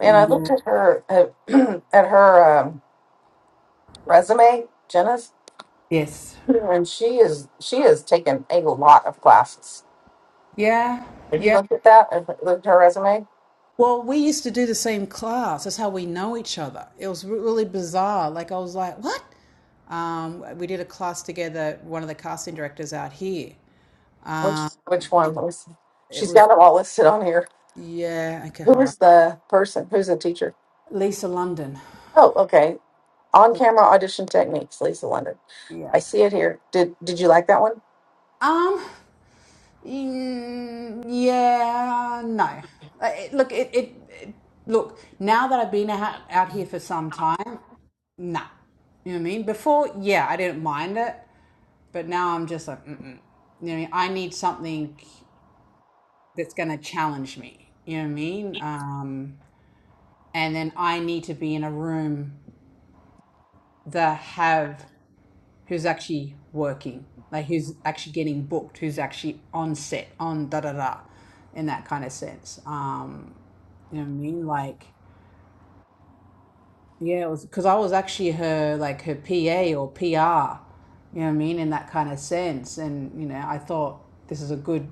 man. I looked at her at, at her um, resume, Jenna's, yes, and she is she has taken a lot of classes. yeah, Have you yeah. looked at that? Have you Looked at her resume. Well, we used to do the same class. That's how we know each other. It was re- really bizarre. Like I was like, what? Um, we did a class together. One of the casting directors out here. Which which one? Let me see. It She's was got them all listed on here. yeah. Okay, Who hold on. is the person? Who's the teacher? Lisa London. Oh, okay. On So, camera audition techniques, Lisa London. yeah. I see it here. Did Did you like that one? Um. Mm, yeah, no. Uh, It, look, it, it, it- look. Now that I've been out, out here for some time, nah. You know what I mean? Before, yeah, I didn't mind it, but now I'm just like, mm-mm. you know, what I mean? I need something that's gonna challenge me. You know what I mean? Um, and then I need to be in a room that have who's actually working, like who's actually getting booked, who's actually on set, on da da da in that kind of sense. Um, You know what I mean? Like, yeah, it was because I was actually her like her PA or PR. You know what I mean? In that kind of sense, and you know, I thought this is a good,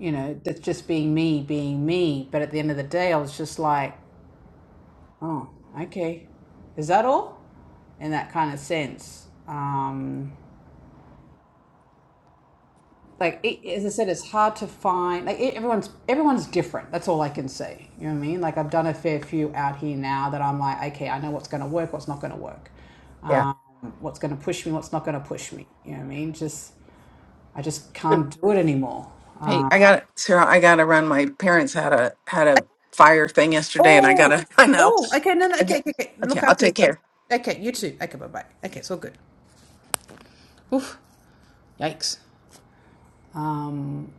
you know, that's just being me, being me. But at the end of the day, I was just like, oh, okay, is that all? In that kind of sense. Um, like it, as I said, it's hard to find. Like it, everyone's everyone's different. That's all I can say. You know what I mean? Like I've done a fair few out here now that I'm like, okay, I know what's going to work, what's not going to work, Yeah. um, what's going to push me, what's not going to push me. You know what I mean? Just I just can't do it anymore. Um, I got Sarah. I gotta run. My parents had a had a fire thing yesterday, and I Oh, gotta. I know. oh, okay, no, no, okay, Okay, okay, okay. Look okay I'll after take care. yourself. Okay, you too. Okay, bye bye. Okay, it's all good. Oof, yikes. um,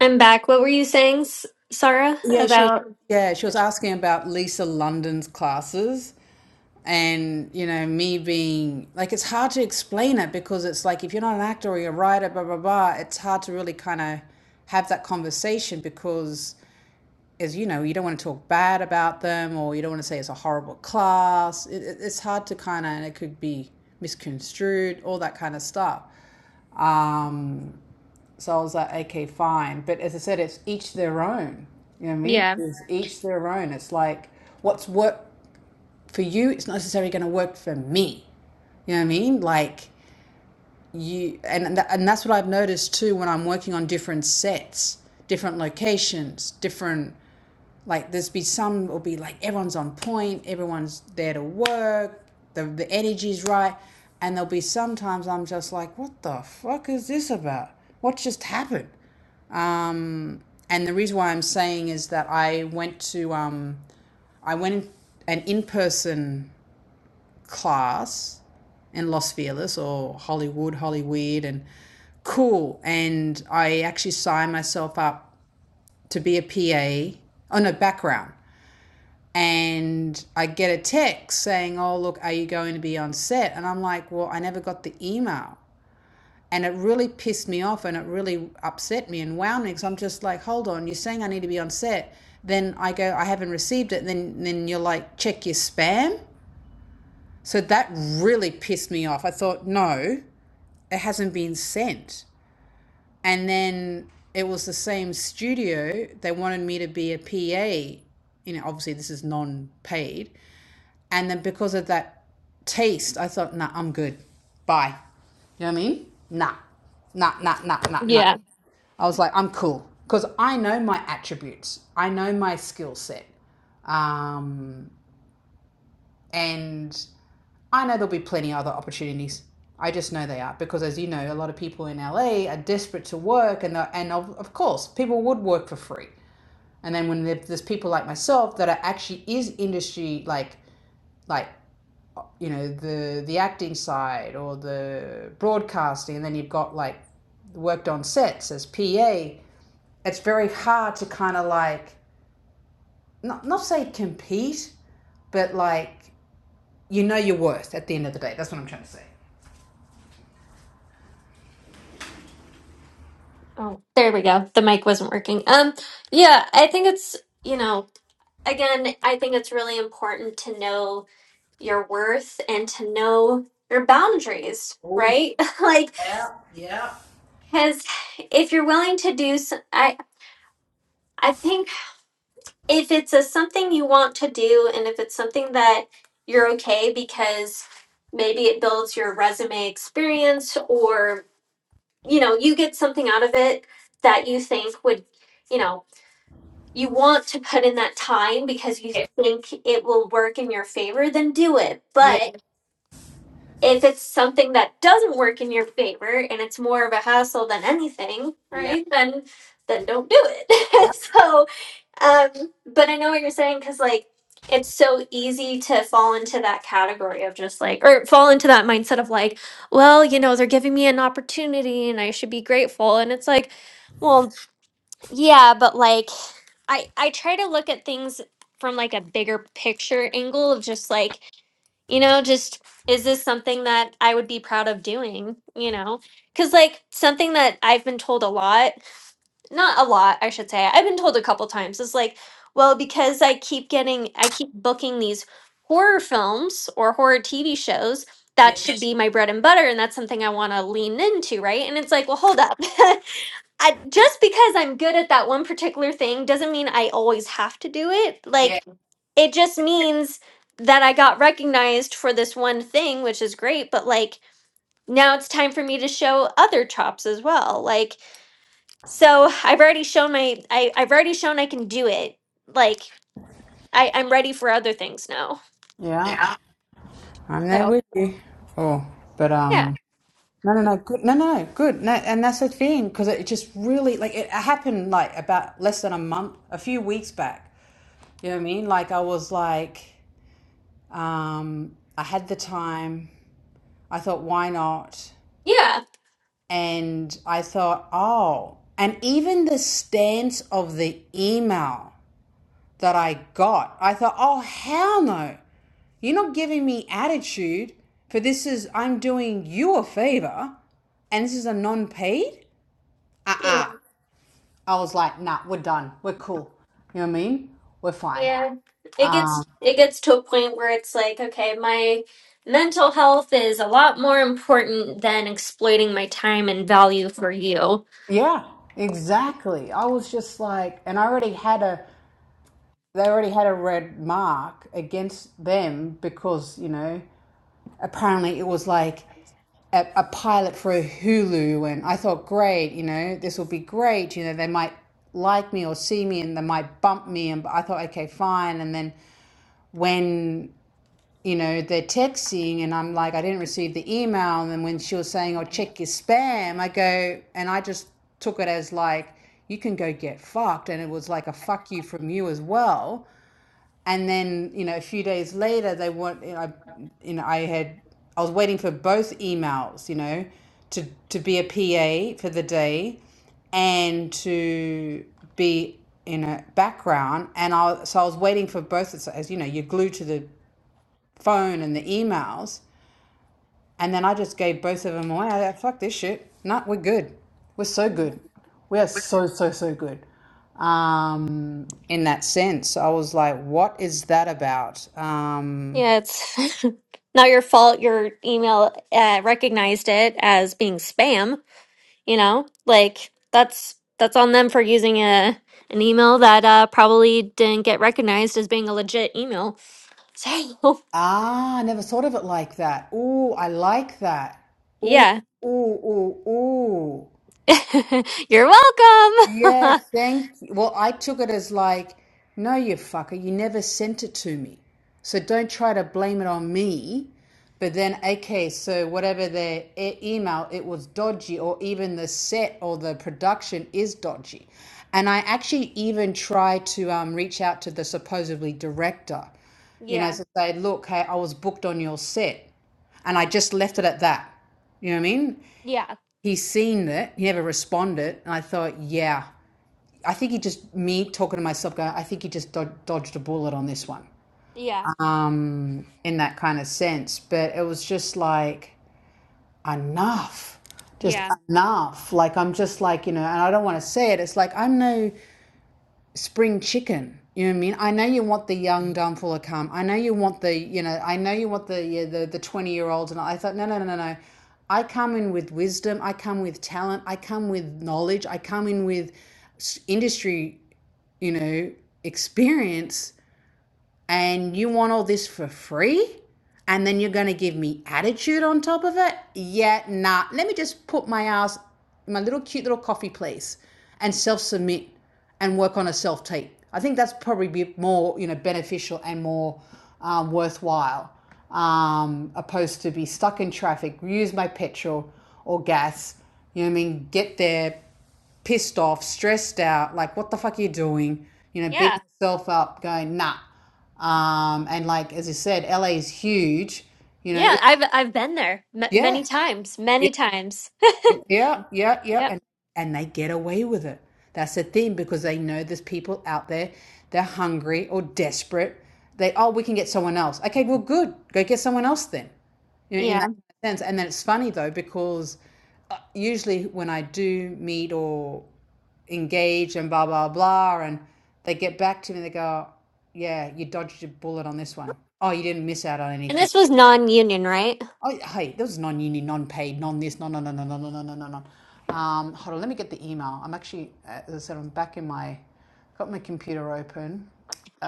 I'm back. What were you saying, S- Sarah? yeah, she was. About Yeah, she was asking about Lisa London's classes. and you know me being like it's hard to explain it because it's like if you're not an actor or you're a writer blah blah blah it's hard to really kind of have that conversation because as you know you don't want to talk bad about them or you don't want to say it's a horrible class it, it- it's hard to kind of and it could be misconstrued all that kind of stuff um so i was like okay fine but as i said it's each their own you know what i mean Yeah. it's each their own it's like what's what for you, it's not necessarily going to work for me. You know what I mean? Like you, and tha- and that's what I've noticed too when I'm working on different sets, different locations, different like there's be some will be like everyone's on point, everyone's there to work, the the energy's right, and there'll be sometimes I'm just like, what the fuck is this about? What just happened? Um, and the reason why I'm saying is that I went to um, I went in, an in person class and Los Feliz or Hollywood, Hollyweird, and cool. And I actually signed myself up to be a PA on a oh, no, background. And I get a text saying, Oh, look, are you going to be on set? And I'm like, Well, I never got the email. And it really pissed me off and it really upset me and wound me because I'm just like, Hold on, you're saying I need to be on set. Then I go, I haven't received it. And Then, and then you're like, Check your spam. So that really pissed me off. I thought, no, it hasn't been sent. And then it was the same studio. They wanted me to be a PA. You know, obviously this is non-paid. And then because of that taste, I thought, nah, I'm good. Bye. You know what I mean? Nah, nah, nah, nah, nah, nah. yeah. I was like, I'm cool because I know my attributes. I know my skill set. Um, and I know there'll be plenty of other opportunities. I just know they are because, as you know, a lot of people in LA are desperate to work, and and of, of course, people would work for free. And then when there's people like myself that are actually is industry like like you know the the acting side or the broadcasting, and then you've got like worked on sets as PA. It's very hard to kind of like not not say compete, but like you know your worth at the end of the day. That's what I'm trying to say. Oh, there we go. The mic wasn't working. Um, yeah, I think it's you know again, I think it's really important to know your worth and to know your boundaries, Oh, right? like, because if you're willing to do, so, I I think. if it's a something you want to do and if it's something that you're okay because maybe it builds your resume experience or you know you get something out of it that you think would you know you want to put in that time because you think it will work in your favor then do it but if it's something that doesn't work in your favor and it's more of a hassle than anything right then then don't do it so um, but I know what you're saying because like it's so easy to fall into that category of just like or fall into that mindset of like, well, you know, they're giving me an opportunity and I should be grateful. And it's like, well, yeah, but like I I try to look at things from like a bigger picture angle of just like, you know, just is this something that I would be proud of doing, you know? Cuz like something that I've been told a lot not a lot, I should say. I've been told a couple times. It's like, well, because I keep getting, I keep booking these horror films or horror TV shows. That yes. should be my bread and butter, and that's something I want to lean into, right? And it's like, well, hold up. I, just because I'm good at that one particular thing doesn't mean I always have to do it. Yeah. Like, it just means that I got recognized for this one thing, which is great, but like now it's time for me to show other chops as well. Like so I've already shown my I, I've already shown I can do it. Like I, I'm ready for other things now. Yeah, Yeah. I'm there So with you. Oh, but yeah. um, no, no, no, good, no, no, no. good, no, and that's the thing because it just really like it happened like about less than a month, a few weeks back. You know what I mean? Like I was like, um, I had the time. I thought, why not? Yeah. And I thought, oh, and even the stance of the email that I got, I thought, oh, hell no. You're not giving me attitude for this is I'm doing you a favor and this is a non-paid? Yeah. Uh-uh. I was like, nah, we're done. We're cool. You know what I mean? We're fine. Yeah. It gets it gets to a point where it's like, okay, my mental health is a lot more important than exploiting my time and value for you. Yeah, exactly. I was just like, and I already had a, they already had a red mark against them because, you know, apparently it was like a, a pilot for a Hulu, and I thought, great, you know, this will be great. You know, they might like me or see me, and they might bump me. And I thought, okay, fine. And then when you know they're texting, and I'm like, I didn't receive the email. And then when she was saying, "Oh, check your spam," I go, and I just took it as like, you can go get fucked, and it was like a fuck you from you as well and then you know a few days later they want you know, I, you know I had I was waiting for both emails you know to to be a PA for the day and to be in a background and I so I was waiting for both so as you know you're glued to the phone and the emails and then I just gave both of them away. I thought, fuck this shit. Nah, we're good. We're so good. We are so, so, so good. Um, in that sense, I was like, what is that about? Um, Yeah, it's not your fault your email uh, recognized it as being spam. You know, like that's that's on them for using a an email that uh, probably didn't get recognized as being a legit email. So ah, I never thought of it like that. Ooh, I like that. Ooh, yeah, ooh, ooh, ooh. you're Yeah, welcome. thank you. Well, I took it as like, no, you fucker, you never sent it to me. So don't try to blame it on me. But then, okay, so whatever their e- email, it was dodgy, or even the set or the production is dodgy. And I actually even tried to um, reach out to the supposedly director, you know, yeah, to say, look, hey, I was booked on your set. And I just left it at that. You know what I mean? yeah, He's seen it, he never responded. And I thought, yeah. I think he just me talking to myself, going, I think he just dod- dodged a bullet on this one, yeah, um, in that kind of sense. But it was just like enough, just yeah, enough. Like I'm just like you know, and I don't want to say it. It's like I'm no spring chicken. You know what I mean? I know you want the young, dumb, full of cum. I know you want the, you know, I know you want the yeah, the the twenty year olds. And I thought, no, no, no, no, no. I come in with wisdom. I come with talent. I come with knowledge. I come in with industry you know, experience and you want all this for free? And then you're going to give me attitude on top of it? Yeah, nah. Let me just put my ass in my little cute little coffee place and self submit and work on a self tape. I think that's probably be more, you know, beneficial and more um, worthwhile um, opposed to be stuck in traffic, use my petrol or gas, you know what I mean? Get there, pissed off, stressed out, like, what the fuck are you doing? You know, yeah, beating yourself up, going, nah. Um, and like, as you said, LA is huge. You know, yeah. it, I've I've been there m- yeah, many times, many times. yeah, yeah, yeah, Yep. and and they get away with it. That's the thing because they know there's people out there. They're hungry or desperate. They oh, we can get someone else. Okay, well, good. Go get someone else then. You know, in Yeah. that sense. And then it's funny though because uh, usually when I do meet or engage and blah blah blah, and they get back to me, they go, "Yeah, you dodged a bullet on this one. Oh, you didn't miss out on And anything." this was non-union, right? Oh, yeah, hey, there was non-uni, non-paid, non-this, non, non, non, non, non, non, non, non, non, Um, hold on, let me get the email. I'm actually, uh, as I said, I'm back in my, got my computer open.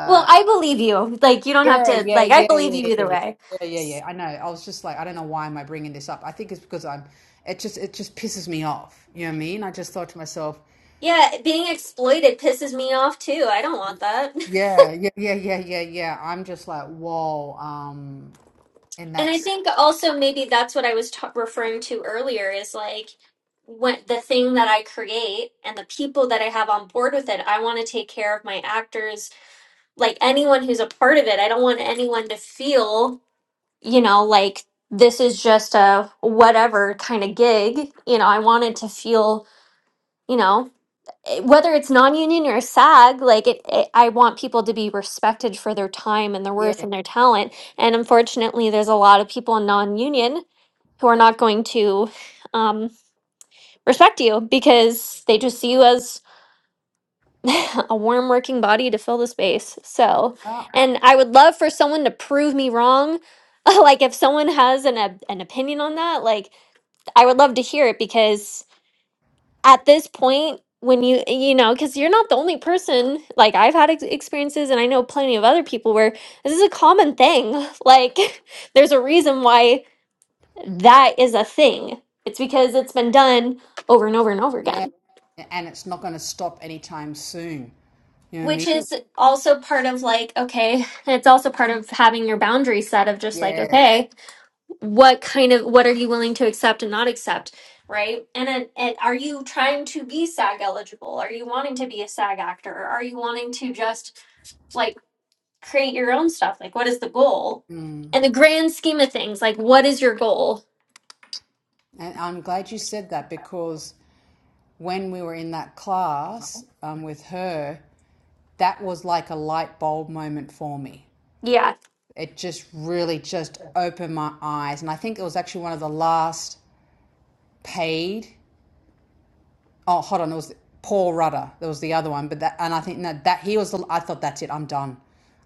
Well, I believe you. Like you don't have Yeah, to yeah, like I yeah, believe yeah, you yeah, either yeah, way. yeah, yeah. yeah. I know. I was just like, I don't know why am I bringing this up. I think it's because I'm. It just, it just pisses me off. You know what I mean? I just thought to myself, Yeah, being exploited pisses me off too. I don't want that. yeah, yeah, yeah, yeah, yeah, yeah. I'm just like, whoa. Um, and And I that's think also maybe that's what I was ta- referring to earlier is like when the thing that I create and the people that I have on board with it, I want to take care of my actors, like anyone who's a part of it. I don't want anyone to feel, you know, like this is just a whatever kind of gig. You know, I wanted to feel, you know, eh, whether it's non-union or SAG, like it, it, I want people to be respected for their time and their yeah, worth and their talent. And unfortunately, there's a lot of people in non-union who are not going to um, respect you because they just see you as a warm working body to fill the space. So, yeah, and I would love for someone to prove me wrong. like if someone has an op- an opinion on that, like I would love to hear it because at this point when you you know because you're not the only person like i've had ex- experiences and i know plenty of other people where this is a common thing like there's a reason why that is a thing. It's because it's been done over and over and over yeah. again, And it's not going to stop anytime soon. You know what I which mean? is also part of like, okay, and it's also part of having your boundary set of just like, Yeah. okay, what kind of, what are you willing to accept and not accept? Right. And then, and are you trying to be SAG eligible? Are you wanting to be a SAG actor? Are you wanting to just like create your own stuff? Like, what is the goal? Mm. And the grand scheme of things, like, what is your goal? And I'm glad you said that because when we were in that class um, with her, that was like a light bulb moment for me. Yeah. It just really just opened my eyes. And I think it was actually one of the last paid Oh, hold on. It was Paul Rudder. That was the other one. But that, and I think that, that he was, the, I thought that's it. I'm done.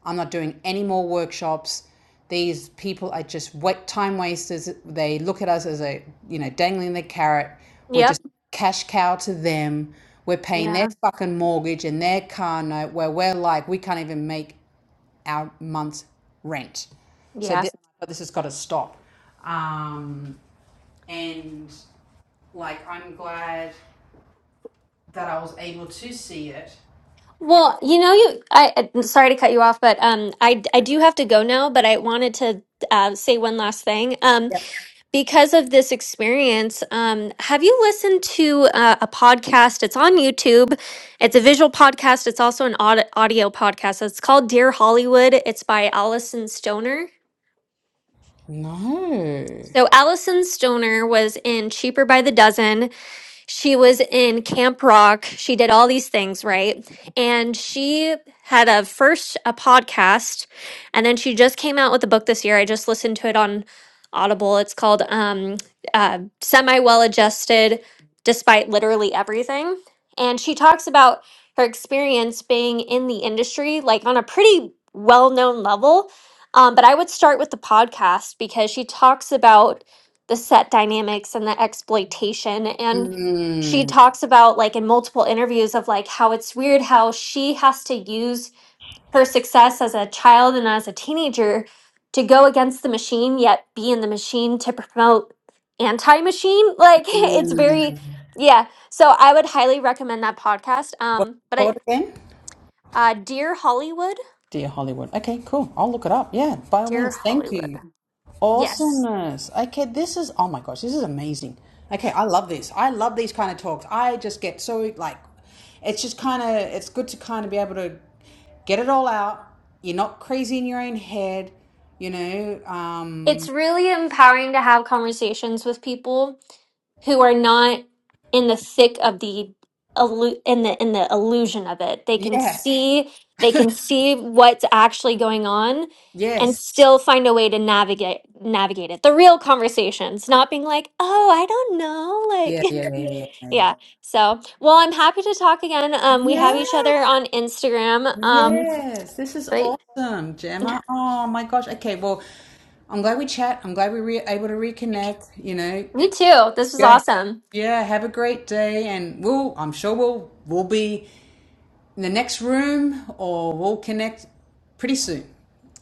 I'm not doing any more workshops. These people are just wet time wasters. They look at us as a, you know, dangling the carrot. We're Yep. just cash cow to them. We're paying their Yeah. fucking mortgage and their car note where we're like, we can't even make our month's rent. So Yeah. this, this has got to stop. Um, and like, I'm glad that I was able to see it. Well, you know, you. I I'm sorry to cut you off, but um, I I do have to go now. But I wanted to uh, say one last thing. Um, because of this experience, um, have you listened to uh, a podcast? It's on YouTube. It's a visual podcast. It's also an aud- audio podcast. It's called Dear Hollywood. It's by Allison Stoner. No. So Allison Stoner was in Cheaper by the Dozen. she was in Camp Rock. She did all these things, right? And she had a first a podcast and then she just came out with a book this year. I just listened to it on Audible. It's called um uh, Semi Well Adjusted Despite Literally Everything. And she talks about her experience being in the industry like on a pretty well-known level. Um, but I would start with the podcast because she talks about the set dynamics and the exploitation. And she Mm. talks about like in multiple interviews of like how it's weird how she has to use her success as a child and as a teenager to go against the machine yet be in the machine to promote anti-machine like it's very yeah so i would highly recommend that podcast What's um it but i called again? uh dear hollywood Dear Hollywood. Okay, cool. I'll look it up. Yeah, by all dear means. Thank hollywood you. yes Awesomeness. Okay, this is, oh my gosh, this is amazing. Okay, I love this. I love these kind of talks. I just get so, like, it's just kind of, it's good to kind of be able to get it all out. You're not crazy in your own head, you know. Um, it's really empowering to have conversations with people who are not in the thick of the illu- in the in the illusion of it. They can yeah, see they can see what's actually going on and yes. still find a way to navigate navigate it. The real conversations, not being like, "Oh, I don't know." Like Yeah, Yeah. yeah, yeah, yeah, yeah, yeah. yeah. So, well, I'm happy to talk again. Um we have each Yeah. other on Instagram. Um Yes, this is but awesome, Gemma. Oh my gosh. Okay, well, I'm glad we chat. I'm glad we were able to reconnect. You know, me too. This was yeah, awesome. yeah. Have a great day, and we'll. I'm sure we'll we'll be in the next room, or we'll connect pretty soon.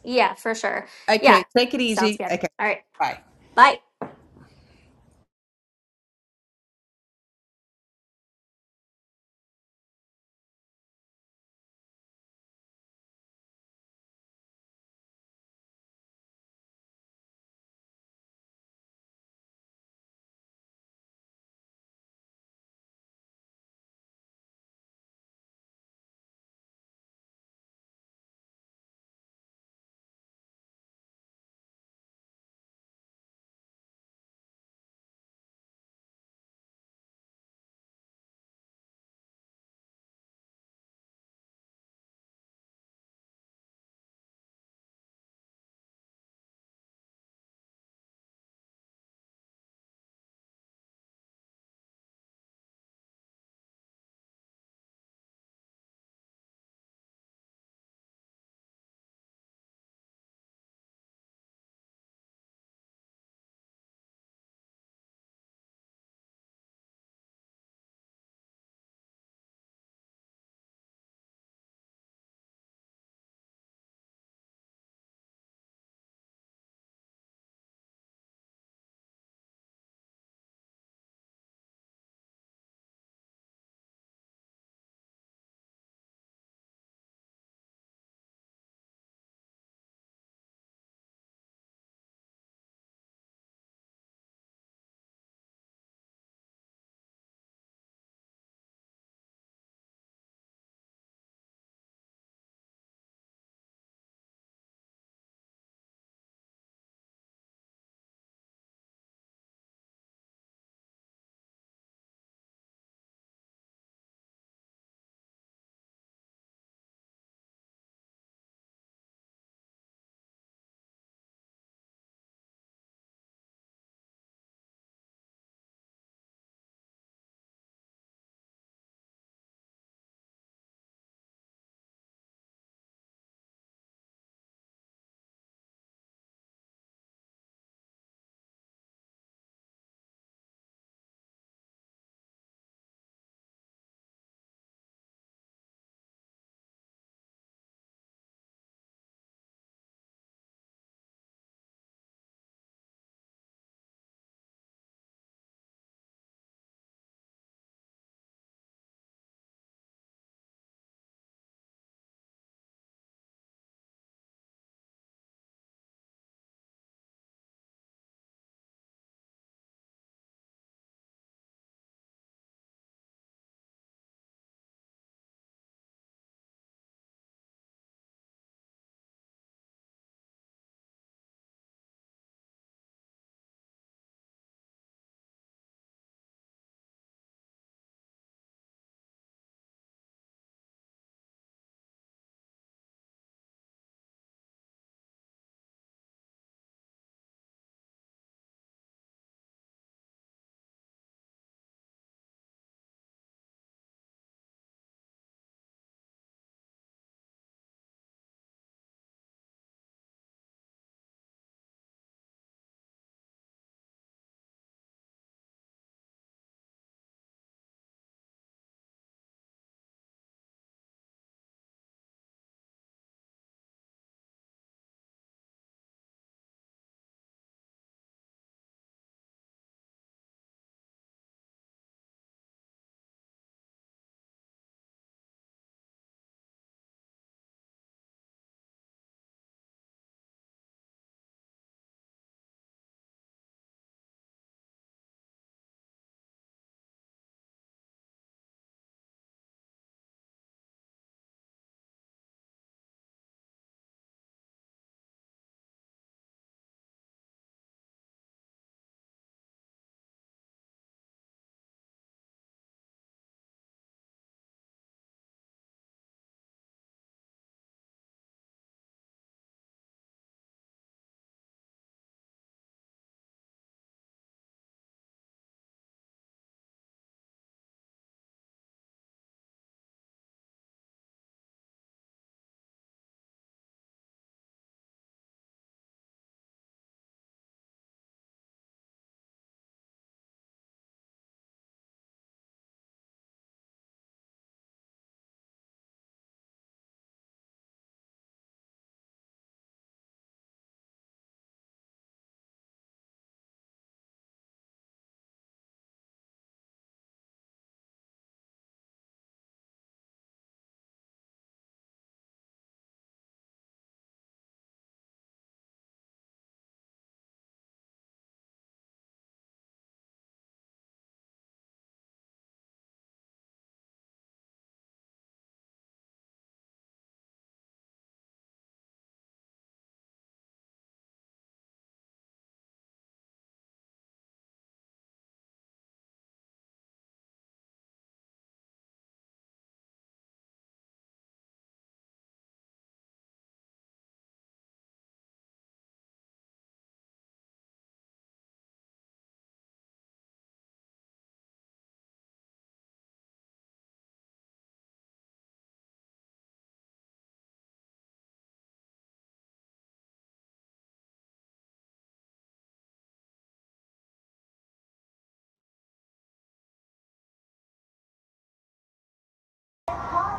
Yeah, for sure. Yeah. Okay, take it Sounds easy. good. Okay, All right. bye. Bye.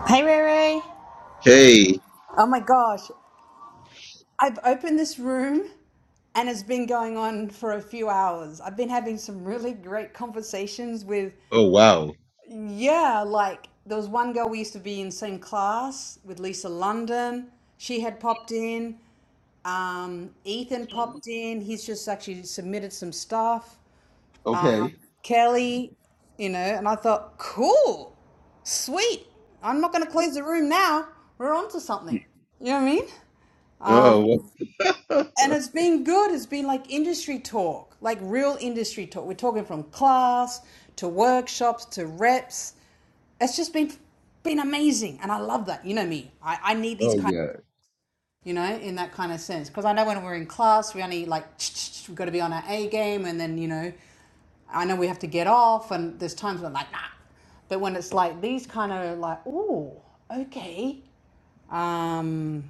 Hey, Ray Ray. Hey. Oh my gosh, I've opened this room and it's been going on for a few hours. I've been having some really great conversations with Oh wow. Yeah, like there was one girl we used to be in the same class with Lisa London. She had popped in. Um, Ethan popped in. He's just actually submitted some stuff. Um, Okay. Kelly, you know, and I thought, cool, sweet. I'm not going to close the room now. We're on to something. You know what I mean? Um, Oh. oh and it's been good. It's been like industry talk, like real industry talk. We're talking from class to workshops to reps it's just been been amazing and i love that you know me i, I need these kind yeah. of, you know in that kind of sense because i know when we're in class we only like we've got to be on our a game and then you know i know we have to get off and there's times when i'm like nah but when it's like these kind of like oh okay um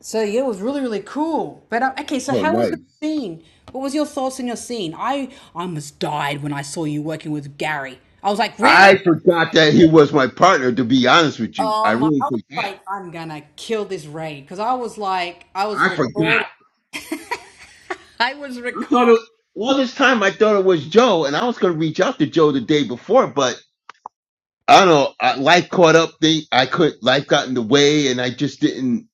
so yeah it was really really cool but uh, okay so Oh how was nice. your scene what was your thoughts on your scene i i almost died when i saw you working with gary i was like really I forgot that he was my partner. To be honest with you, I Um, I really was forgot. like, I'm gonna kill this raid because I was like, I was I forgot. recording. I was I thought it, recording. all this time I thought it was Joe, and I was gonna reach out to Joe the day before, but I don't know. I, life caught up. Thing I could life got in the way, and I just didn't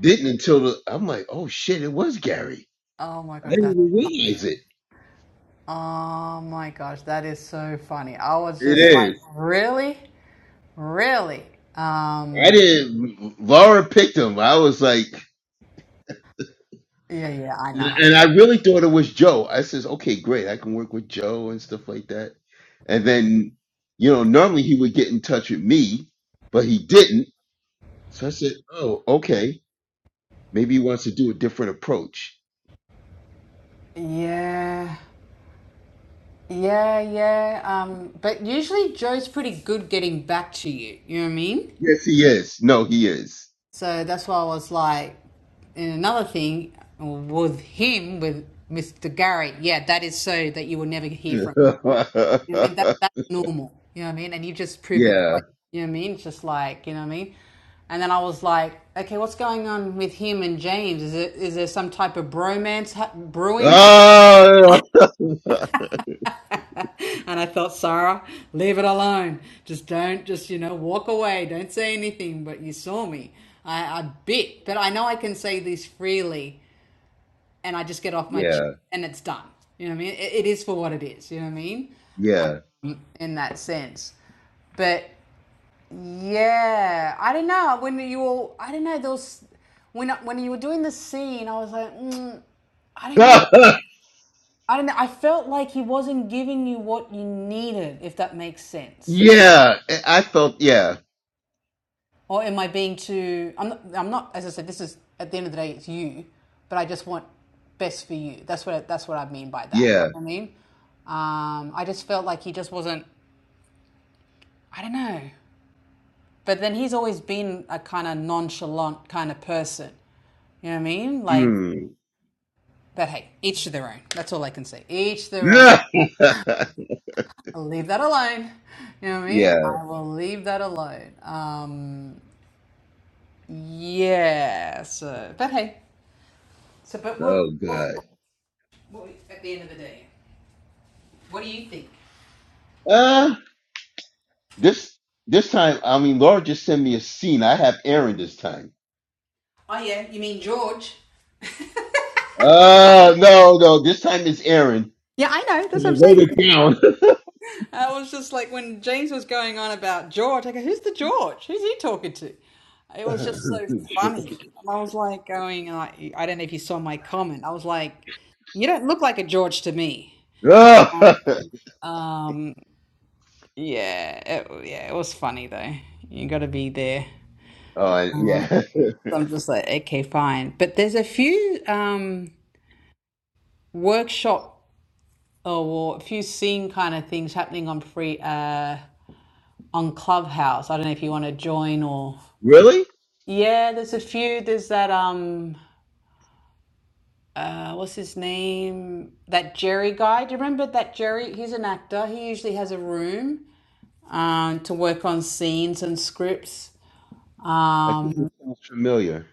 didn't until the, I'm like, oh shit, it was Gary. Oh my I gosh, didn't that's even realize it. oh my gosh, that is so funny. I was just It like, is. really, really. I Um, didn't. Laura picked him. I was like. yeah, yeah, I know. And I really thought it was Joe. I says, okay, great. I can work with Joe and stuff like that. And then, you know, normally he would get in touch with me, but he didn't. So I said, oh, okay. Maybe he wants to do a different approach. Yeah, yeah, yeah. Um, but usually Joe's pretty good getting back to you. You know what I mean? Yes, he is. No, he is. So that's why I was like, and another thing with him, with Mr. Garrett, yeah, that is so that you will never hear from. yeah. him. You know what I mean? That that's normal. You know what I mean? And you just proved a point. You know what I mean? It's Just like you know what I mean. And then I was like, okay, what's going on with him and James? Is it is there some type of bromance brewing? Oh, and I thought, Sarah, leave it alone. Just don't, just you know, walk away. Don't say anything. But you saw me. I, I bit, but I know I can say this freely and I just get off my chest yeah. and it's done. You know what I mean? It, it is for what it is. You know what I mean? Yeah. In that sense. But yeah, I don't know. When you all, I don't know. Those when when you were doing the scene, I was like, mm, I don't know. I don't know. I felt like he wasn't giving you what you needed, if that makes sense. yeah. I felt, yeah. Or am I being too? I'm not, I'm not. As I said, this is at the end of the day, it's you. But I just want best for you. That's what that's what I mean by that. Yeah. I mean, um, I just felt like he just wasn't. I don't know. But then he's always been a kind of nonchalant kind of person. You know what I mean? Like, Mm. but hey, each to their own. That's all I can say. Each their own. I'll leave that alone. You know what I mean? yeah. I will leave that alone. Um, yeah. So, but hey. So, but what, Oh, God. what? At the end of the day. What do you think? Uh, this this time, I mean, Laura just sent me a scene. I have Aaron this time. Oh, yeah, you mean George? Uh, no, no, this time it's Aaron. Yeah, I know. That's what I'm I wrote saying. it down. I was just like when James was going on about George. I go, who's the George? Who's he talking to? It was just so funny. And I was like going, uh, I don't know if you saw my comment. I was like, you don't look like a George to me. oh, Um, yeah, it, yeah, it was funny though. You got to be there. and- yeah. So I'm just like, okay, fine. But there's a few um, workshop or a few scene kind of things happening on free uh, on Clubhouse. I don't know if you want to join or Really? yeah, there's a few. There's that um uh what's his name? That Jerry guy. Do you remember that Jerry? He's an actor. He usually has a room um to work on scenes and scripts I think it sounds familiar.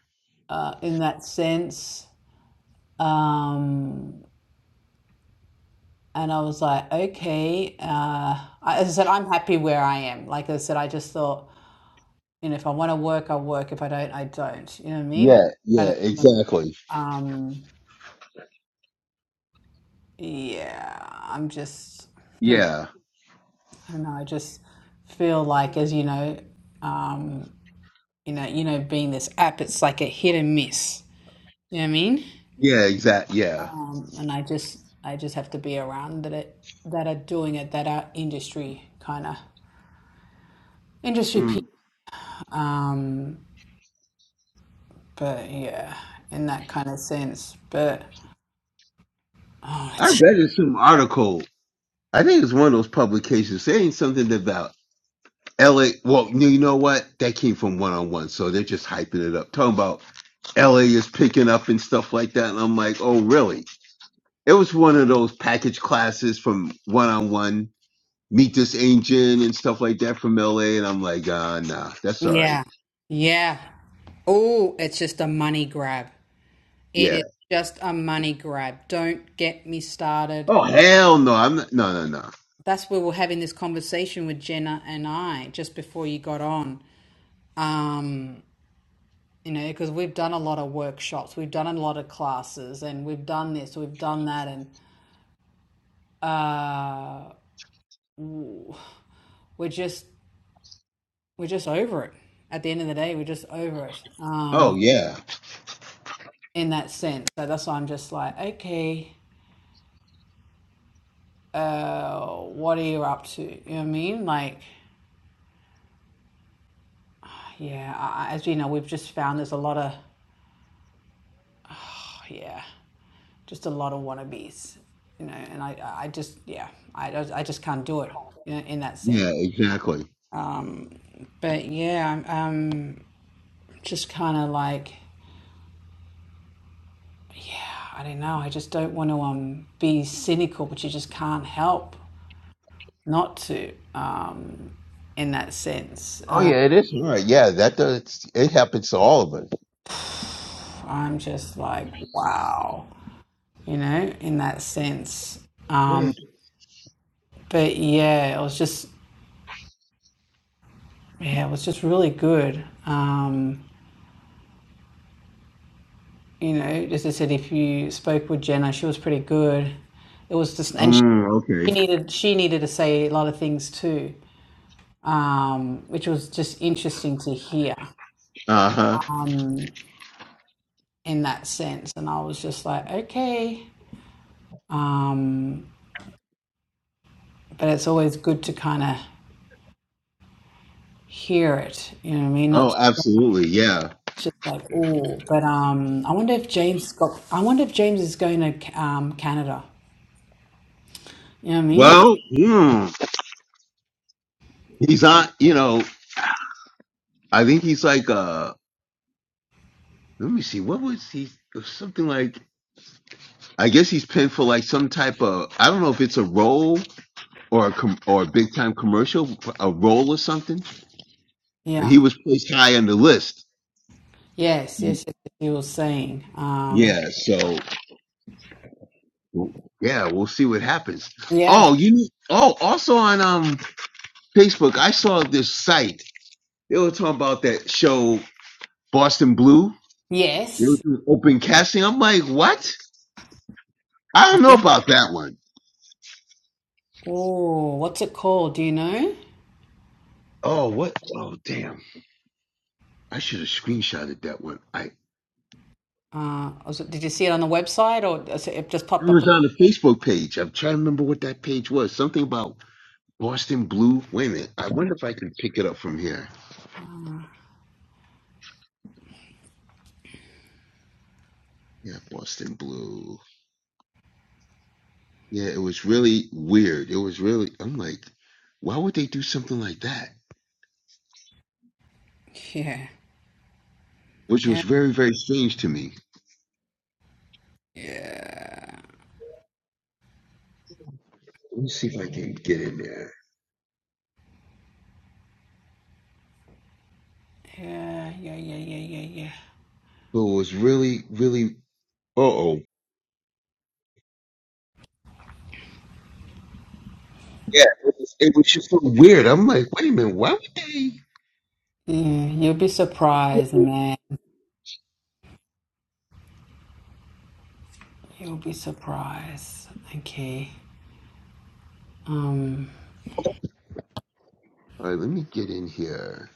uh in that sense. Um and I was like, okay, uh I, as I said, I'm happy where I am. Like I said, I just thought, you know, if I want to work, I'll work. If I don't, I don't. You know what I mean? Yeah, Kind yeah, exactly. um Yeah, I'm just, hmm, Yeah, I don't know. I just feel like, as you know, um, you know, you know, being this app, it's like a hit and miss. You know what I mean? yeah, exact. Yeah. Um, and I just, I just have to be around that it, that are doing it, that are industry kind of industry people. Mm. Um, but yeah, in that kind of sense. But oh, I it's read in some article. I think it's one of those publications saying something about LA, well, you know what? That came from one on one, so they're just hyping it up, talking about LA is picking up and stuff like that. And I'm like, oh, really? It was one of those package classes from one on one, meet this agent and stuff like that from LA. And I'm like, uh, nah, that's all right. yeah, yeah. Oh, it's just a money grab. It Yeah. is just a money grab. Don't get me started. Oh, hell no. I'm not, no, no, no. That's where we're having this conversation with Jenna and I just before you got on. Um, you know, because we've done a lot of workshops, we've done a lot of classes, and we've done this, we've done that, and uh, we're just we're just over it. At the end of the day, we're just over it. Um, Oh, yeah. in that sense, so that's why I'm just like, okay, uh, what are you up to? You know what I mean? Like, yeah, I, as you know, we've just found there's a lot of yeah, just a lot of wannabes, you know, and I, I just, yeah, I, I just can't do it, you know, in that sense. Yeah, exactly. But yeah, I'm um, just kind of like, I don't know, I just don't want to um, be cynical, but you just can't help not to um, in that sense. Oh, Uh, yeah, it is. All right. Yeah, that does, it happens to all of I'm just like, wow, you know, in that sense. us. Um, but yeah, it was just, yeah, it was just really good. Um, you know, as I said, if you spoke with Jenna, she was pretty good. It was just, and she Mm, okay. needed she needed to say a lot of things too, um, which was just interesting to hear Uh huh. in that sense. And I was just like, okay, um, but it's always good to kind of hear it. You know what I mean? Not Oh, just, absolutely. Yeah. just like oh, but um, I wonder if James got. I wonder if James is going to um, Canada. You know what I mean? Well, hmm, he's on. You know, I think he's like. uh Let me see. What was he? it was Something like. I guess he's pinned for like some type of. I don't know if it's a role or a com- or a big time commercial, a role or something. And he Yeah. was placed high on the list. Yes. Yes. yes yes, he was saying. Um, Yeah. So yeah, we'll see what happens. yeah. Oh, you. know- Oh, also on um Facebook, I saw this site. They were talking about that show Boston Blue. They were Yes. doing open casting. I'm like, what? I don't know about that one. Oh, what's it called? Do you know? Oh, what? Oh, damn. I should have screenshotted that one. I Uh, was it, did you see it on the website or is it it just it popped up? was on the Facebook page. I'm trying to remember what that page was. Something about Boston Blue. Wait a minute. I wonder if I can pick it up from here. Yeah, Boston Blue. Yeah, it was really weird. It was really I'm like, why would they do something like that? Yeah. Which Yeah. was very, very strange to me. Yeah. Let me see if I can get in there. Yeah. Yeah. Yeah. Yeah. Yeah. Yeah. But it was really, really uh oh. Yeah, it was, it was just so weird. I'm like, wait a minute, why would they? Yeah. You'll be surprised, man. You'll be surprised. Okay. Um, All right, let me get in here.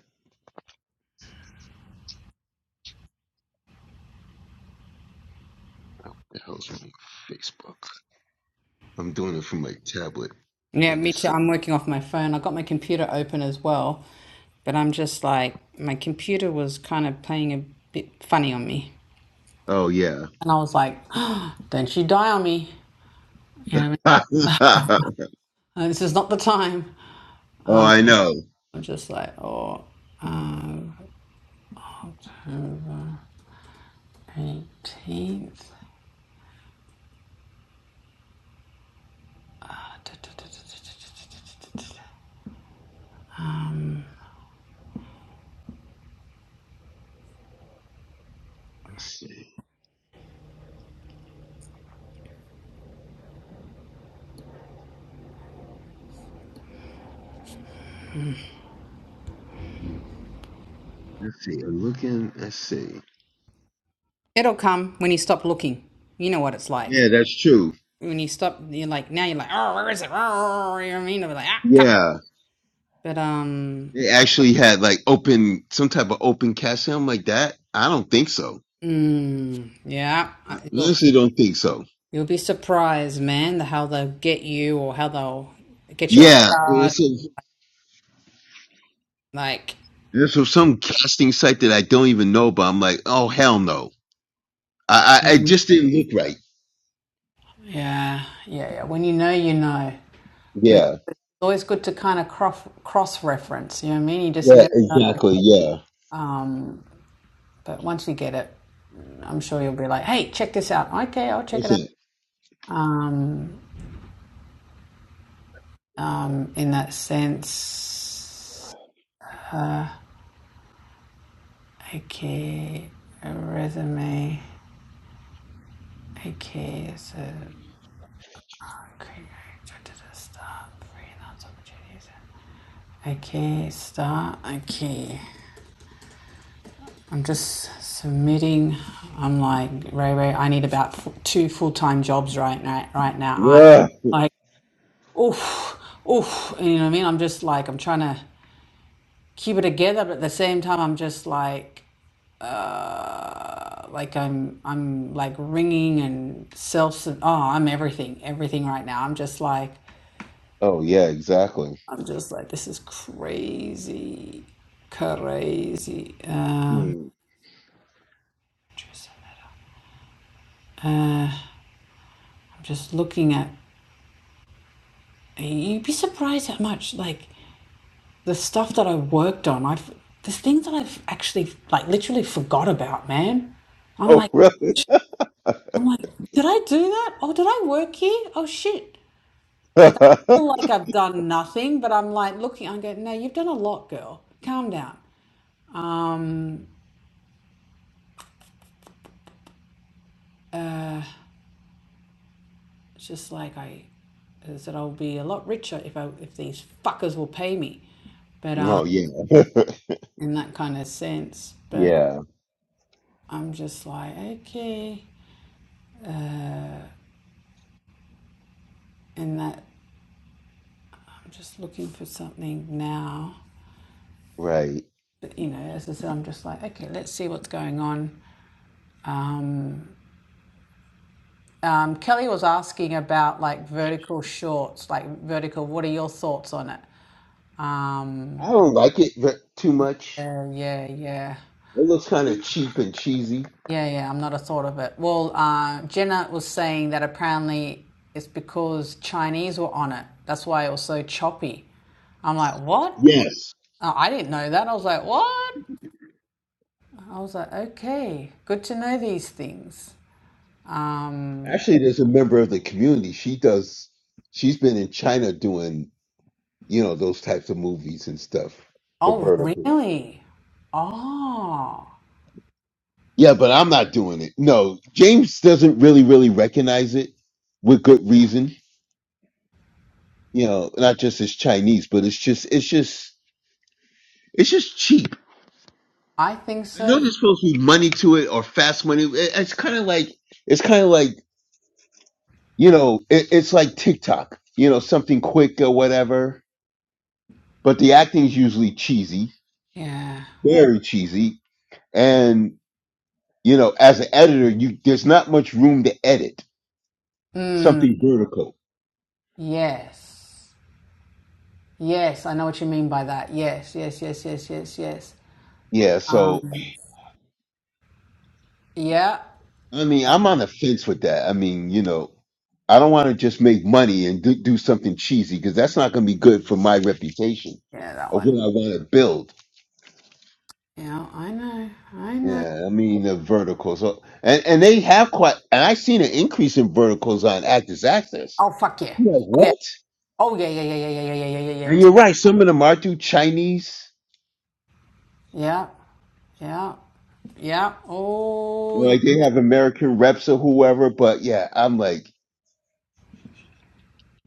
The hell's on my Facebook? I'm doing it from my tablet, yeah, and me too. it's. I'm like, working off my phone. I got my computer open as well, but I'm just like, my computer was kind of playing a bit funny on me. Oh yeah. And I was like, don't you die on me. You know what I mean? oh, Uh, this is not the time. I know. I'm just like, oh, 18th. Ah, Um, Let's see. Let's see. I'm looking. Let's see. It'll come when you stop looking. You know what it's like. Yeah, that's true. When you stop, you're like, now you're like, oh, where is it? Oh, you know what I mean? I'll be like, ah, come. Yeah, But, um, they actually had like open some type of open cash. I'm like that. I don't think so. mm, yeah, I you'll, honestly don't think so. you'll be surprised, man, the how they'll get you or how they'll get you off Yeah, guard. it's a, Like, it's from some casting site that I don't even know about. I'm like, oh hell no. I I, I Mhm. just didn't look right. yeah, yeah, yeah. When you know, you know. But Yeah. it's always good to kind of cross cross reference. You know what I mean? You just Yeah, never. exactly. Yeah. Um, but once you get it, I'm sure you'll be like, "Hey, check this out." Okay, I'll check what's it out. it? Um, um, in that sense, okay, a resume. Okay, so okay, I start freelance opportunities. Okay, start. Okay. I'm just submitting. I'm like, Ray Ray, I need about two full time jobs right now. Right now, I'm Yeah. like, oof, oof. You know what I mean? I'm just like, I'm trying to keep it together, but at the same time, I'm just like, uh, like I'm, I'm like ringing and self. Oh, I'm everything, everything right now. I'm just like, Oh, yeah, exactly. I'm just like, this is crazy, crazy. Um, Hmm. uh, I'm just looking at You'd be surprised how much like the stuff that I worked on. I've there's things that I've actually like literally forgot about, man. I'm Oh, like, really? I'm like, did I do that? Oh, did I work here? Oh shit! Like I feel like I've done nothing, but I'm like looking. I go, no, you've done a lot, girl. Calm down. Um, it's just like I, I said, I'll be a lot richer if I if these fuckers will pay me, but um, oh, yeah. in that kind of sense. But yeah, I'm just like, okay, and that. I'm just looking for something now. right. But, you know, as I said, I'm just like, okay, let's see what's going on. Um, um, Kelly was asking about like vertical shorts, like vertical. What are your thoughts on it? I Um, don't like it ve- too much. yeah, yeah, yeah, It looks kind of cheap and cheesy. yeah, yeah. I'm not a thought of it. Well, uh, Jenna was saying that apparently it's because Chinese were on it. That's why it was so choppy. I'm like, what? Yes. Oh, I didn't know that. I was like, what? I was like, okay, good to know these things. Um, Actually, there's a member of the community. She does, she's been in China doing, you know, those types of movies and stuff, the oh, verticals. really? Oh, Yeah, but I'm not doing it. No, James doesn't really, really recognize it with good reason you know, not just it's Chinese, but it's just it's just it's just cheap. I think I know so. there's supposed to be money to it or fast money. It- It's kind of like it's kind of like you know, it, it's like TikTok, you know, something quick or whatever. But the acting's usually cheesy, Yeah. very cheesy, and you know, as an editor, you there's not much room to edit Mm, something vertical. yes. Yes, I know what you mean by that. Yes, yes, yes, yes, yes, yes. Yeah, so Um, yeah. I mean, I'm on the fence with that. I mean, you know, I don't want to just make money and do, do something cheesy because that's not going to be good for my reputation Yeah, that of one. what I want to build. Yeah, I know. I know. Yeah, I mean the verticals, Uh, and and they have quite, and I've seen an increase in verticals on Actors Access. Oh, fuck yeah. I'm like Oh, yeah. what? Oh, yeah, yeah, yeah, yeah, yeah, yeah, yeah, yeah, yeah. And you're right. Some of them are do Chinese, Yeah, yeah, yeah. Oh, yeah. like they have American reps or whoever. But yeah, I'm like,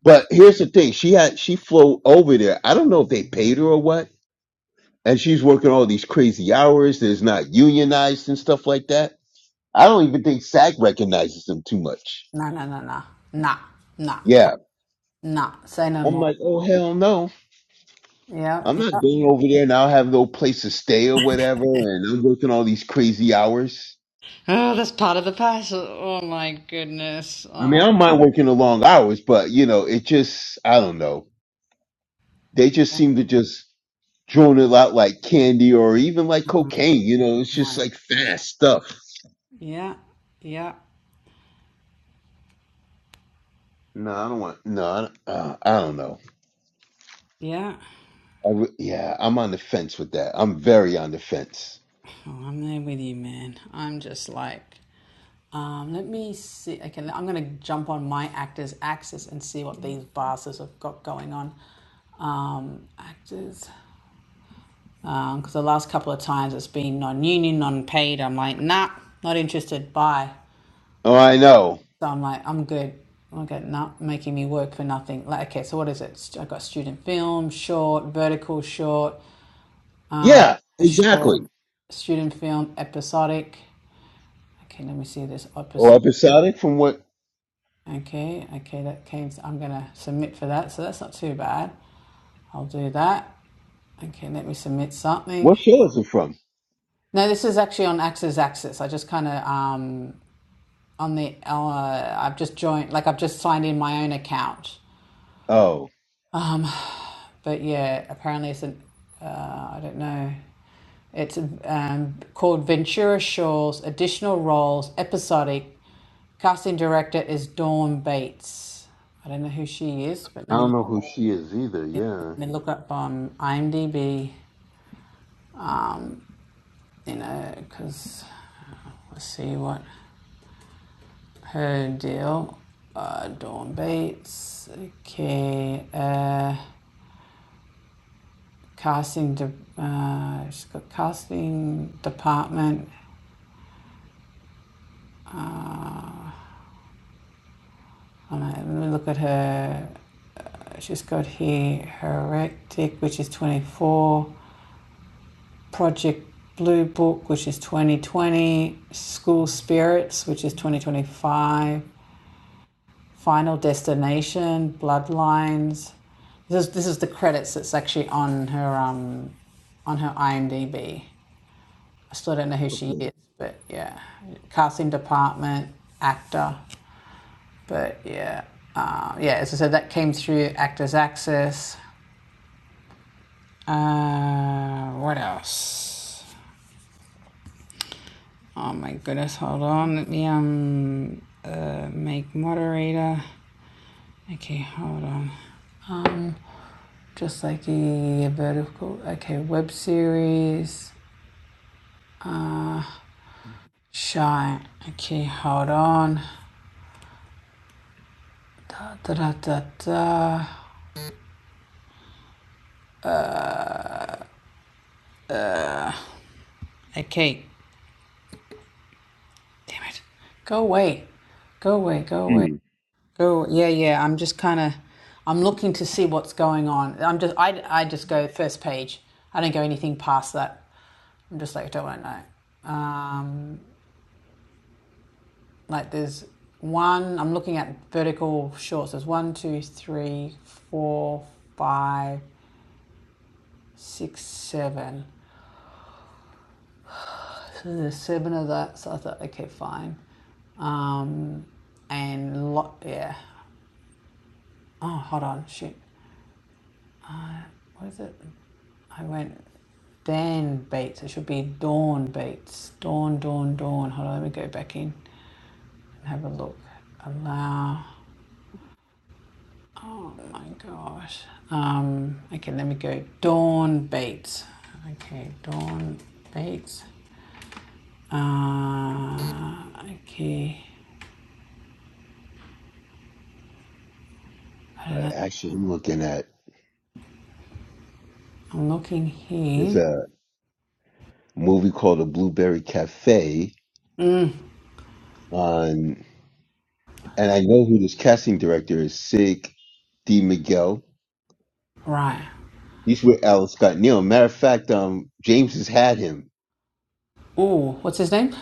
but here's the thing: she had she flew over there. I don't know if they paid her or what and she's working all these crazy hours that is not unionized and stuff like that. I don't even think SAG recognizes them too much. Nah, nah, nah, nah. Nah, nah, Yeah. nah. Say no I'm more. like, oh hell no. Yeah, I'm yeah. not going over there and I'll have no place to stay or whatever and I'm working all these crazy hours. Oh, that's part of the passion. Oh my goodness. I Oh mean I don't mind working the long hours, but you know, it just I don't know. They just seem to just drone it out like candy or even like cocaine, you know, it's just my like gosh. fast stuff. Yeah, yeah, No, I don't want no, I don't, uh, I don't know. yeah. I re- yeah, I'm on the fence with that. I'm very on the fence. Oh, I'm there with you, man. I'm just like, um, let me see. Okay, I'm gonna jump on my actors axis and see what these bastards have got going on. Um, actors. Um, because the last couple of times it's been non-union, non-paid. I'm like, nah, not interested. Bye. Oh, I know. So I'm like, I'm good. Okay, not making me work for nothing. Like, okay, so what is it? i I've got student film, short, vertical short, Yeah, a exactly. short, student film, episodic. Okay, let me see this Or episode. episodic from what? Okay, okay, that came. I'm gonna submit for that, so that's not too bad. I'll do that. Okay, let me submit something. What show is it from? No, this is actually on Axis Axis. I just kind of um on the uh, I've just joined, like I've just signed in my own account. Oh, But yeah, apparently it's an, uh, I don't know, it's um, called Ventura Shores, additional roles, episodic. Casting director is Dawn Bates. I don't know who she is, but let I me, don't know who she is either. Yeah. let me look up on IMDb, you know, because let's see what her deal. Uh, Dawn Bates. Okay. Uh, casting, de- uh, she's got casting department. All right, let me look at her. She's got here Heretic, which is 24, Project Blue Book, which is 2020, School Spirits, which is 2025, Final Destination, Bloodlines. This is, this is the credits that's actually on her um, on her IMDb. I still don't know who she Okay. is, but yeah, casting department, actor, but yeah, uh, yeah. As I said, that came through Actors Access. Uh, what else? Oh my goodness, hold on. Let me um uh make moderator. Okay, hold on. Um, just like a vertical. Okay, web series. Shine. Okay, hold on. Da da da da da. Okay, damn it. Go away. Go away. Go away. Hmm. Cool. Yeah, yeah. I'm just kind of, I'm looking to see what's going on. I'm just, I, I just go first page. I don't go anything past that. I'm just like, don't want to know. Um, like there's one, I'm looking at vertical shorts. There's one, two, three, four, five, six, seven. So there's seven of that. So I thought, okay, fine. Um, and lot, yeah. Oh, hold on, shoot. What is it? I went, then Bates. It should be Dawn Bates. Dawn, Dawn, Dawn. Hold on, let me go back in and have a look. Allow. Oh my gosh. Um, okay, let me go. Dawn Bates. Okay, Dawn Bates. Uh, okay. I Uh, don't know. actually, I'm looking at I'm looking there's here. a movie called The Blueberry Cafe Mm, on, and I know who this casting director is. Sig D. Miguel. right. He's with Alan Scott Neal. Matter of fact, um, James has had him. Oh, what's his name?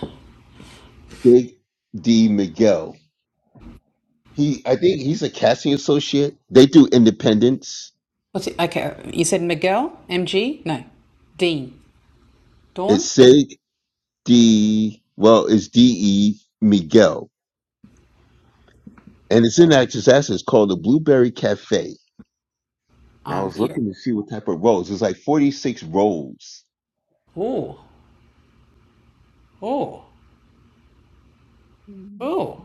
Sig D. Miguel. He, I think he's a casting associate. They do independents. What's it? Okay, you said Miguel? MG? No. Dean. It's Dawn? Sig D. Well, it's D E Miguel, and it's in Actors Access It's called the Blueberry Cafe. And I Um, was Yeah. looking to see what type of roles. It's like forty six roles. Oh, Oh, oh.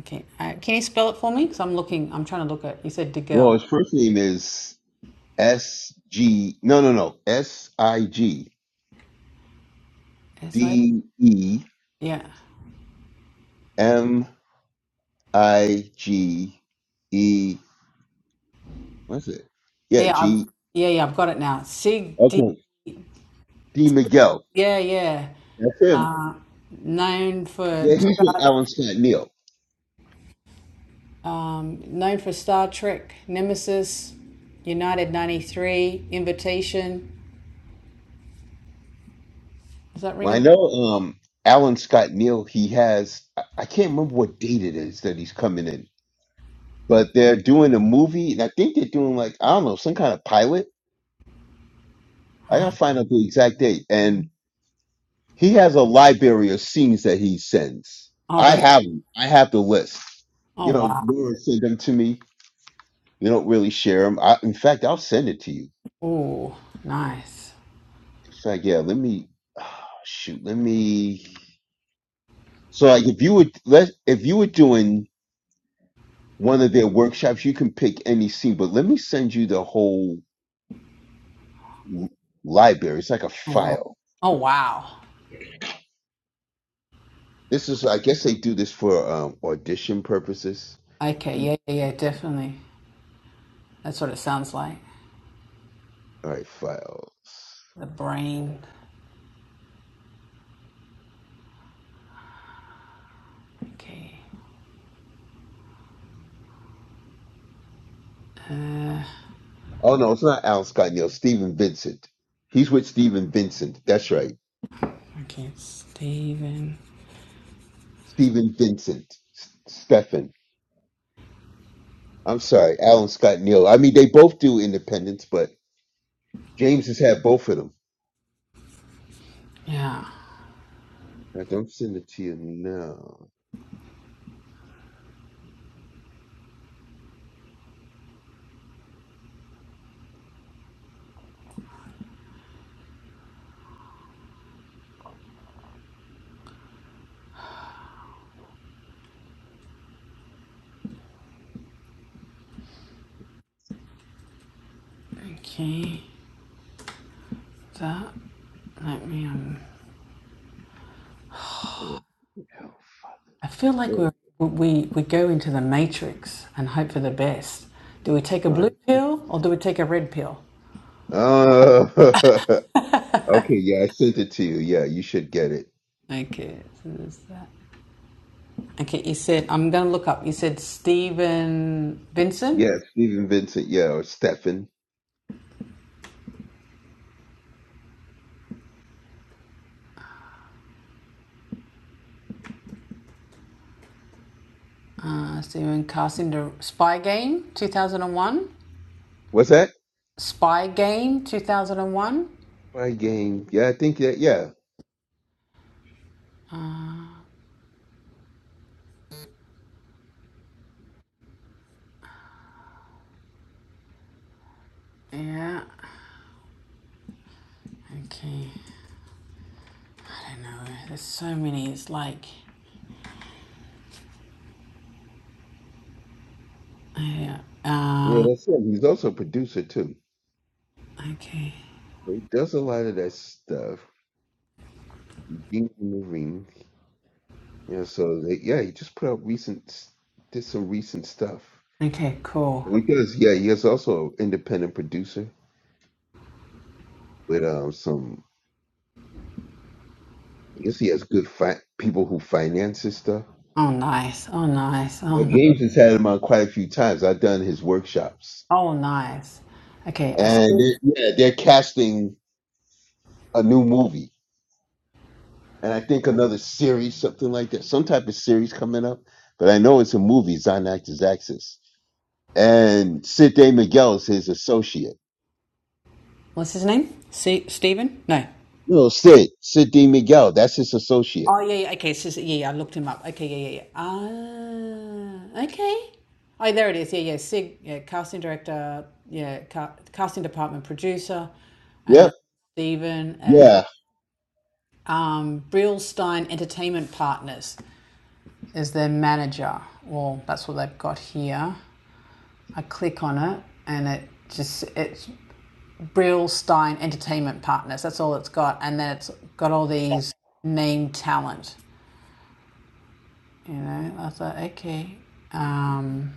Okay. Uh, can you spell it for me? Because I'm looking. I'm trying to look at. You said Well, Digel. his first name is S G. No, no, no. S I G S I. D E Yeah. M I G E. What's it? Yeah, Yeah. I've, G. yeah. Yeah. I've got it now. Sig. D- Okay, D Miguel. yeah. Yeah. That's him. Known for. Yeah, he's with Alan Scott Neal. Um. Known for Star Trek, Nemesis, United '93, Invitation. Does that ring Well, a I bell? know um Alan Scott Neal, he has I, I can't remember what date it is that he's coming in, but they're doing a movie and I think they're doing like I don't know, some kind of pilot. All I right. gotta find out the exact date. And he has a library of scenes that he sends. All I right. have 'em. I have the list. Oh You know, wow. Laura send them to me. You don't really share them. I, in fact, I'll send it to you. Oh, nice. In fact, yeah, let me shoot, let me so like if you were let if you were doing one of their workshops. You can pick any scene, but let me send you the whole l- library. It's like a Oh wow. file. Oh wow. This is, I guess, they do this for um, audition purposes. Okay. Let me, Yeah. Yeah. Yeah. Definitely. That's what it sounds like. all right, file. The brain. Okay. Oh no, it's not Alan Scott Neal. Stephen Vincent. He's with Stephen Vincent. That's right, Okay, Steven. Stephen Vincent. S- Stephen. I'm sorry, Alan Scott Neal. I mean, they both do Independence, but James has had both of them. Yeah. I don't send it to you now. Okay. That. Let me. Um, I don't know. I feel like There. we we we go into the matrix and hope for the best. Do we take a All blue right. pill or do we take a red pill? Oh, Okay, yeah, I sent it to you. Yeah, you should get it. Okay. So there's that. Okay. You said I'm gonna look up. You said Stephen Vincent. Yeah, Stephen Vincent, yeah, or Stefan. Uh, Stephen casting the Spy Game 2001. What's that? Spy Game 2001. My game. Yeah, I think that, yeah. Yeah. Okay. I don't know. There's so many. It's like. Yeah. Yeah, Uh, that's him. He's also a producer, too. okay. So he does a lot of that stuff. Being in the ring. You know, so they, yeah, he just put out recent, s- did some recent stuff. Okay, cool. So he does, yeah, he is also an independent producer with um some, I guess he has good fi- people who finance his stuff. Oh, nice. Oh, nice. Oh, But ni- James has had him on quite a few times. I've done his workshops. oh nice. Okay. I and see. they yeah, they're casting a new movie, and I think another series, something like that, some type of series coming up. But I know it's a movie. It's on Actors Access, and Sid D. Miguel is his associate. What's his name? See, Stephen? No. No, Sid, Sid D. Miguel, that's his associate. Oh, yeah, yeah. Okay. So, so, yeah, yeah. I looked him up. Okay, yeah, yeah, yeah. Ah, okay. Oh, there it is. Yeah, yeah. Sig, yeah, casting director, yeah, ca- casting department producer. And then Yep, Stephen, uh, yeah, um, Brillstein Entertainment Partners is their manager. Well, that's what they've got here. I click on it and it just it's Brill Stein Entertainment Partners. That's all it's got, and then it's got all these named talent. You know, I thought, okay, um,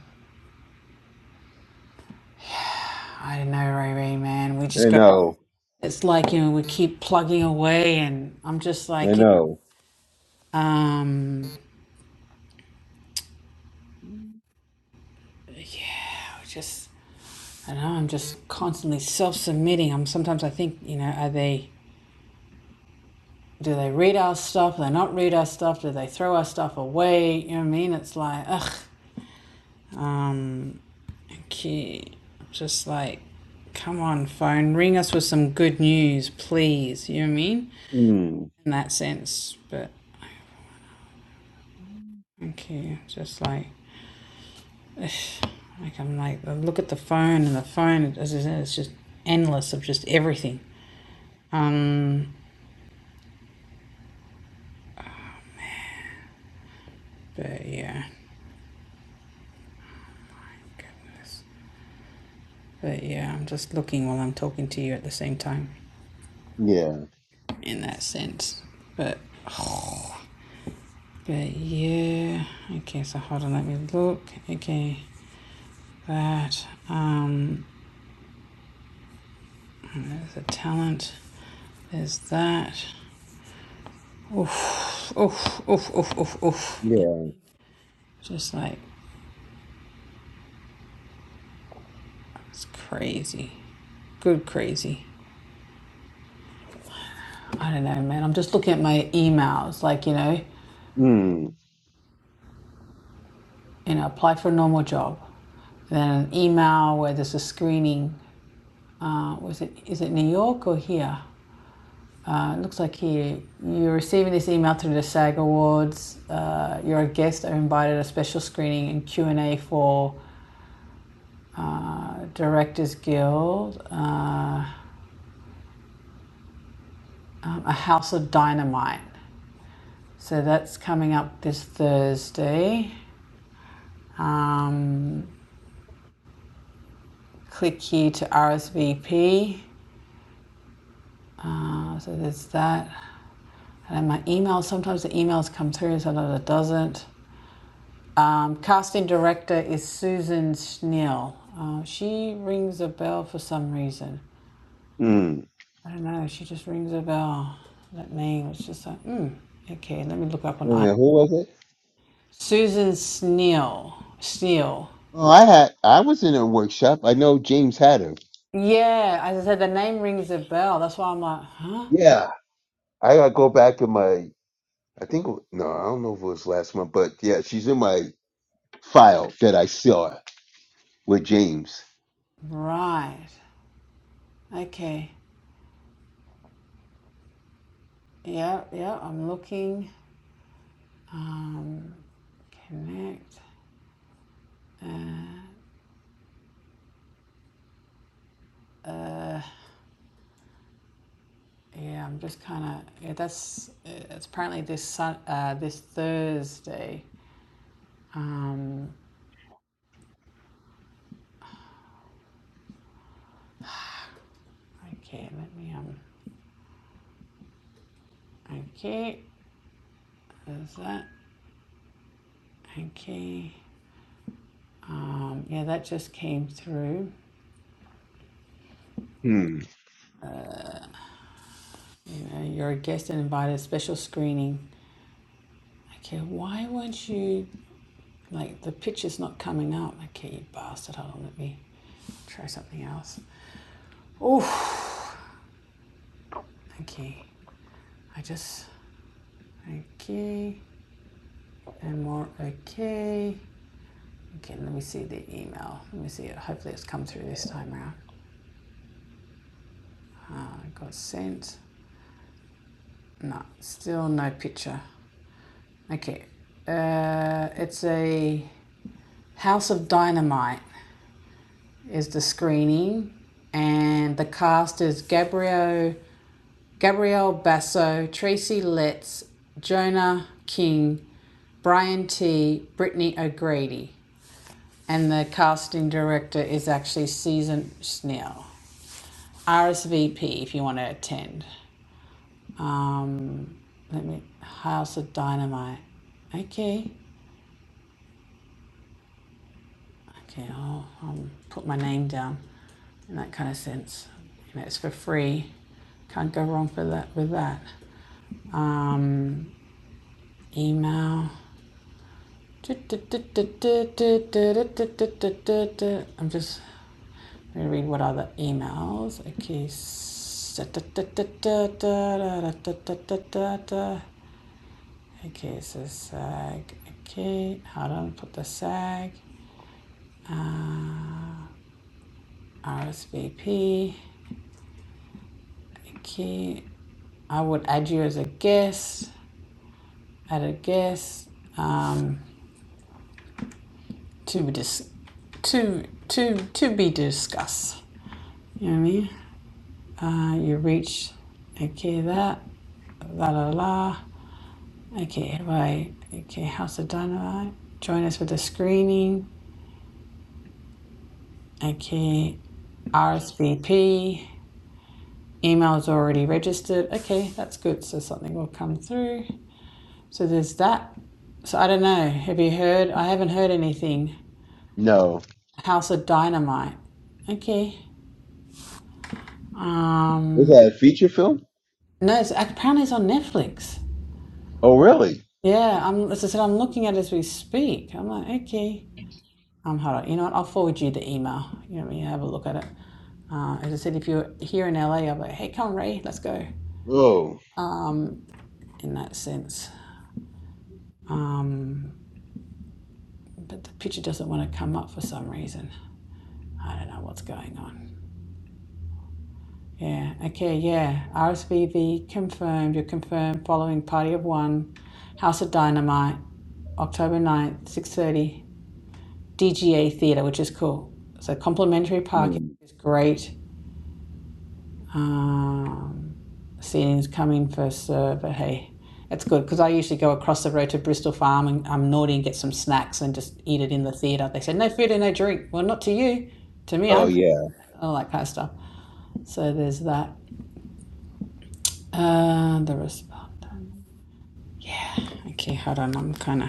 I don't know, Ray man. We just I go. know, It's like you know, we keep plugging away, and I'm just I like, you know. know, um, I was just I don't know. I'm just constantly self-submitting. I'm sometimes I think, you know, are they? Do they read our stuff? Do they not read our stuff? Do they throw our stuff away? You know what I mean? It's like, ugh. Okay, just like, come on, phone, ring us with some good news, please. You know what I mean? Mm, In that sense, but okay, just like, like I'm like, I look at the phone and the phone, as I said, it's just endless of just everything. Um, but yeah, goodness. But yeah, I'm just looking while I'm talking to you at the same time, yeah, in that sense. But but yeah, okay. So hold on, let me look. Okay, that um The talent is that. Oof, oof, oof, oof, oof. yeah. Just like, it's crazy. Good crazy. I don't know, man. I'm just looking at my emails, like, you know, Mm, you know, apply for a normal job. Then an email where there's a screening. Uh, was it, is it New York or here? Uh, it looks like here. You're receiving this email through the SAG Awards. Uh, you're a guest are invited a special screening and Q&A for uh, Directors Guild, uh, um, A House of Dynamite. So that's coming up this Thursday. Um, click here to RSVP. Uh, so there's that. And my emails, sometimes the emails come through, sometimes it doesn't. Um, casting director is Susan Schnell. Uh, she rings a bell for some reason. mm. I don't know, she just rings a bell. That name, was just like, hmm, okay, let me look up on Wait a I minute, who was it? Susan Snell, Snell. Oh, I had, I was in a workshop. I know James Hatter. Yeah, as I said, the name rings a bell. That's why I'm like, huh? Yeah, I gotta go back in my I think no, I don't know if it was last month, but yeah, she's in my file that I saw with James. Right. Okay. Yeah, yeah, I'm looking. Um, connect. Uh, yeah, I'm just kind of. Yeah, that's. It's apparently this Sun, uh, this Thursday. Um, okay, let me. Um, okay, there's that. Okay. Um, yeah, that just came through. Hmm. You're a guest and invited a special screening. Okay, why weren't you like the picture's not coming up? Okay, you bastard. Hold on, let me try something else. Oh, okay. I just okay and more okay. Okay, let me see the email. Let me see it. Hopefully, it's come through this time around. Uh, got sent. No, still no picture. Okay, uh, it's a house of dynamite. is the screening, and the cast is Gabrielle Gabrielle Basso, Tracy Letts, Jonah King, Brian T, Brittany O'Grady, and the casting director is actually Susan Snell. RSVP if you want to attend. Um, let me House of Dynamite. Okay. okay, I'll, I'll put my name down in that kind of sense. You know, it's for free. Can't go wrong for that with that. Um, email. I'm just going to read what other emails. Okay. Okay, so sag. Okay, how do I put the sag? Uh, RSVP. Okay, I would add you as a guest, add a guest um, to dis- to to to be discussed. You know what I mean? Uh, you reach, okay, that, la la la, okay, right, okay, House of Dynamite. Join us for the screening, okay, RSVP. Email's already registered. Okay, that's good. So something will come through. So there's that. So I don't know. Have you heard? I haven't heard anything. No, House of Dynamite. Okay. was Um, that a feature film? no, it's, apparently it's on Netflix. Oh, really? Yeah, I'm, as I said, I'm looking at it as we speak. I'm like, okay. Um, hold on. You know what? I'll forward you the email. You know, you have a look at it. Uh, as I said, if you're here in LA, I'm like, hey, come on, Ray, let's go. Oh. Um, in that sense. Um, but the picture doesn't want to come up for some reason. I don't know what's going on. Yeah. Okay. Yeah. RSVV confirmed. You're confirmed. Following party of one, House of Dynamite, October ninth, six thirty, DGA Theatre, which is cool. So complimentary parking Hmm. is great. Um, seating's coming first serve, but hey, it's good because I usually go across the road to Bristol Farm and I'm naughty and get some snacks and just eat it in the theatre. They say no food and no drink. Well, not to you. To me, I Oh bring yeah. it. All that kind of stuff. So there's that. Uh, the responder. Mm. Yeah. Okay, hold on. I'm kind of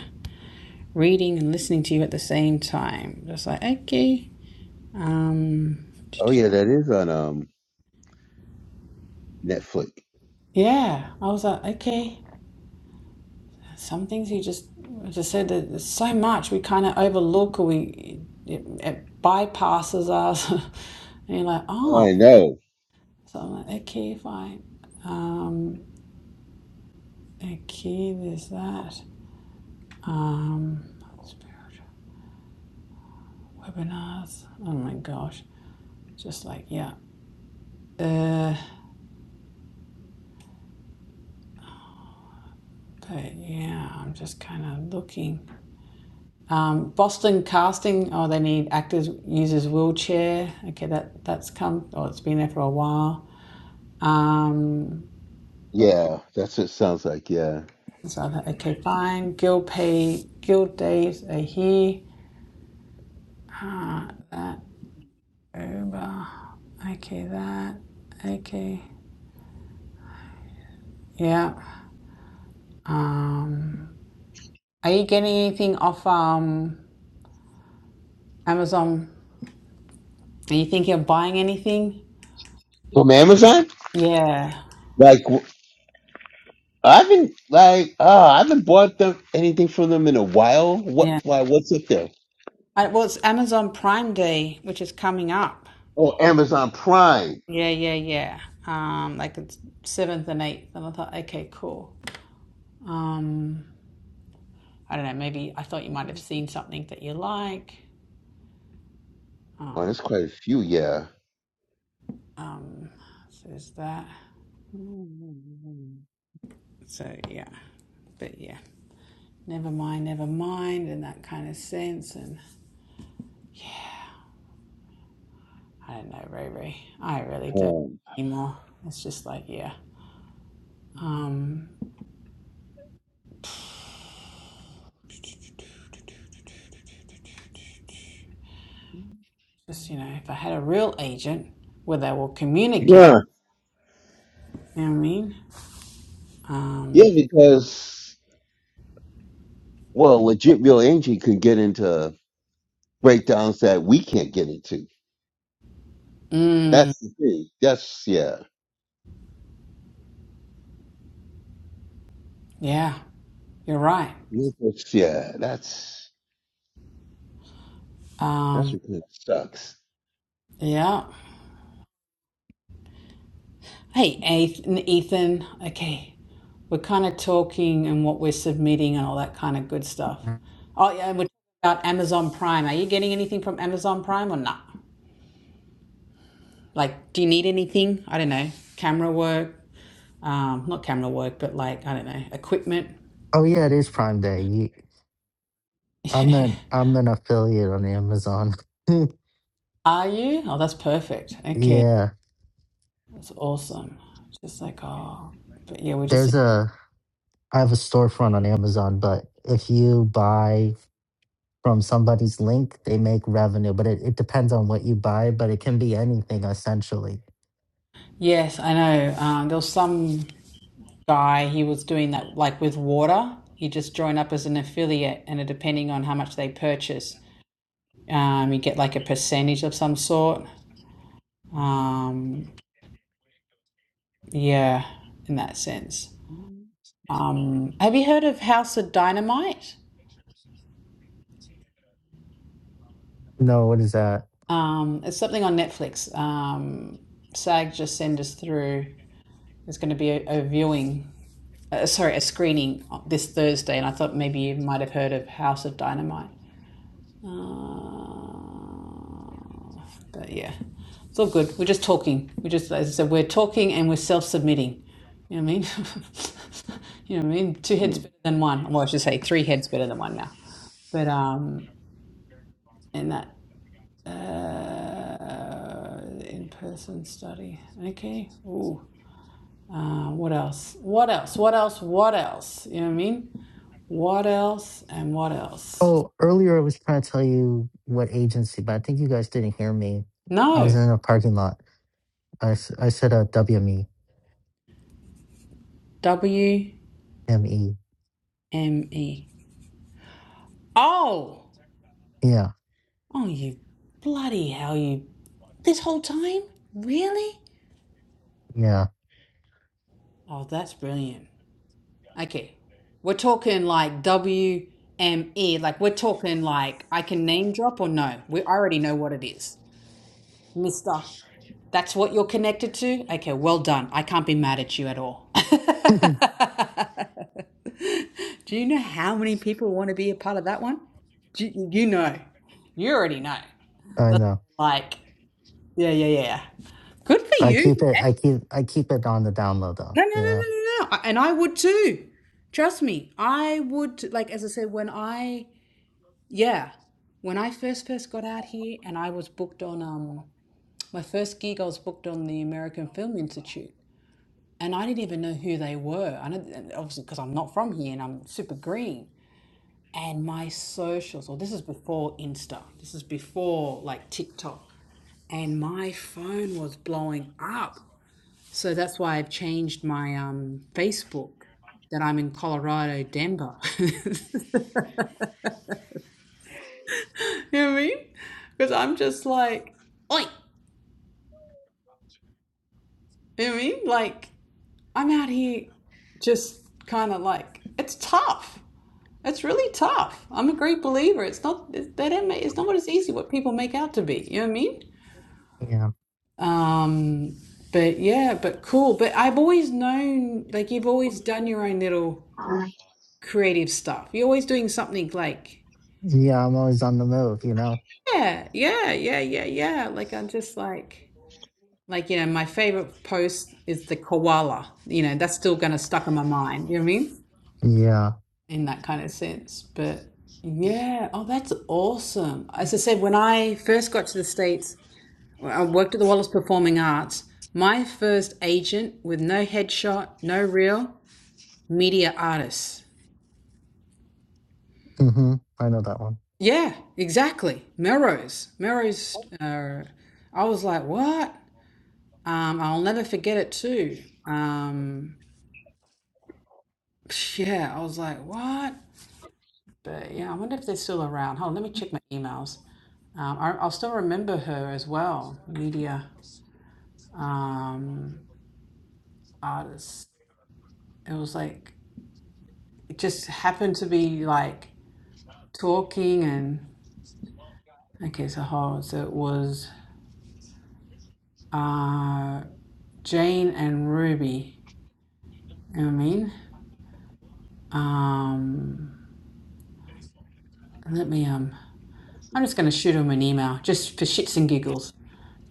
reading and listening to you at the same time. Just like, okay. Um, Oh yeah, that is on um Netflix. yeah. I was like, okay. Some things you just as I said that there's so much we kind of overlook or we it, it bypasses us. and you're like, Oh, I oh. know. So I'm like, okay, fine. Um, okay, there's that. Um, spiritual webinars. Oh my gosh. Just like, yeah. Uh. But yeah, I'm just kind of looking. Um, Boston casting. Oh, they need actors uses wheelchair. Okay, that that's come. Oh, it's been there for a while. Um, Yeah, that's what it sounds like. Yeah. so okay, fine. Guild pay. Guild days are here. Ah, that Uber. Okay, that. Okay. Yeah. Um, are you getting anything off um Amazon? Are you thinking of buying anything? From Amazon? Yeah. Like w- I haven't like oh I haven't bought them anything from them in a while. Yeah. What? Why? What's up there? I, well, it's Amazon Prime Day, which is coming up. Oh, Amazon Prime. Yeah, yeah, yeah. Um, like it's seventh and eighth, and I thought, okay, cool. Um, I don't know. Maybe I thought you might have seen something that you like. Oh, Um, that's quite a few. Yeah. um, so there's that. Mm. So yeah, but yeah, never mind, never mind, in that kind of sense. And I don't know, Riri. I really don't Um, anymore. It's just like yeah. Um, Just, you Mhm. know, if I had a real agent where they will communicate, yeah, you know what I mean? Um, yeah, because well, legit real Angie could get into breakdowns that we can't get into. mm, That's the thing. That's yeah. yeah, you're right. That's- yeah, that's that's Um, what kind of sucks. yeah. Hey, Ethan, Ethan, okay, we're kind of talking and what we're submitting and all that kind of good stuff. Oh, yeah, and we're talking about Amazon Prime. Are you getting anything from Amazon Prime or not? Like, do you need anything? I don't know, camera work, um, not camera work, but like, I don't know, equipment. Oh yeah, it is Prime Day. You- I'm an I'm an affiliate on Amazon. Are you? Oh, that's perfect. Okay, yeah, that's awesome. Just like oh, but yeah, we're just there's a I have a storefront on Amazon, but if you buy from somebody's link, they make revenue, but it, it depends on what you buy, but it can be anything essentially. yes, I know. Um, there was some guy he was doing that like with water. He just joined up as an affiliate, and it, depending on how much they purchase, um, you get like a percentage of some sort. Mhm. Um, yeah, in that sense. Um, have you heard of House of Dynamite? No, what is that? Um, it's something on Netflix. Um, SAG just sent us through. There's going to be a, a viewing uh, sorry, a screening this Thursday, and I thought maybe you might have heard of House of Dynamite. Uh, but yeah, it's all good. We're just talking. we just, as I said, we're talking and we're self submitting. You know what I mean? you know what I mean? Two heads Mhm. better than one. Well, I should say three heads better than one now. But, um, in that, uh, in person study. Okay. Ooh. Uh, what else? What else? What else? What else? You know what I mean? What else and what else? Oh, earlier I was trying to tell you what agency, but I think you guys didn't hear me. I was No. in a parking lot. I, s- I said a WME, W ME. M E. Oh! Yeah, Oh, you bloody hell, you. This whole time? Really? yeah, Oh, that's brilliant. Okay. We're talking like W M E. Like, we're talking like I can name drop or no? We already know what it is. Mister. That's what you're connected to? Okay, well done. I can't be mad at you at all. I Do you know how many people want to be a part of that one? Do you, you know. You already know. That's know. like, yeah, yeah, yeah. yeah. Good for I you, keep it, man. I keep, I keep it on the download though, No, no, no, you no, know? no, no. And I would too. Trust me. I would, like, as I said, when I, yeah, when I first first got out here and I was booked on, um, my first gig, I was booked on the American Film Institute. and I didn't even know who they were. I know, and obviously, because I'm not from here and I'm super green. And my socials, or this is before Insta, this is before like TikTok, and my phone was blowing up. So that's why I've changed my um, Facebook that I'm in Colorado, Denver. you know what I mean? Because I'm just like, oi, you know what I mean? Like, I'm out here just kind of like, it's tough. It's really tough. I'm a great believer. It's not it- they don't make, it's not as easy what people make out to be. You know what I mean? Yeah. Um, but yeah, but cool. But I've always known like you've always done your own little creative stuff. You're always doing something like Yeah, I'm always on the move, you know? yeah, yeah, yeah, yeah, yeah. Like I'm just like like you know my favorite post is the koala. You know that's still gonna stuck in my mind. You know what I mean? Yeah. In that kind of sense, but. Hmm. Yeah. Oh, that's awesome. As I said, when I first got to the States, Well, I worked at the Wallace Performing Arts. My first agent with no headshot, no reel, media artist. hmm I know that one. Yeah, exactly. Melrose. Melrose. Uh, I was like, what? Um, I'll never forget it too. Um, yeah, I was like, what? But yeah, I wonder if they're still around. Hold on, let me check my emails. Um, I, I'll still remember her as well, media um, artist. It was like, it just happened to be like talking and okay, so hold. So it was uh, Jane and Ruby. You know what I mean? Um, let me. Um, I'm just going to shoot them an email just for shits and giggles.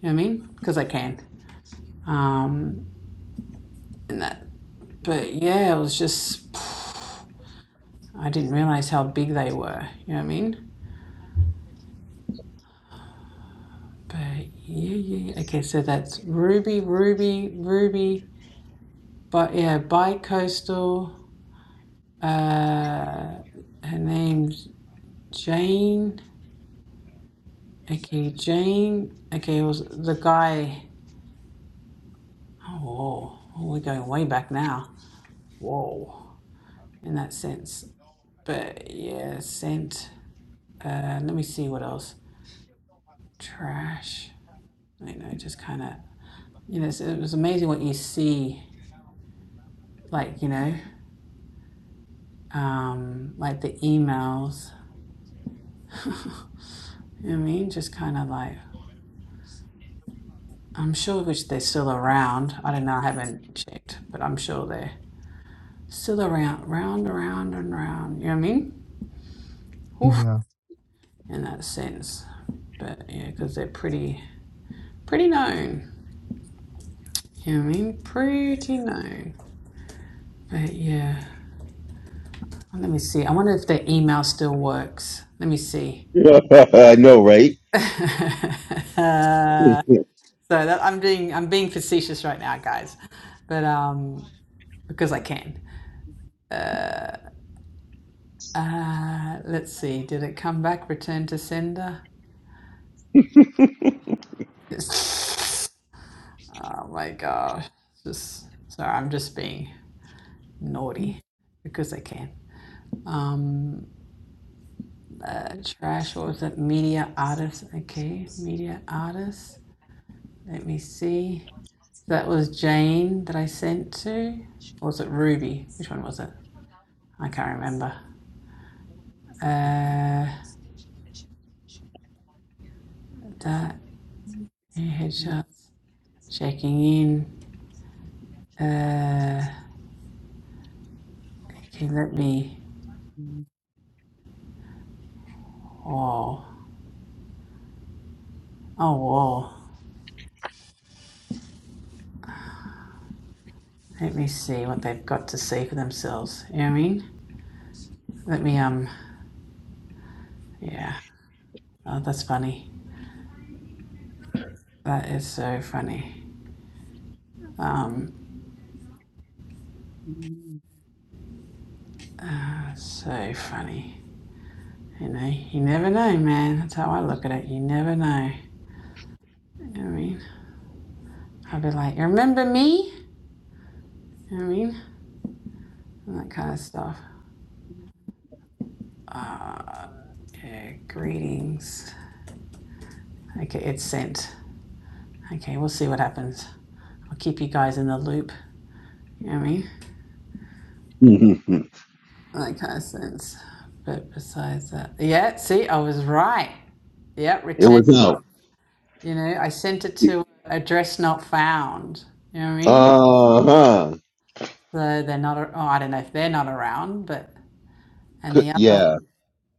You know what I mean? Because I can. Um, and that, but yeah, it was just. I didn't realize how big they were. You know what I mean? But yeah, yeah. yeah. Okay, so that's Ruby, Ruby, Ruby. But yeah, bi coastal. Uh, her name's. Jane. Okay, Jane. Okay, it was the guy. Oh, Oh, we're going way back now. Whoa, in that sense. But yeah, scent. Uh, let me see what else. Trash. You know, just kind of. You know, so it was amazing what you see. Like you know, um, like the emails. You know what I mean, just kind of like. I'm sure which they're still around. I don't know. I haven't checked, but I'm sure they're still around, round, around, and round. You know what I mean? oof Yeah. in that sense. But yeah, because they're pretty pretty known. You know what I mean? Pretty known. But yeah. Let me see. I wonder if their email still works. Let me see. I know, right? uh, it so that, I'm being I'm being facetious right now, guys. But um because I can. Uh let's see. Did it come back? Return to sender? It's, Oh my gosh. Just sorry, I'm just being naughty because I can. Um uh, trash. What was that? Media artist. Okay, media artist. Let me see. That was Jane that I sent to. Or was it Ruby? Which one was it? I can't remember. Uh, that yeah, headshots. Checking in. Uh, okay, let me. Oh. Oh, whoa. Let me see what they've got to see for themselves. You know what I mean? Let me. Um. Yeah. Oh, that's funny. That is so funny. Um. That's so funny. You know, you never know, man. That's how I look at it. You never know. You know what I mean? i will be like, remember me? You know what I mean? And that kind of stuff. Uh, yeah, greetings. Okay, it's sent. Okay, we'll see what happens. I'll keep you guys in the loop. You know what I mean? That kind of sense. But besides that, yeah, see, I was right. Yeah, return. was out. You know, I sent it to address not found. You know what I mean? Uh huh. So they're not, oh, I don't know if they're not around, but and the other one, Yeah.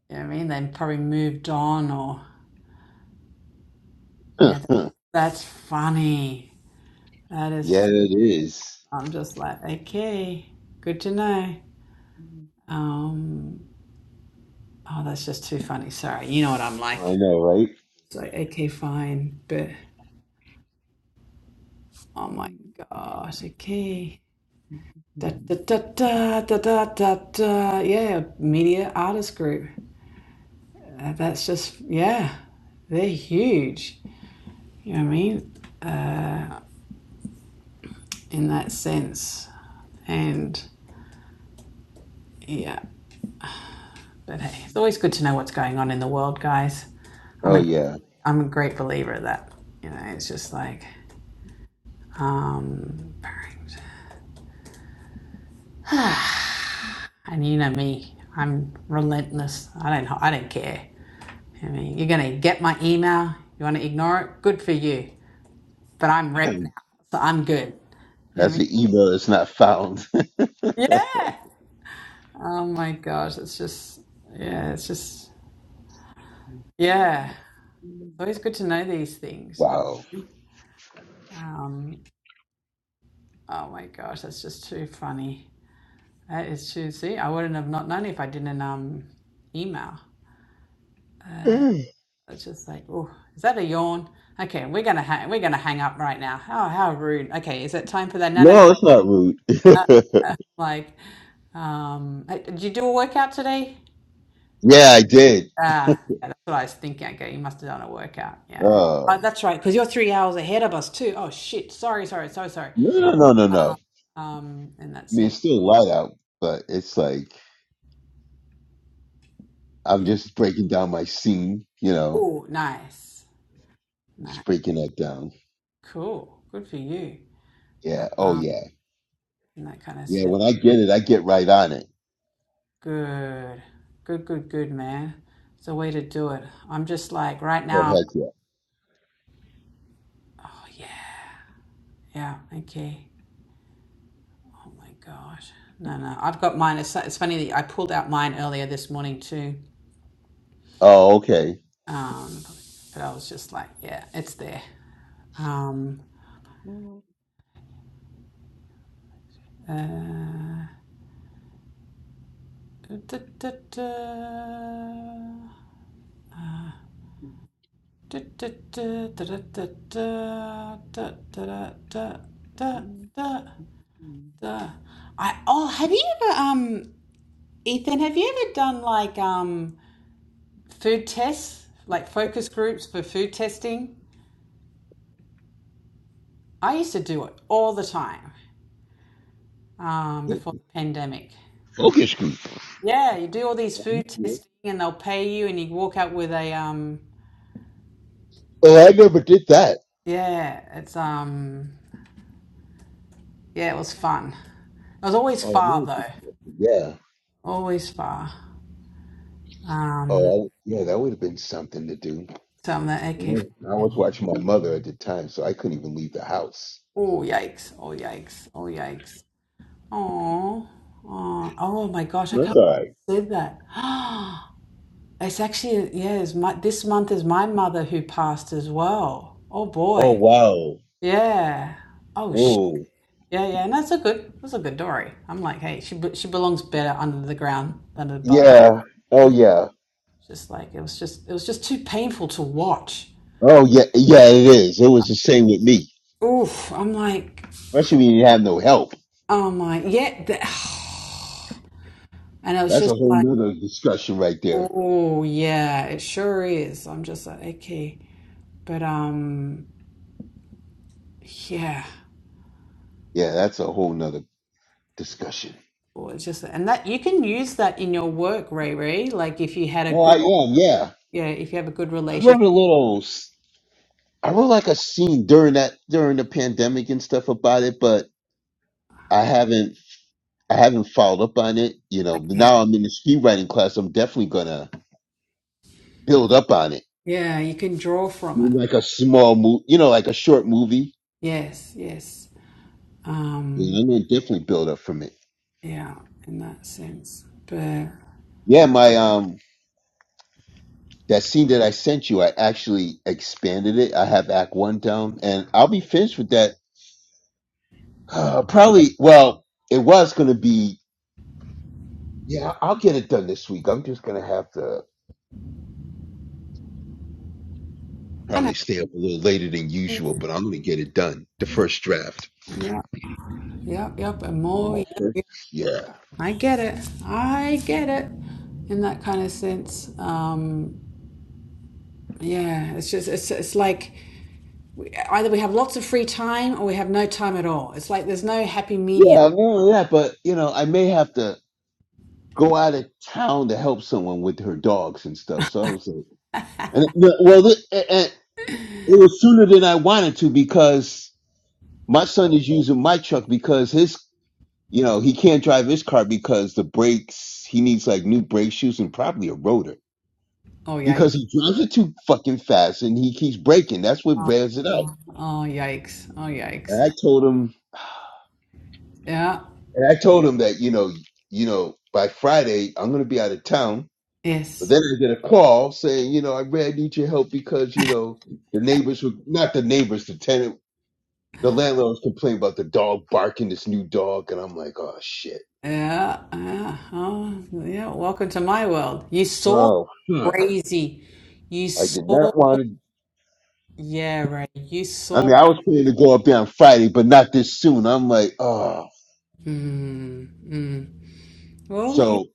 you know what I mean? They probably moved on or, yeah, that's, yeah, that's funny. That is, fu- it is. I'm just like, okay, good to know. Um, oh, that's just too funny. Sorry. You know what I'm like. I know, right? It's like, okay, fine. But, oh my gosh, okay. Da, da, da, da, da, da, da, da. Yeah, media artist group. Uh, that's just, yeah, they're huge. You know what I mean? In that sense. And, yeah. But hey, it's always good to know what's going on in the world, guys. I'm Oh, a yeah. I'm a great believer that. You know, it's just like, um, and you know me, I'm relentless. I don't I don't care. I mean, you're gonna get my email. You want to ignore it? Good for you. But I'm rep now, so I'm good. You know That's what the evil that's not found. I mean? wow. Yeah. Oh my gosh, it's just yeah, it's just yeah. It's always good to know these things. Um, oh my gosh, that's just too funny. That is true. See, I wouldn't have not known if I didn't um email. No, It's just like, oh, is that a yawn? Okay, we're gonna hang, we're gonna hang up right now. Oh, how rude. Okay, is it time for that? No, no, it's not rude. no. Like, um, hey, did you do a workout today? yeah, I did. Ah, yeah, that's what I was thinking. Okay, you must have done a workout. Yeah. Uh, Oh, that's right, because you're three hours ahead of us too. Oh shit! Sorry, sorry, so sorry. no, no, no, no, no. Um, um, and I that's mean, it. it's still light out, but it's like I'm just breaking down my scene, you know, Oh, nice, nice, just breaking that down. cool, good for you. Yeah. Oh, Um, yeah. in that kind of Yeah. sense. When I get it, I get right on it. Good. Good, good, good, man. It's a way to do it. I'm just like right now Oh, I'm heck yeah. oh yeah. Yeah, okay. Oh my gosh. No, no. I've got mine. It's, it's funny that I pulled out mine earlier this morning too. Oh, okay. Um but I was just like, yeah, it's there. Um uh da, da, da. Da, da, da, da, da, da, da, da, da, da, da, da, da. I oh have you ever um Ethan, have you ever done like um, food tests, like focus groups for food testing? I used to do it all the time um, before the pandemic. Focus group. Yeah, you do all these food testing and they'll pay you, and you walk out with a um, Oh, I never did that. yeah, it's um, yeah, it was fun. It was always Oh, that far would've been though, something. yeah. always far. Um, Oh, I- yeah. That would have been something to do. so I'm like, okay, Mm. I was watching my mother at the time, so I couldn't even leave the house. oh yikes, oh yikes, oh yikes. Oh, oh, oh my gosh, I That's can't all right. believe you said that. It's actually, yeah, it's my, this month is my mother who passed as well. Oh Oh, boy. wow. Yeah. Oh, sh Whoa. Yeah, yeah. And that's a good, that's a good story. I'm like, hey, she be- she belongs better under the ground than above. Yeah. Oh, yeah. Just like it was just it was just too painful to watch. Oh yeah, yeah, it is. It was the same with me. Oof. I'm like, Especially when you have no help. oh my, yeah. th- and I was That's just a whole like, nother discussion right there. oh yeah, it sure is. I'm just like, okay. But um Yeah. Yeah, that's a whole nother discussion. or it's just and that you can use that in your work, Ray Ray. Like if you had a Oh, good I am. Yeah, yeah, if you have a good I relationship. wrote a little. s- I wrote like a scene during that during the pandemic and stuff about it, but I haven't. I haven't followed up on it. You know, but Okay. now I'm in the screenwriting class. I'm definitely gonna build up on it. Yeah, you can draw from Do it. Like a small movie, you know, like a short movie. Yes, yes. Um Yeah, I'm gonna definitely build up from it. yeah, in that sense. But Yeah, my um That scene that I sent you, I actually expanded it. I have Act One down, and I'll be finished with that. probably, well, it was going to be, yeah, I'll get it done this week. I'm just going to have to I know. probably stay up a little later than usual, but I'm going to get it done. The first draft. Yeah, yep, yep, and You more know, my yep, first- yep. Yeah. I get it. I get it. In that kind of sense. Um yeah, it's just it's it's like we- either we have lots of free time or we have no time at all. It's like there's no happy medium. Yeah, not only that, but, you know, I may have to go out of town to help someone with her dogs and stuff. So I was like, and, well, th- and, and it was sooner than I wanted to because. My son is using my truck because his, you know, he can't drive his car because the brakes, he needs like new brake shoes and probably a rotor Oh yeah, because he drives it too fucking fast and he keeps braking. That's what Oh, wears it out. yikes. Oh, And yikes. I told him, Yeah. and I told him that, you know, you know, by Friday, I'm going to be out of town. But Yes. then I get a call saying, you know, I really need your help because, you know, the neighbors were not the neighbors, the tenant, the landlord was complaining about the dog barking, this new dog. And I'm like, oh shit. Yeah. Yeah. Oh, yeah. Welcome to my world. You saw Oh, fuck. crazy. You I did saw. not want to. Yeah, right. You I mean, saw. I was planning to go up there on Friday, but not this soon. I'm like, oh, Mm, mm. Well, you so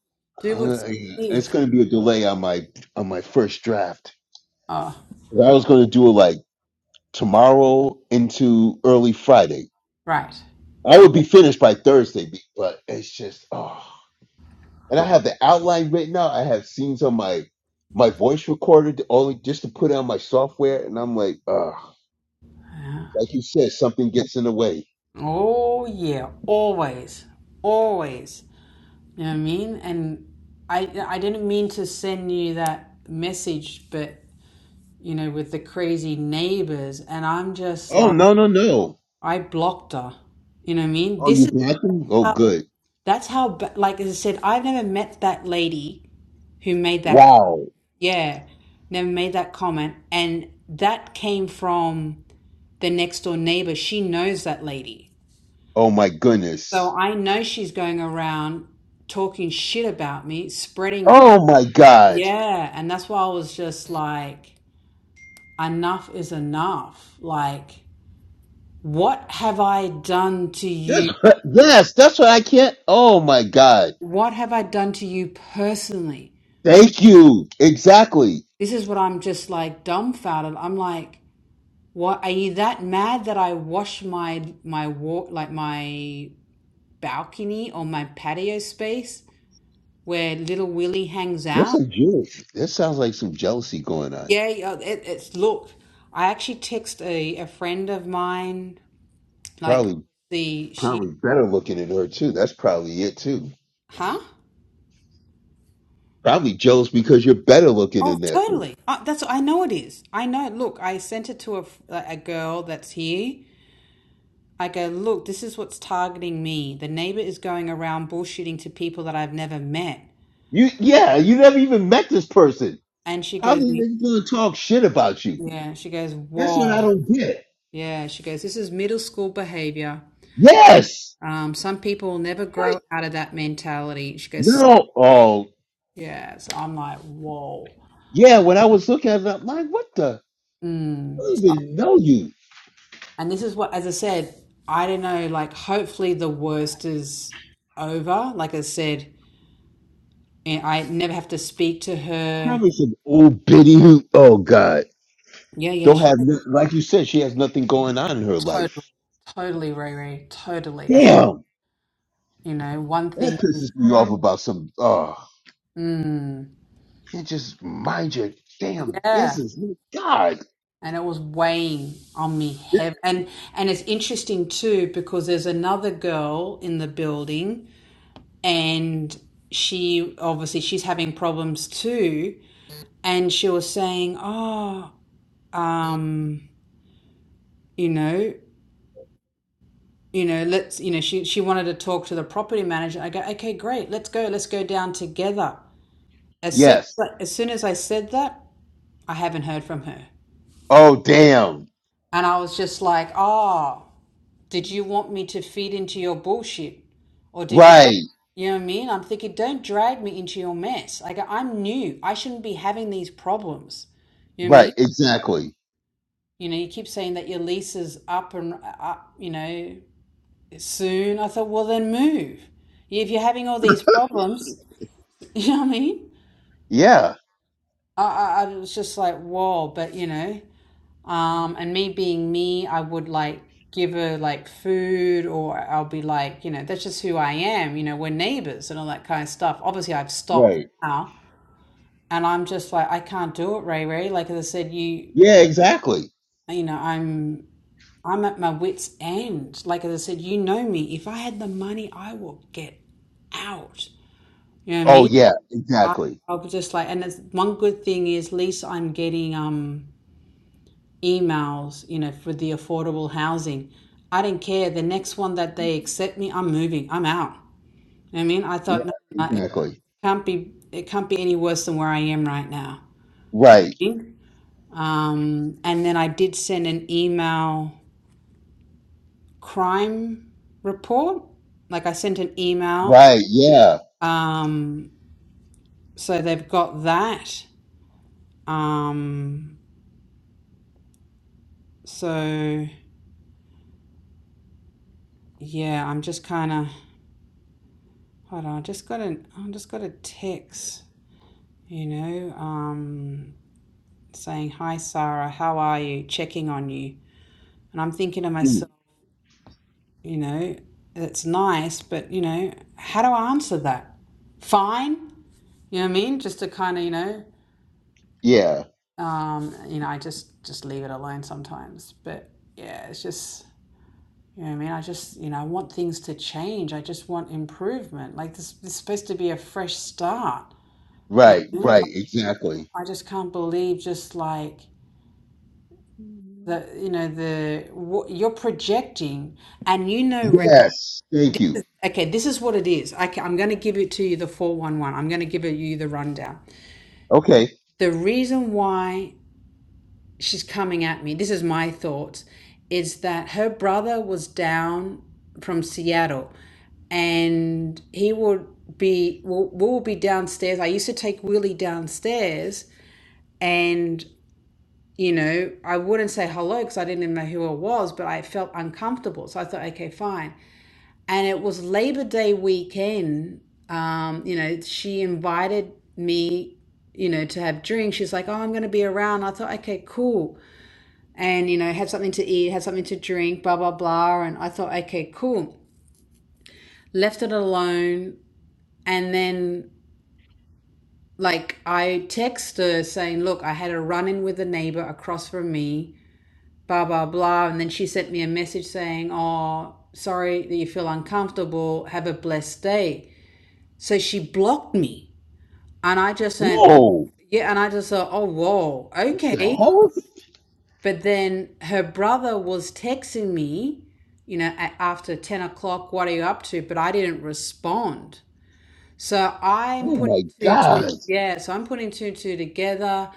do I'm what suits gonna- it's you. going to be a delay on my on my first draft. Oh, 'Cause I was going to do it like tomorrow into early Friday. right. I would be finished by Thursday, be- but it's just oh. And I have the outline written out. I have scenes on my my voice recorder, to only just to put on my software, and I'm like, oh, Yeah. like you said, something gets in the way. Oh, yeah. Always. Always. You know what I mean? And I, I didn't mean to send you that message, but you know, with the crazy neighbors. And I'm just Oh like, no no no! I blocked her. You know what I mean? Oh, This you is blocked him? Oh, how, good. that's how, like as I said, I've never met that lady who made that, comment. Wow. yeah, never made that comment. And that came from the next door neighbor. She knows that lady. Oh my So goodness. I know she's going around talking shit about me, spreading, Oh my God. yeah. And that's why I was just like, enough is enough. Like, What have I done to That's you? what, yes, that's what I can't. Oh my God. What have I done to you personally? Like, Thank you. Exactly. this is what I'm just like dumbfounded. I'm like, what are you that mad that I wash my my walk like my balcony or my patio space where little Willie hangs That's out? a jealousy. That sounds like some jealousy going on. Yeah, yeah, it, it's look. I actually text a, a friend of mine, like Probably, the she, probably better looking than her too. That's probably it too. huh? Probably jealous because you're better looking Oh, than that. one. totally. Uh, that's I know it is. I know. Look, I sent it to a f- a girl that's here. I go, look, this is what's targeting me. The neighbor is going around bullshitting to people that I've never met, You, yeah, you never even met this person. and she How are goes, they gonna talk shit about you? yeah. She goes, That's what I whoa, don't get. yeah. She goes, this is middle school behavior. Yes. Um, some people will never What? grow out of that mentality. She goes, "So, No. Oh. yeah. So I'm like, whoa. Yeah, when I was looking at it, I'm like, what the? I Mm. don't So even know you. And this is what, as I said, I don't know, like, hopefully the worst is over. Like I said, and I never have to speak to her. Probably some old biddy who, oh God, Yeah, yeah, don't she, have, no- like you said, she has nothing going on in her life. totally, totally, Riri, totally. As a, Damn, you know, one that thing, is, pisses me off about some, oh, mm, can't just mind your damn yeah. business. My God. And it was weighing on me heavy. And, and it's interesting too, because there's another girl in the building and she obviously she's having problems too. And she was saying, oh, um, you know, you know, let's, you know, she, she wanted to talk to the property manager. I go, okay, great, let's go, let's go down together. As soon Yes. as as soon as I said that, I haven't heard from her, Oh, damn. and I was just like, oh, did you want me to feed into your bullshit, or did you? want Right. You know what I mean? I'm thinking, don't drag me into your mess. I go, I'm new. I shouldn't be having these problems. You know what I Right. mean? Exactly. You know, you keep saying that your lease is up and uh, up, you know, soon. I thought, well, then move. If you're having all these problems, you know what I mean? Yeah. I, I, I was just like, whoa, but you know, um, and me being me, I would like give her like food or I'll be like, you know, that's just who I am. You know, we're neighbors and all that kind of stuff. Obviously, I've stopped Right. now and I'm just like, I can't do it, Ray Ray. Like, as I said, you, Yeah, exactly. you know, I'm. I'm at my wits' end. Like as I said, you know me. If I had the money, I will get out. You know what I Oh, mean? yeah, exactly. I was just like, and it's one good thing is at least I'm getting um emails, you know, for the affordable housing. I didn't care. The next one that they accept me, I'm moving. I'm out. You know what I mean, I Yeah, thought no, no, no, it exactly. can't be. It can't be any worse than where I am right now. Right. Um, and then I did send an email crime report. Like I sent an email. Right. Yeah. Um, so they've got that. Um, so. yeah, I'm just kind of hold on. I just got an I just got a text, you know, um, saying hi Sarah, how are you? Checking on you, and I'm thinking to Hmm. myself, you know, it's nice, but you know, how do I answer that? Fine, you know what I mean? Just to kind of you know, Yeah. um, you know, I just just leave it alone sometimes, but yeah, it's just. You know what I mean? I just, you know, I want things to change. I just want improvement. Like this, this is supposed to be a fresh start. Right. Right. Exactly. I just can't believe just like hmm the you know the what you're projecting and you know Ray- Yes. Thank you. okay this is what it is I, ca- I'm going to give it to you the 411 I'm going to give it you the rundown Okay. the reason why she's coming at me this is my thoughts is that her brother was down from Seattle and he would be will will be downstairs. I used to take Willie downstairs, and you know, I wouldn't say hello because I didn't even know who I was, but I felt uncomfortable. So I thought, okay, fine. And it was Labor Day weekend. Um, you know, she invited me, you know, to have drinks. She's like, oh, I'm going to be around. I thought, okay, cool. And, you know, have something to eat, have something to drink, blah, blah, blah. And I thought, okay, cool. Left it alone. And then, like, I text her saying, look, I had a run in with a neighbor across from me blah blah blah and then she sent me a message saying oh sorry that you feel uncomfortable have a blessed day so she blocked me and i just went Whoa. yeah and i just thought oh whoa The okay host? but then her brother was texting me you know a after 10 o'clock what are you up to but i didn't respond so I'm Oh putting my two, two, God. yeah, so I'm putting two, two together.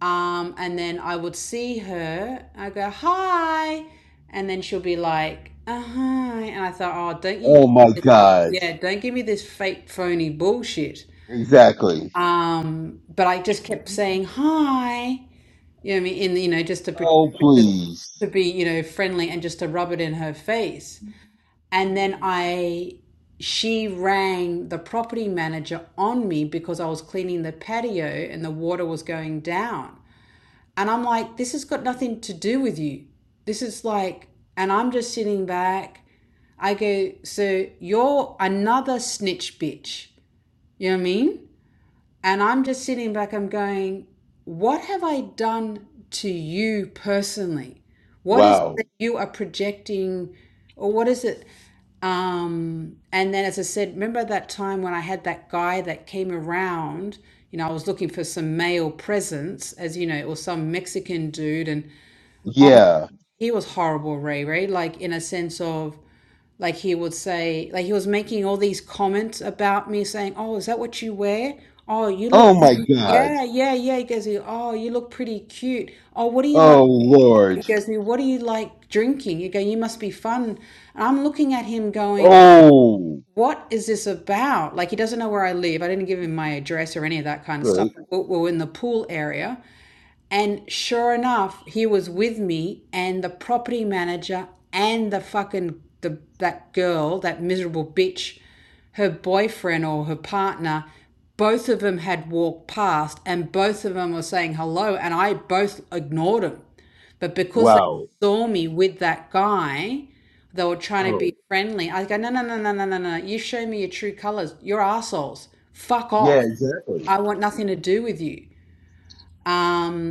Um, and then I would see her, I go, hi. And then she'll be like, uh hi. And I thought, oh, don't you give Oh me my this, God. yeah, don't give me this fake phony bullshit. Exactly. Um, but I just kept saying hi, you know, what I mean, in, you know, just to, pre- Oh to, to please. be, you know, friendly and just to rub it in her face. And then Mm. I she rang the property manager on me because I was cleaning the patio and the water was going down. And I'm like, this has got nothing to do with you. This is like, and I'm just sitting back. I go, so you're another snitch bitch. You know what I mean? And I'm just sitting back, I'm going, what have I done to you personally? What is it Wow. that you are projecting, or what is it? Um, and then, as I said, remember that time when I had that guy that came around, you know, I was looking for some male presence, as you know, or some Mexican dude, and Yeah. he was horrible, Ray Ray, like in a sense of, like he would say like he was making all these comments about me saying oh is that what you wear oh you Oh look my God. yeah yeah yeah he goes oh you look pretty cute oh what do you like Oh he Lord. goes what do you like drinking you go you must be fun and i'm looking at him going Oh. what is this about like he doesn't know where i live i didn't give him my address or any of that kind of stuff Good. but we're we're in the pool area and sure enough, he was with me and the property manager and the fucking the that girl, that miserable bitch, her boyfriend or her partner, both of them had walked past and both of them were saying hello and I both ignored them. But because they Wow. saw me with that guy, they were trying to Oh. be friendly. I go, no, no, no, no, no, no, no. You show me your true colors. You're assholes. Fuck Yeah. off. Exactly. I want nothing to do with you. Um,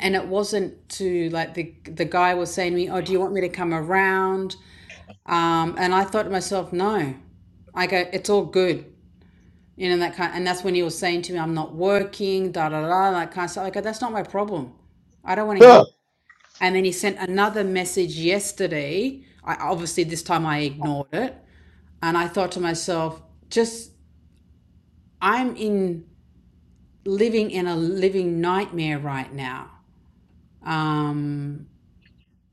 and it wasn't to like the the guy was saying to me oh do you want me to come around um, and i thought to myself no i go it's all good you know that kind and that's when he was saying to me i'm not working da da da that kind of stuff i go that's not my problem i don't want to hear Huh. that. and then he sent another message yesterday i obviously this time i ignored it and i thought to myself just i'm in living in a living nightmare right now um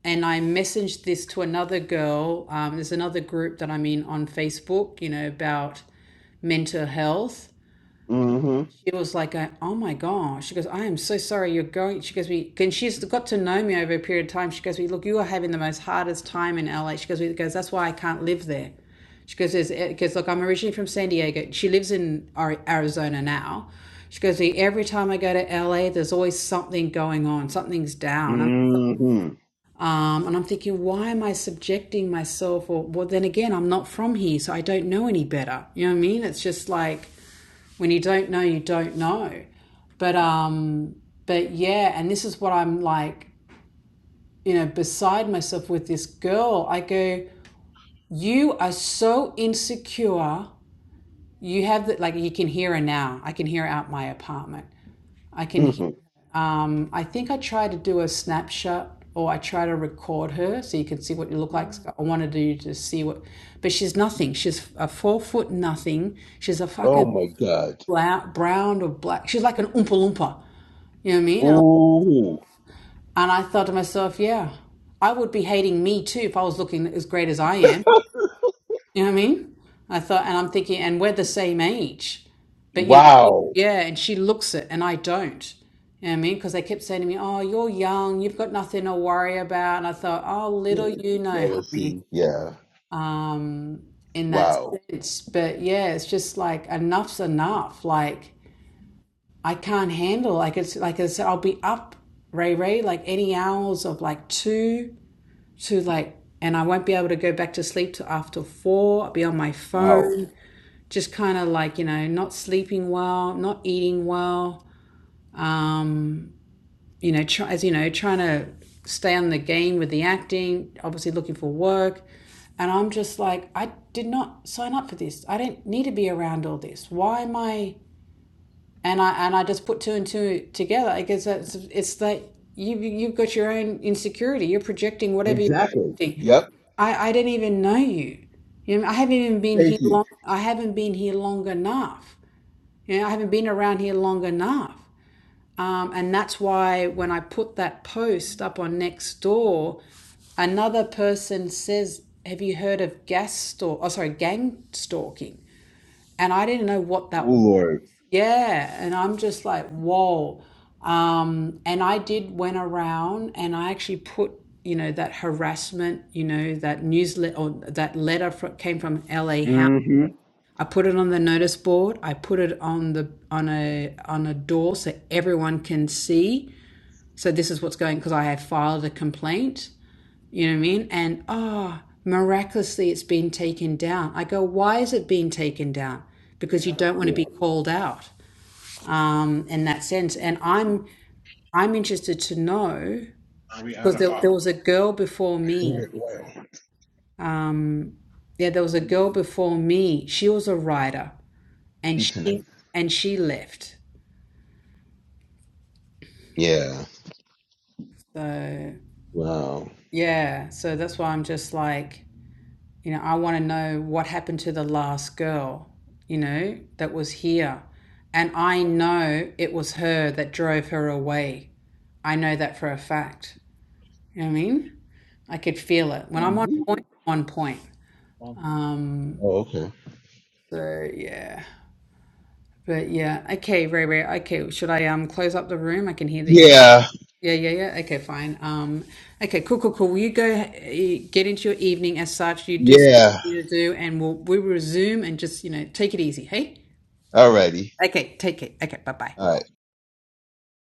and I messaged this to another girl. Um, there's another group that I'm in on Facebook, you know, about mental health. Mm-hmm. She was like, uh, "Oh my gosh!" She goes, "I am so sorry you're going." She goes, "We," and she's got to know me over a period of time. She goes, "We look, you are having the most hardest time in LA." She goes, "We goes, that's why I can't live there." She goes, "There's because look, I'm originally from San Diego. She lives in Arizona now." She goes, "Every time I go to LA, there's always something going on. Something's down." And Mm-hmm. um, and I'm thinking, why am I subjecting myself? Or, well, then again, I'm not from here, so I don't know any better. You know what I mean? It's just like when you don't know, you don't know. But, um, but yeah, and this is what I'm like, you know, beside myself with this girl. I go, you are so insecure. You have that, like, you can hear her now. I can hear her out my apartment. I can hear Mm-hmm. her. Um, I think I try to do a snapshot or I try to record her so you can see what you look like. mm So I wanted you to see what, but she's nothing. She's a four foot nothing. She's a Oh fucking my God. bla- brown or black. She's like an Oompa Loompa. You know what I mean? And Ooh. I thought to myself, yeah, I would be hating me too if I was looking as great as I am. You know what I mean? I thought, and I'm thinking, and we're the same age, but you know, she, Wow. yeah, and she looks it, and I don't. You know what I mean? Because they kept saying to me, "Oh, you're young, you've got nothing to worry about," and I thought, "Oh, Yeah. little you know, Jealousy. honey." Yeah. Um, in that Wow. sense, but yeah, it's just like enough's enough. Like I can't handle. Like it's like I said, I'll be up, Ray Ray, like any hours of like two to like, and I won't be able to go back to sleep till after four. I'll be on my Wow. phone just kind of like you know not sleeping well not eating well um, you know try, as you know trying to stay on the game with the acting obviously looking for work and i'm just like i did not sign up for this i didn't need to be around all this why am i and i and i just put two and two together i guess it's, it's that you you've got your own insecurity you're projecting whatever you're Exactly. projecting Yep. i i didn't even know you you know i haven't even been Thank here you. long i haven't been here long enough you know, I haven't been around here long enough. Um, and that's why when I put that post up on Nextdoor, another person says, Have you heard of gas stalk? Oh, sorry, gang stalking. And I didn't know what Oh that was. Lord. Yeah. And I'm just like, Whoa. Um, and I did went around and I actually put, you know, that harassment, you know, that newsletter or that letter fro- came from LA House Mm-hmm. I put it on the notice board. I put it on the on a on a door so everyone can see. So this is what's going because I have filed a complaint. You know what I mean? And ah, oh, miraculously, it's been taken down. I go, why is it being taken down? Because you don't want to be Yeah. called out um, in that sense. And I'm I'm interested to know Are we out because of there, there hot was a girl before water? Send me. well. Um, yeah, there was a When did girl it before me. She was a writer, and be tonight? she and she left Yeah. So, Wow. yeah, so that's why I'm just like, you know, I want to know what happened to the last girl, you know, that was here. And I know it was her that drove her away. I know that for a fact. You know what I mean? I could feel it. When Oh, I'm on point, really? I'm on point. Oh, Um, okay. so yeah. But yeah, okay, Ray Ray, okay, should I um close up the room? I can hear that you're Yeah. Yeah, yeah, yeah. Okay, fine. Um, okay, cool, cool, cool. Will you go eh, get into your evening as such? You do something Yeah. you need to do, and we'll we will resume and just you know take it easy. Hey, Alrighty. okay, take it. Okay, bye, bye. Alright.